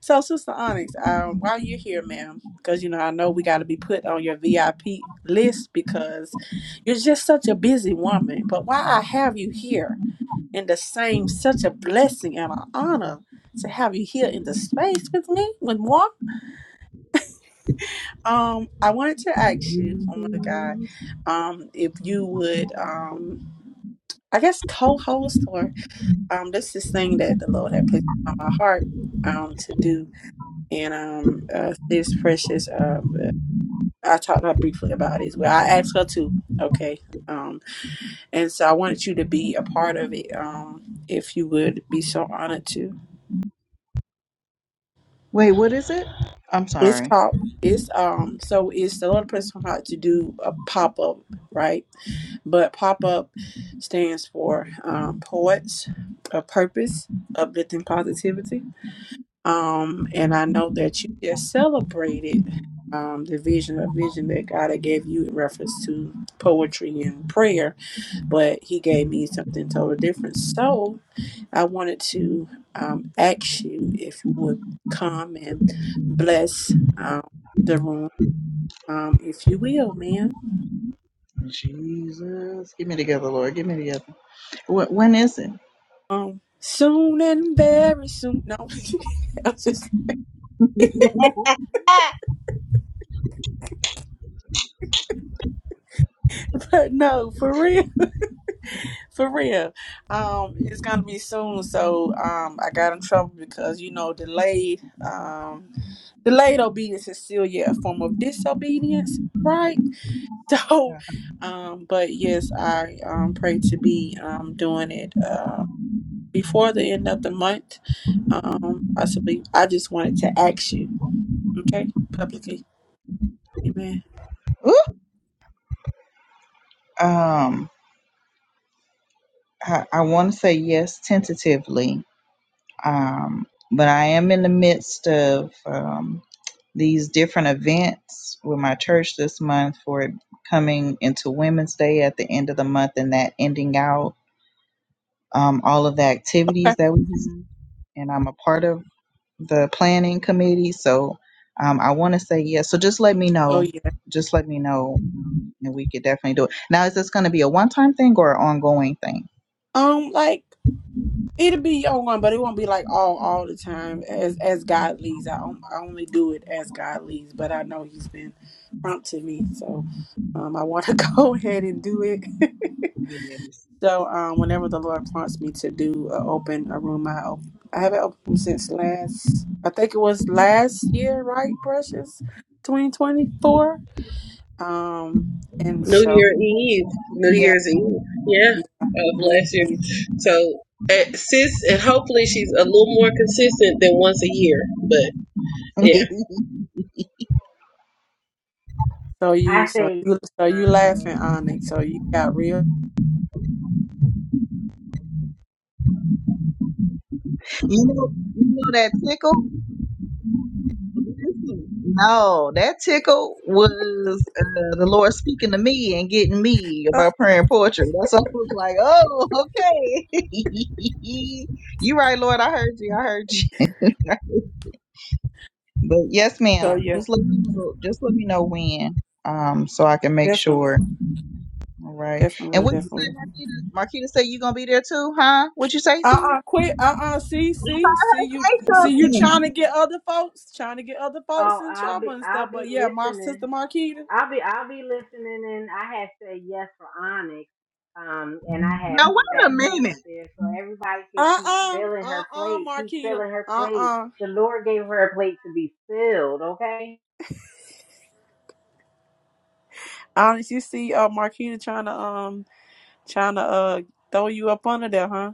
[SPEAKER 5] so Sister Onyx, um, while you're here, ma'am, because you know I know we got to be put on your VIP list because you're just such a busy woman. But why I have you here? And the same, such a blessing and an honor to have you here in the space with me, with moi. Um, I wanted to ask you, oh my God, um, if you would, um, I guess co-host or um, this is thing that the Lord had placed on my heart um to do, and um, uh, this precious um, uh, I talked to her briefly about it. Well, I asked her to, okay, um, and so I wanted you to be a part of it, um, if you would be so honored to.
[SPEAKER 2] Wait, what is it? I'm
[SPEAKER 5] It's
[SPEAKER 2] sorry.
[SPEAKER 5] called it's um so it's the Lord Principle how to do a pop up, right? But pop up stands for um, poets of purpose, uplifting positivity. Um, and I know that you just celebrated um, the vision, a vision that God had gave you in reference to poetry and prayer, but He gave me something totally different. So I wanted to um, ask you if you would come and bless um, the room, um, if you will, man.
[SPEAKER 2] Jesus, get me together, Lord. Get me together. Wh- when is it?
[SPEAKER 5] Um, soon and very soon. No, <laughs> I'm just but no, for real, <laughs> for real. Um, it's gonna be soon. So um, I got in trouble because you know delayed um, delayed obedience is still yet a form of disobedience, right? <laughs> So, um, but yes, I um, pray to be um, doing it uh, before the end of the month. Um, possibly, I just wanted to ask you, okay, publicly, amen.
[SPEAKER 2] Ooh. Um, I, I want to say yes tentatively. Um, but I am in the midst of um, these different events with my church this month for it coming into Women's Day at the end of the month and that ending out um, all of the
[SPEAKER 5] Okay.
[SPEAKER 2] activities that we have. And I'm a part of. the planning committee. So um, I want to say yes. So just let me
[SPEAKER 5] Oh
[SPEAKER 2] know.
[SPEAKER 5] yeah.
[SPEAKER 2] Just let me know, um, and we could definitely do it. Now, is this going to be a one-time thing or an ongoing thing?
[SPEAKER 5] Um, like it'll be ongoing, but it won't be like all all the time as as God leads. I on- I only do it as God leads, but I know He's been prompting me, so um, I want to <laughs> go ahead and do it. <laughs>
[SPEAKER 2] Yeah.
[SPEAKER 5] So um, whenever the Lord prompts me to do uh, open a room, I op- I haven't opened them since last. I think it was last year, right? Precious, twenty twenty four. Um, and
[SPEAKER 1] New
[SPEAKER 5] so
[SPEAKER 1] Year Eve, New
[SPEAKER 5] yeah,
[SPEAKER 1] Year's Eve, yeah,
[SPEAKER 5] yeah.
[SPEAKER 1] of
[SPEAKER 5] you-
[SPEAKER 1] last year. So, at, sis, and hopefully she's a little more consistent than once a year. But
[SPEAKER 2] <laughs>
[SPEAKER 1] yeah.
[SPEAKER 2] you
[SPEAKER 5] So you,
[SPEAKER 4] I
[SPEAKER 5] so
[SPEAKER 4] say,
[SPEAKER 5] you, so you laughing, Onyx. So you got real.
[SPEAKER 2] know, you know that tickle. No, that tickle was uh, the Lord speaking to me and getting me
[SPEAKER 5] Uh,
[SPEAKER 2] about praying poetry. That's what I was like, oh, okay. <laughs> you right, Lord. I heard you. I heard you. But yes,
[SPEAKER 5] so
[SPEAKER 2] ma'am.
[SPEAKER 5] yeah,
[SPEAKER 2] Just let me know, just let me know when, um, so I can make
[SPEAKER 5] definitely,
[SPEAKER 2] sure. All right.
[SPEAKER 5] definitely,
[SPEAKER 2] And what you
[SPEAKER 5] definitely.
[SPEAKER 2] say, Marquita? Marquita said you gonna be there too, huh? What you say? Sis?
[SPEAKER 5] Uh-uh,
[SPEAKER 2] Say
[SPEAKER 5] quit. Uh-uh, see, see, see you, see you trying
[SPEAKER 2] something.
[SPEAKER 5] to get other folks, trying to get other folks
[SPEAKER 4] oh,
[SPEAKER 5] in
[SPEAKER 4] I'll be
[SPEAKER 5] trouble and stuff.
[SPEAKER 4] I'll be
[SPEAKER 5] But yeah, my
[SPEAKER 4] listening.
[SPEAKER 5] sister Marquita.
[SPEAKER 4] I'll be I'll be listening and I had said yes for Onyx. Um and I had
[SPEAKER 2] Now
[SPEAKER 4] put
[SPEAKER 2] wait a
[SPEAKER 4] that plate
[SPEAKER 2] minute,
[SPEAKER 4] up there so everybody could keep
[SPEAKER 5] Uh-uh.
[SPEAKER 4] filling her
[SPEAKER 5] Uh-uh,
[SPEAKER 4] plate, keep
[SPEAKER 5] Marquita.
[SPEAKER 4] filling her plate.
[SPEAKER 5] Uh-uh.
[SPEAKER 4] The Lord gave her a plate to be filled, okay?
[SPEAKER 5] Honest, you see uh Marquita trying to um trying to uh throw you up under there, huh?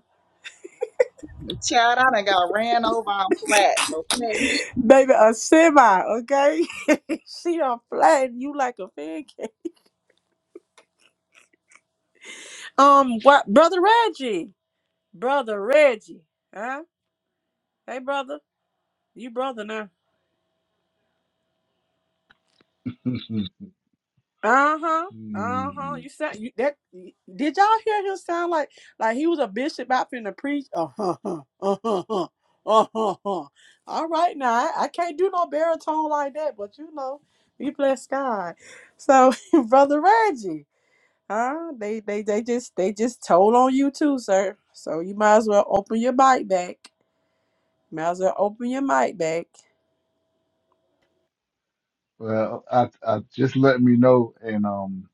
[SPEAKER 2] child. I done got ran over on flat. Okay.
[SPEAKER 5] Baby, a semi, okay? <laughs> she done flatten you like a pancake. Um what brother Reggie. Brother Reggie. Huh? Hey brother. You brother now.
[SPEAKER 6] <laughs>
[SPEAKER 5] Uh huh. Uh huh.
[SPEAKER 6] Mm.
[SPEAKER 5] You sound you that. Did y'all hear him sound like like he was a bishop out finna preach? Uh huh. Uh huh. Uh huh. <laughs> All right, now I, I can't do no baritone like that, but you know, we bless God. So, <laughs> brother Reggie, huh? They they they just they just told on you too, sir. So you might as well open your mic back. Might as well open your mic back.
[SPEAKER 6] well, I, I just let me know, and um,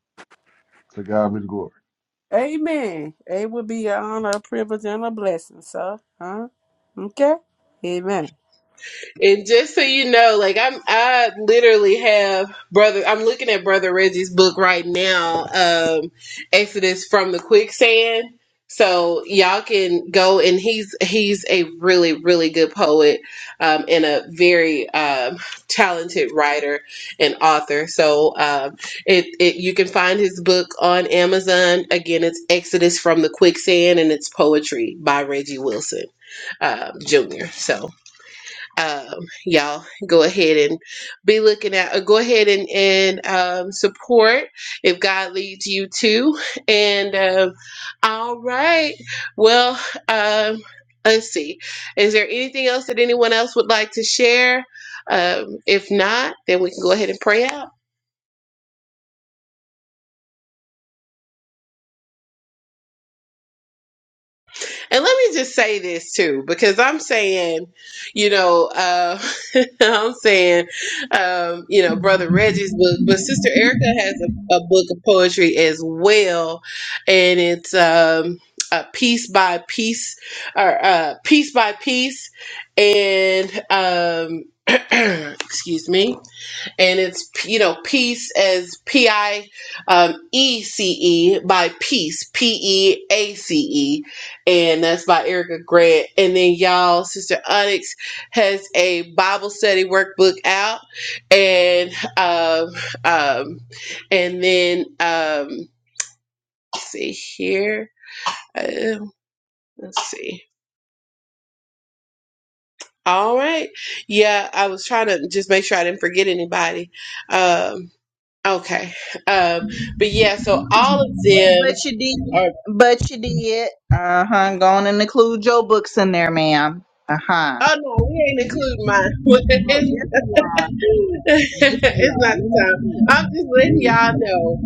[SPEAKER 6] to God be the glory.
[SPEAKER 5] Amen. It would be an honor, a privilege, and a blessing, sir. Huh? Okay. Amen.
[SPEAKER 1] And just so you know, like I'm, I literally have brother. I'm looking at brother Reggie's book right now, um, Exodus from the quicksand. So y'all can go and he's he's a really really good poet, um, and a very um, talented writer and author. So um, it, it you can find his book on Amazon. Again, it's Exodus from the quicksand, and it's poetry by Reggie Wilson um, Jr. So um, y'all go ahead and be looking at or go ahead and, and um, support if god leads you to and um, all right well um, let's see is there anything else that anyone else would like to share um, if not then we can go ahead and pray out and let me just say this too, because I'm saying, you know, uh, <laughs> I'm saying, um, you know, Brother Reggie's book, but Sister Erica has a, a book of poetry as well, and it's um, a piece by piece or uh, piece by piece, and um, <clears throat> excuse me and it's you know peace as P I um, E C E by peace p e a c e, and that's by Erica Grant. And then y'all, Sister Onyx has a Bible study workbook out, and um, um and then um, let's see here, uh, let's see. All right, yeah, I was trying to just make sure I didn't forget anybody. Um, Okay. Um, but yeah, so
[SPEAKER 2] But
[SPEAKER 1] all of
[SPEAKER 2] you
[SPEAKER 1] them
[SPEAKER 2] but you did.
[SPEAKER 1] are,
[SPEAKER 2] But you did. Uh huh. Go on and include your books in there, ma'am. Uh huh.
[SPEAKER 1] oh no, we ain't
[SPEAKER 2] Yes,
[SPEAKER 1] including mine. <laughs>
[SPEAKER 2] you are. Yes,
[SPEAKER 1] it's,
[SPEAKER 2] you are.
[SPEAKER 1] <laughs>
[SPEAKER 2] Yes, you
[SPEAKER 1] it's
[SPEAKER 2] are.
[SPEAKER 1] not the time. I'm just letting
[SPEAKER 2] Let me
[SPEAKER 1] y'all
[SPEAKER 2] see.
[SPEAKER 1] know.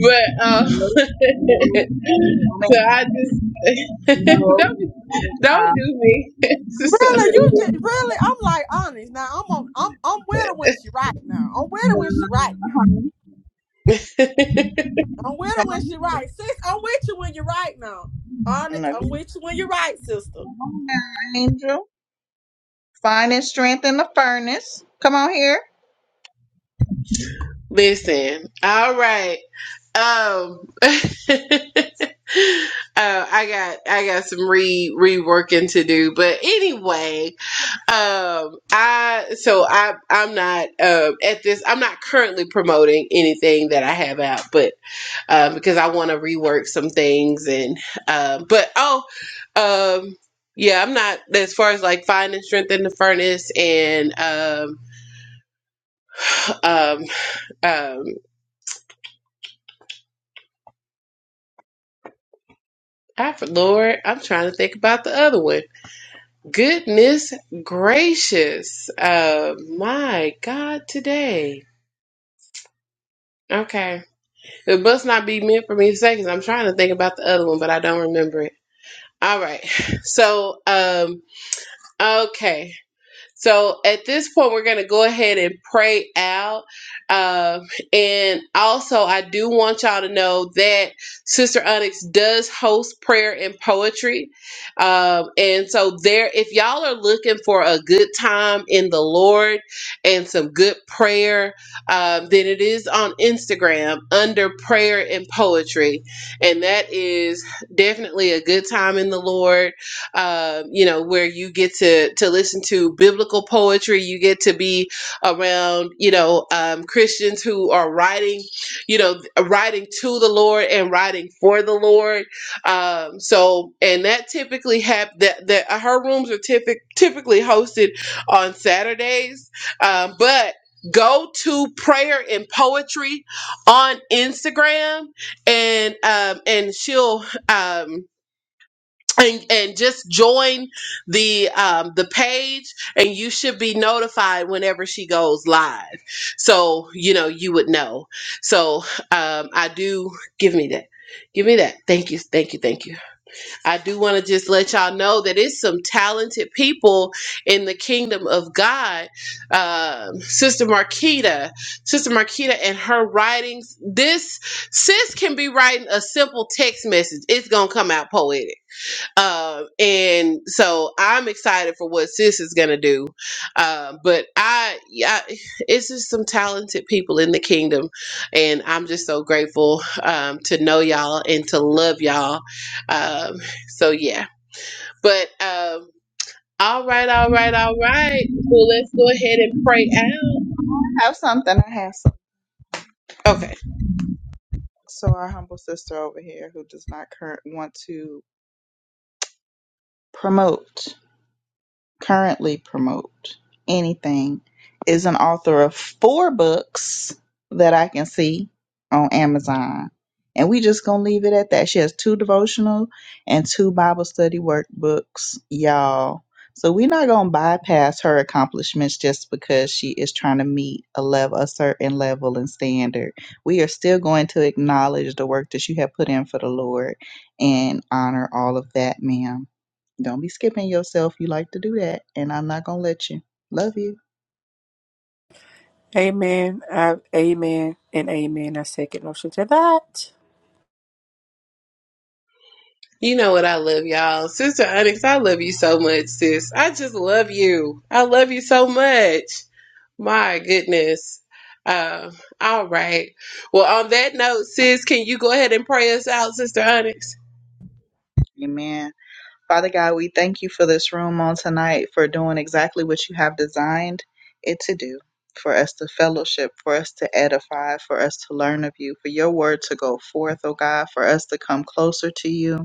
[SPEAKER 1] But, um,
[SPEAKER 2] No, no, no,
[SPEAKER 1] <laughs> so I just, <laughs>
[SPEAKER 2] no.
[SPEAKER 1] don't, be-
[SPEAKER 2] Uh,
[SPEAKER 1] don't do me. <laughs> So,
[SPEAKER 2] hey,
[SPEAKER 5] Really,
[SPEAKER 2] pretty.
[SPEAKER 5] you just really. I'm like honest now. I'm on. I'm I'm with her when she right now. I'm with her when she right
[SPEAKER 2] Uh, come
[SPEAKER 5] now.
[SPEAKER 2] on.
[SPEAKER 5] I'm with
[SPEAKER 2] No,
[SPEAKER 5] her
[SPEAKER 2] come
[SPEAKER 5] when she right. Sis, I'm with you when you right now. Honest, I'm
[SPEAKER 2] on
[SPEAKER 5] with you when you right, sister.
[SPEAKER 2] now, Angel. Find its strength in the furnace. Come on here.
[SPEAKER 1] Listen. All right. Um, <laughs> uh, I got, I got some re, reworking to do, but anyway, um i so i i'm not um at this i'm not currently promoting anything that i have out but um because i want to rework some things and um but oh um yeah i'm not as far as like finding strength in the furnace and um um um I, for lord i'm trying to think about the other one goodness gracious uh my god today okay It must not be meant for me to say because I'm trying to think about the other one, but I don't remember it. All right. <laughs> So, um, okay. So at this point, we're going to go ahead and pray out. Um, and also, I do want y'all to know that Sister Onyx does host prayer and poetry. Um, and so, there, if y'all are looking for a good time in the Lord and some good prayer, um, then it is on Instagram under prayer and poetry. And that is definitely a good time in the Lord uh, you know, where you get to to listen to biblical poetry. You get to be around, you know, um, Christians who are writing, you know, writing to the Lord and writing for the Lord. Um, so, and that typically hap- that that uh, her rooms are typic- typically hosted on Saturdays, um, but go to prayer and poetry on Instagram and um and she'll um and and just join the um the page and you should be notified whenever she goes live so you know you would know so um i do give me that give me that thank you thank you thank you i do want to just let y'all know that it's some talented people in the kingdom of god um sister marquita sister marquita and her writings this sis can be writing a simple text message it's gonna come out poetic um, and so I'm excited for what Sis is gonna do. Um, but I, yeah, it's just some talented people in the kingdom, and I'm just so grateful um, to know y'all and to love y'all. Um, so yeah, but um, all right, all right, all right. Well, let's go ahead and pray out.
[SPEAKER 2] I have something. I have some.
[SPEAKER 1] Okay.
[SPEAKER 2] So our humble sister over here who does not current want to promote. currently promote anything is an author of four books that I can see on Amazon. And we just gonna leave it at that. She has two devotional and two Bible study workbooks, y'all. So we're not gonna bypass her accomplishments just because she is trying to meet a level a certain level and standard. We are still going to acknowledge the work that you have put in for the Lord and honor all of that, ma'am. Don't be skipping yourself. You like to do that, and I'm not going to let you. Love you.
[SPEAKER 5] Amen. I, amen. And amen. I second motion to that.
[SPEAKER 1] You know what I love, y'all. Sister Onyx, I love you so much, sis. I just love you. I love you so much. My goodness. Uh, all right. Well, on that note, sis, can you go ahead and pray us out, Sister Onyx?
[SPEAKER 2] Amen. Father God, we thank you for this room on tonight, for doing exactly what you have designed it to do, for us to fellowship, for us to edify, for us to learn of you, for your word to go forth, oh God, for us to come closer to you.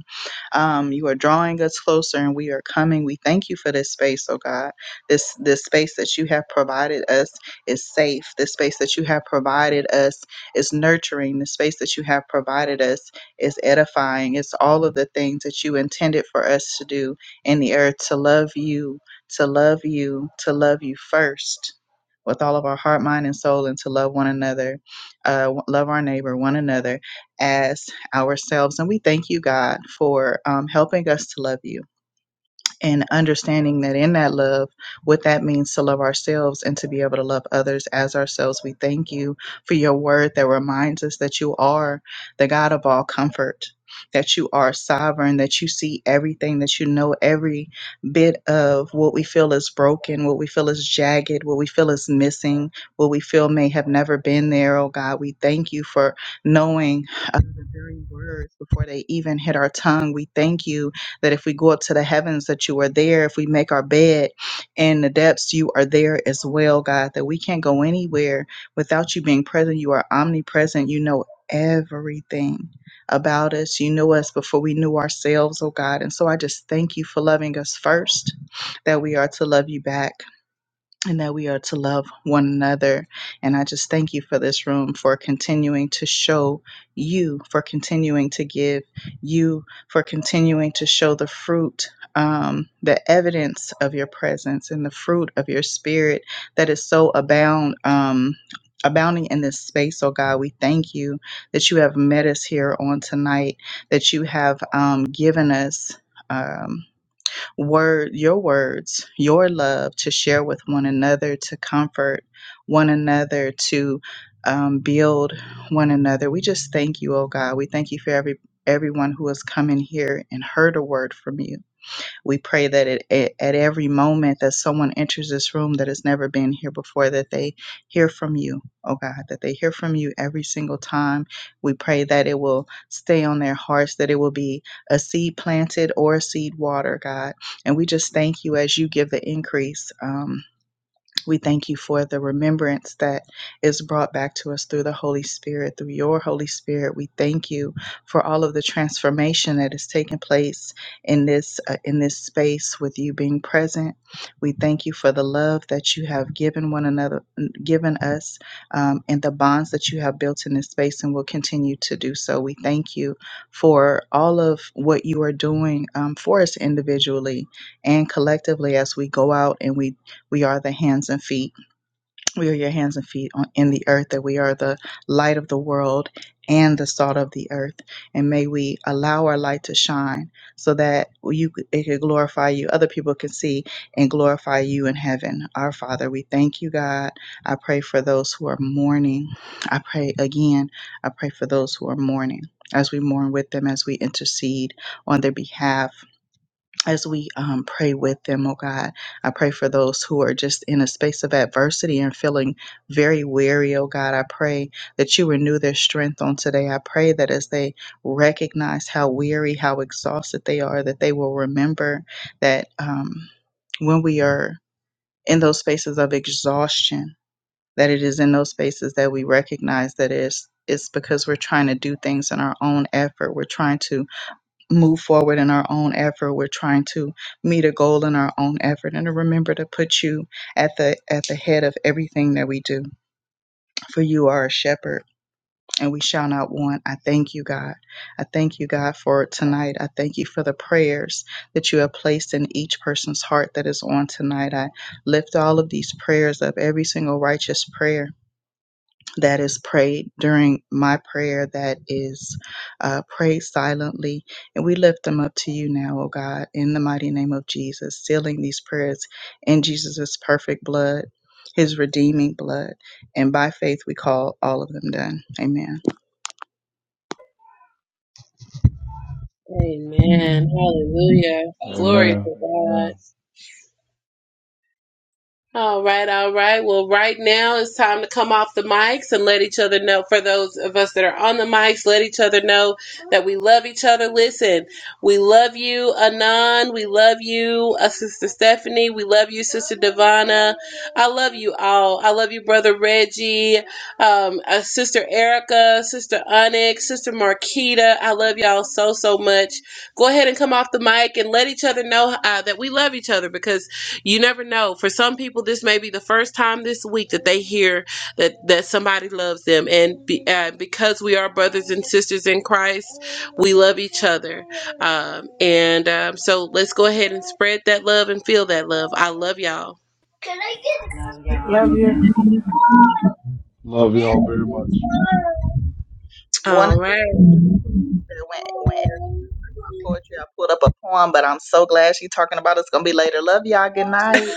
[SPEAKER 2] Um, you are drawing us closer and we are coming. We thank you for this space, oh God. This this space that you have provided us is safe. This space that you have provided us is nurturing. The space that you have provided us is edifying. It's all of the things that you intended for us to do in the earth to love you, to love you, to love you first with all of our heart, mind, and soul, and to love one another, uh, w- love our neighbor, one another, as ourselves. And we thank you, God, for um, helping us to love you and understanding that in that love, what that means to love ourselves and to be able to love others as ourselves. We thank you for your word that reminds us that you are the God of all comfort, that you are sovereign, that you see everything, that you know every bit of what we feel is broken, what we feel is jagged, what we feel is missing, what we feel may have never been there. Oh God, we thank you for knowing uh, the very words before they even hit our tongue. We thank you that if we go up to the heavens, that you are there. If we make our bed in the depths, you are there as well, God, that we can't go anywhere without you being present. You are omnipresent. You know everything about us. You knew us before we knew ourselves, oh God. And so I just thank you for loving us first, that we are to love you back and that we are to love one another. And I just thank you for this room, for continuing to show you, for continuing to give you, for continuing to show the fruit, um, the evidence of your presence and the fruit of your spirit that is so abound. Um, Abounding in this space, oh God, we thank you that you have met us here on tonight, that you have um, given us. Um, word your words your love to share with one another to comfort one another to um, build one another we just thank you oh god we thank you for every everyone who has come in here and heard a word from you we pray that it, it, at every moment that someone enters this room that has never been here before, that they hear from you, oh God, that they hear from you every single time. We pray that it will stay on their hearts, that it will be a seed planted or a seed water, God. And we just thank you as you give the increase. Um, we thank you for the remembrance that is brought back to us through the Holy Spirit, through your Holy Spirit. We thank you for all of the transformation that is taking place in this uh, in this space with you being present. We thank you for the love that you have given one another, given us, um, and the bonds that you have built in this space, and will continue to do so. We thank you for all of what you are doing um, for us individually and collectively as we go out and we we are the hands and feet. We are your hands and feet on, in the earth, that we are the light of the world and the salt of the earth. And may we allow our light to shine so that you could- it could glorify you. Other people can see and glorify you in heaven. Our Father, we thank you, God. I pray for those who are mourning. I pray again, I pray for those who are mourning as we mourn with them, as we intercede on their behalf as we um, pray with them, oh God. I pray for those who are just in a space of adversity and feeling very weary, oh God. I pray that you renew their strength on today. I pray that as they recognize how weary, how exhausted they are, that they will remember that um, when we are in those spaces of exhaustion, that it is in those spaces that we recognize that it's, it's because we're trying to do things in our own effort. We're trying to move forward in our own effort. We're trying to meet a goal in our own effort and to remember to put you at the at the head of everything that we do. For you are a shepherd and we shall not want. I thank you, God. I thank you, God, for tonight. I thank you for the prayers that you have placed in each person's heart that is on tonight. I lift all of these prayers up, every single righteous prayer that is prayed during my prayer that is uh, prayed silently. And we lift them up to you now, O God, in the mighty name of Jesus, sealing these prayers in Jesus' perfect blood, his redeeming blood. And by faith, we call all of them done. Amen.
[SPEAKER 1] Amen. Hallelujah. Glory
[SPEAKER 6] Amen.
[SPEAKER 1] to God.
[SPEAKER 6] Amen.
[SPEAKER 1] All right, all right. Well, right now it's time to come off the mics and let each other know. For those of us that are on the mics, let each other know that we love each other. Listen, we love you, Anon. We love you, uh, Sister Stephanie. We love you, Sister Devana. I love you all. I love you, Brother Reggie, um, uh, Sister Erica, Sister Onyx, Sister Marquita. I love y'all so, so much. Go ahead and come off the mic and let each other know uh, that we love each other because you never know. For some people, this may be the first time this week that they hear that that somebody loves them, and be, uh, because we are brothers and sisters in Christ, we love each other. Um, and um, so let's go ahead and spread that love and feel that love. I love y'all.
[SPEAKER 4] Love y'all.
[SPEAKER 5] Love
[SPEAKER 4] Good
[SPEAKER 5] you.
[SPEAKER 4] night.
[SPEAKER 6] Love y'all very much.
[SPEAKER 2] One
[SPEAKER 1] All
[SPEAKER 2] of the
[SPEAKER 1] right.
[SPEAKER 2] when, when Erica Poetry, I pulled up a poem, but I'm so glad she's talking about it. It's going to be later. Love y'all. Good night.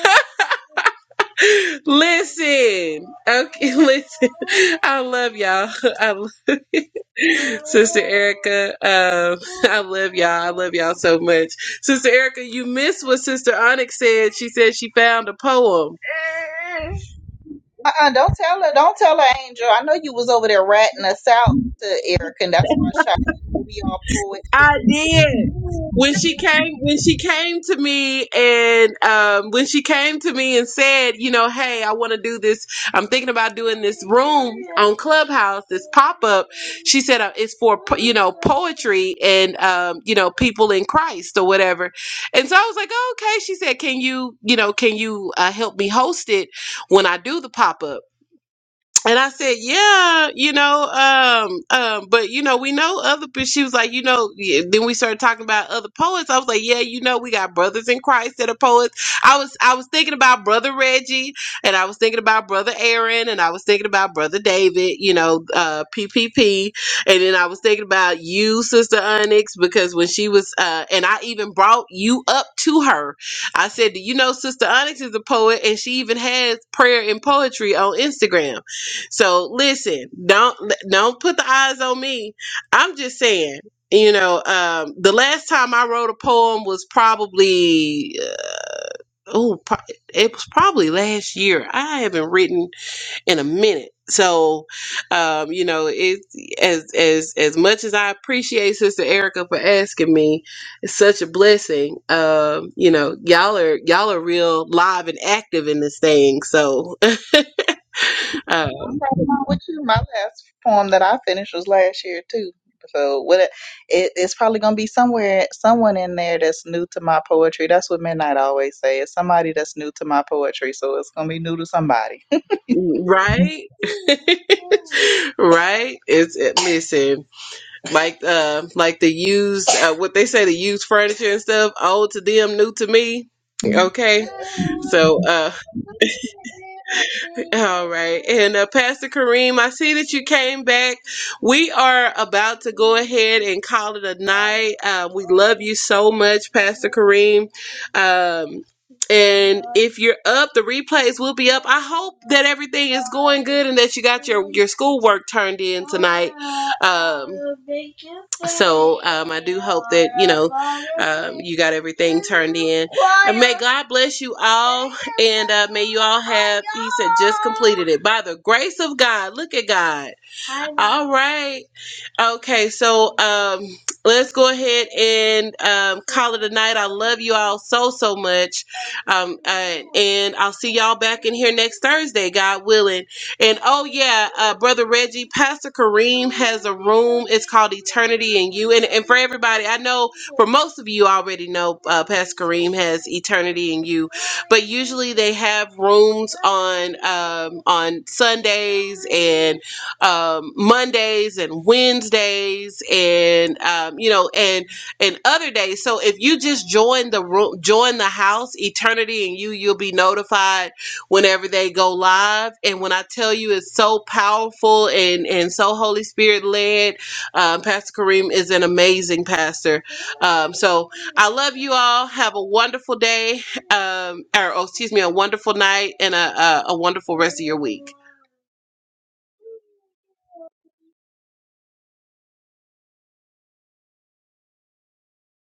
[SPEAKER 1] <laughs> Listen. Okay, <laughs> listen. I love y'all. <laughs> I love Sister Erica, um, <laughs> I love y'all. I love y'all so much. Sister Erica, you missed what Sister Onyx said. She said she found a poem.
[SPEAKER 2] Uh-uh, don't tell her. Don't tell her, Angel. I know you was over there ratting us out to Erica, and that's why I shot you. We all poets.
[SPEAKER 1] I
[SPEAKER 2] I'm
[SPEAKER 1] did. when she came when she came to me and um, when she came to me and said you know hey i want to do this i'm thinking about doing this room on clubhouse this pop-up she said uh, it's for po- you know poetry and um, you know people in christ or whatever and so i was like oh, okay she said can you you know can you uh, help me host it when i do the pop-up and I said, yeah, you know, um, um, but you know, we know other. But she was like, you know, yeah. then we started talking about other poets. I was like, yeah, you know, we got brothers in Christ that are poets. I was, I was thinking about brother Reggie, and I was thinking about brother Aaron, and I was thinking about brother David. You know, uh, PPP, and then I was thinking about you, sister Onyx, because when she was, uh, and I even brought you up to her. I said, do you know, sister Onyx is a poet, and she even has prayer and poetry on Instagram. So listen, don't don't put the eyes on me. I'm just saying, you know, um, the last time I wrote a poem was probably uh, oh, pro- it was probably last year. I haven't written in a minute. So, um, you know, it's as as as much as I appreciate Sister Erica for asking me, it's such a blessing. Um, you know, y'all are y'all are real live and active in this thing. So, <laughs> uh,
[SPEAKER 2] right along with you. My last poem that I finished was last year too. So what? It, it- it's probably gonna be somewhere, someone in there that's new to my poetry. That's what Midnight always say. It's somebody that's new to my poetry, so it's gonna be new to somebody.
[SPEAKER 1] right? <laughs> right? It's it, listen, like uh, like the used uh, what they say the used furniture and stuff, old to them, new to me. Okay, so uh. <laughs> All right. And uh, Pastor Kareem, I see that you came back. We are about to go ahead and call it a night. Uh, we love you so much, Pastor Kareem. Um, and if you're up, the replays will be up. I hope that everything is going good and that you got your, your schoolwork turned in tonight. Um, so um, I do hope that, you know, um, you got everything turned in. And may God bless you all. And uh, may you all have, he said, just completed it by the grace of God. Look at God. All right. Okay, so um, let's go ahead and um, call it a night. I love you all so so much, um, uh, and I'll see y'all back in here next Thursday, God willing. And oh yeah, uh, brother Reggie, Pastor Kareem has a room. It's called Eternity and You. And and for everybody, I know for most of you already know uh, Pastor Kareem has Eternity and You, but usually they have rooms on um, on Sundays and um, Mondays and Wednesdays and um, you know and and other days. So if you just join the room, join the house, Eternity and you, you'll be notified whenever they go live. And when I tell you, it's so powerful and and so Holy Spirit led. Um, pastor Kareem is an amazing pastor. Um, so I love you all. Have a wonderful day, um, or oh, excuse me, a wonderful night and a, a, a wonderful rest of your week.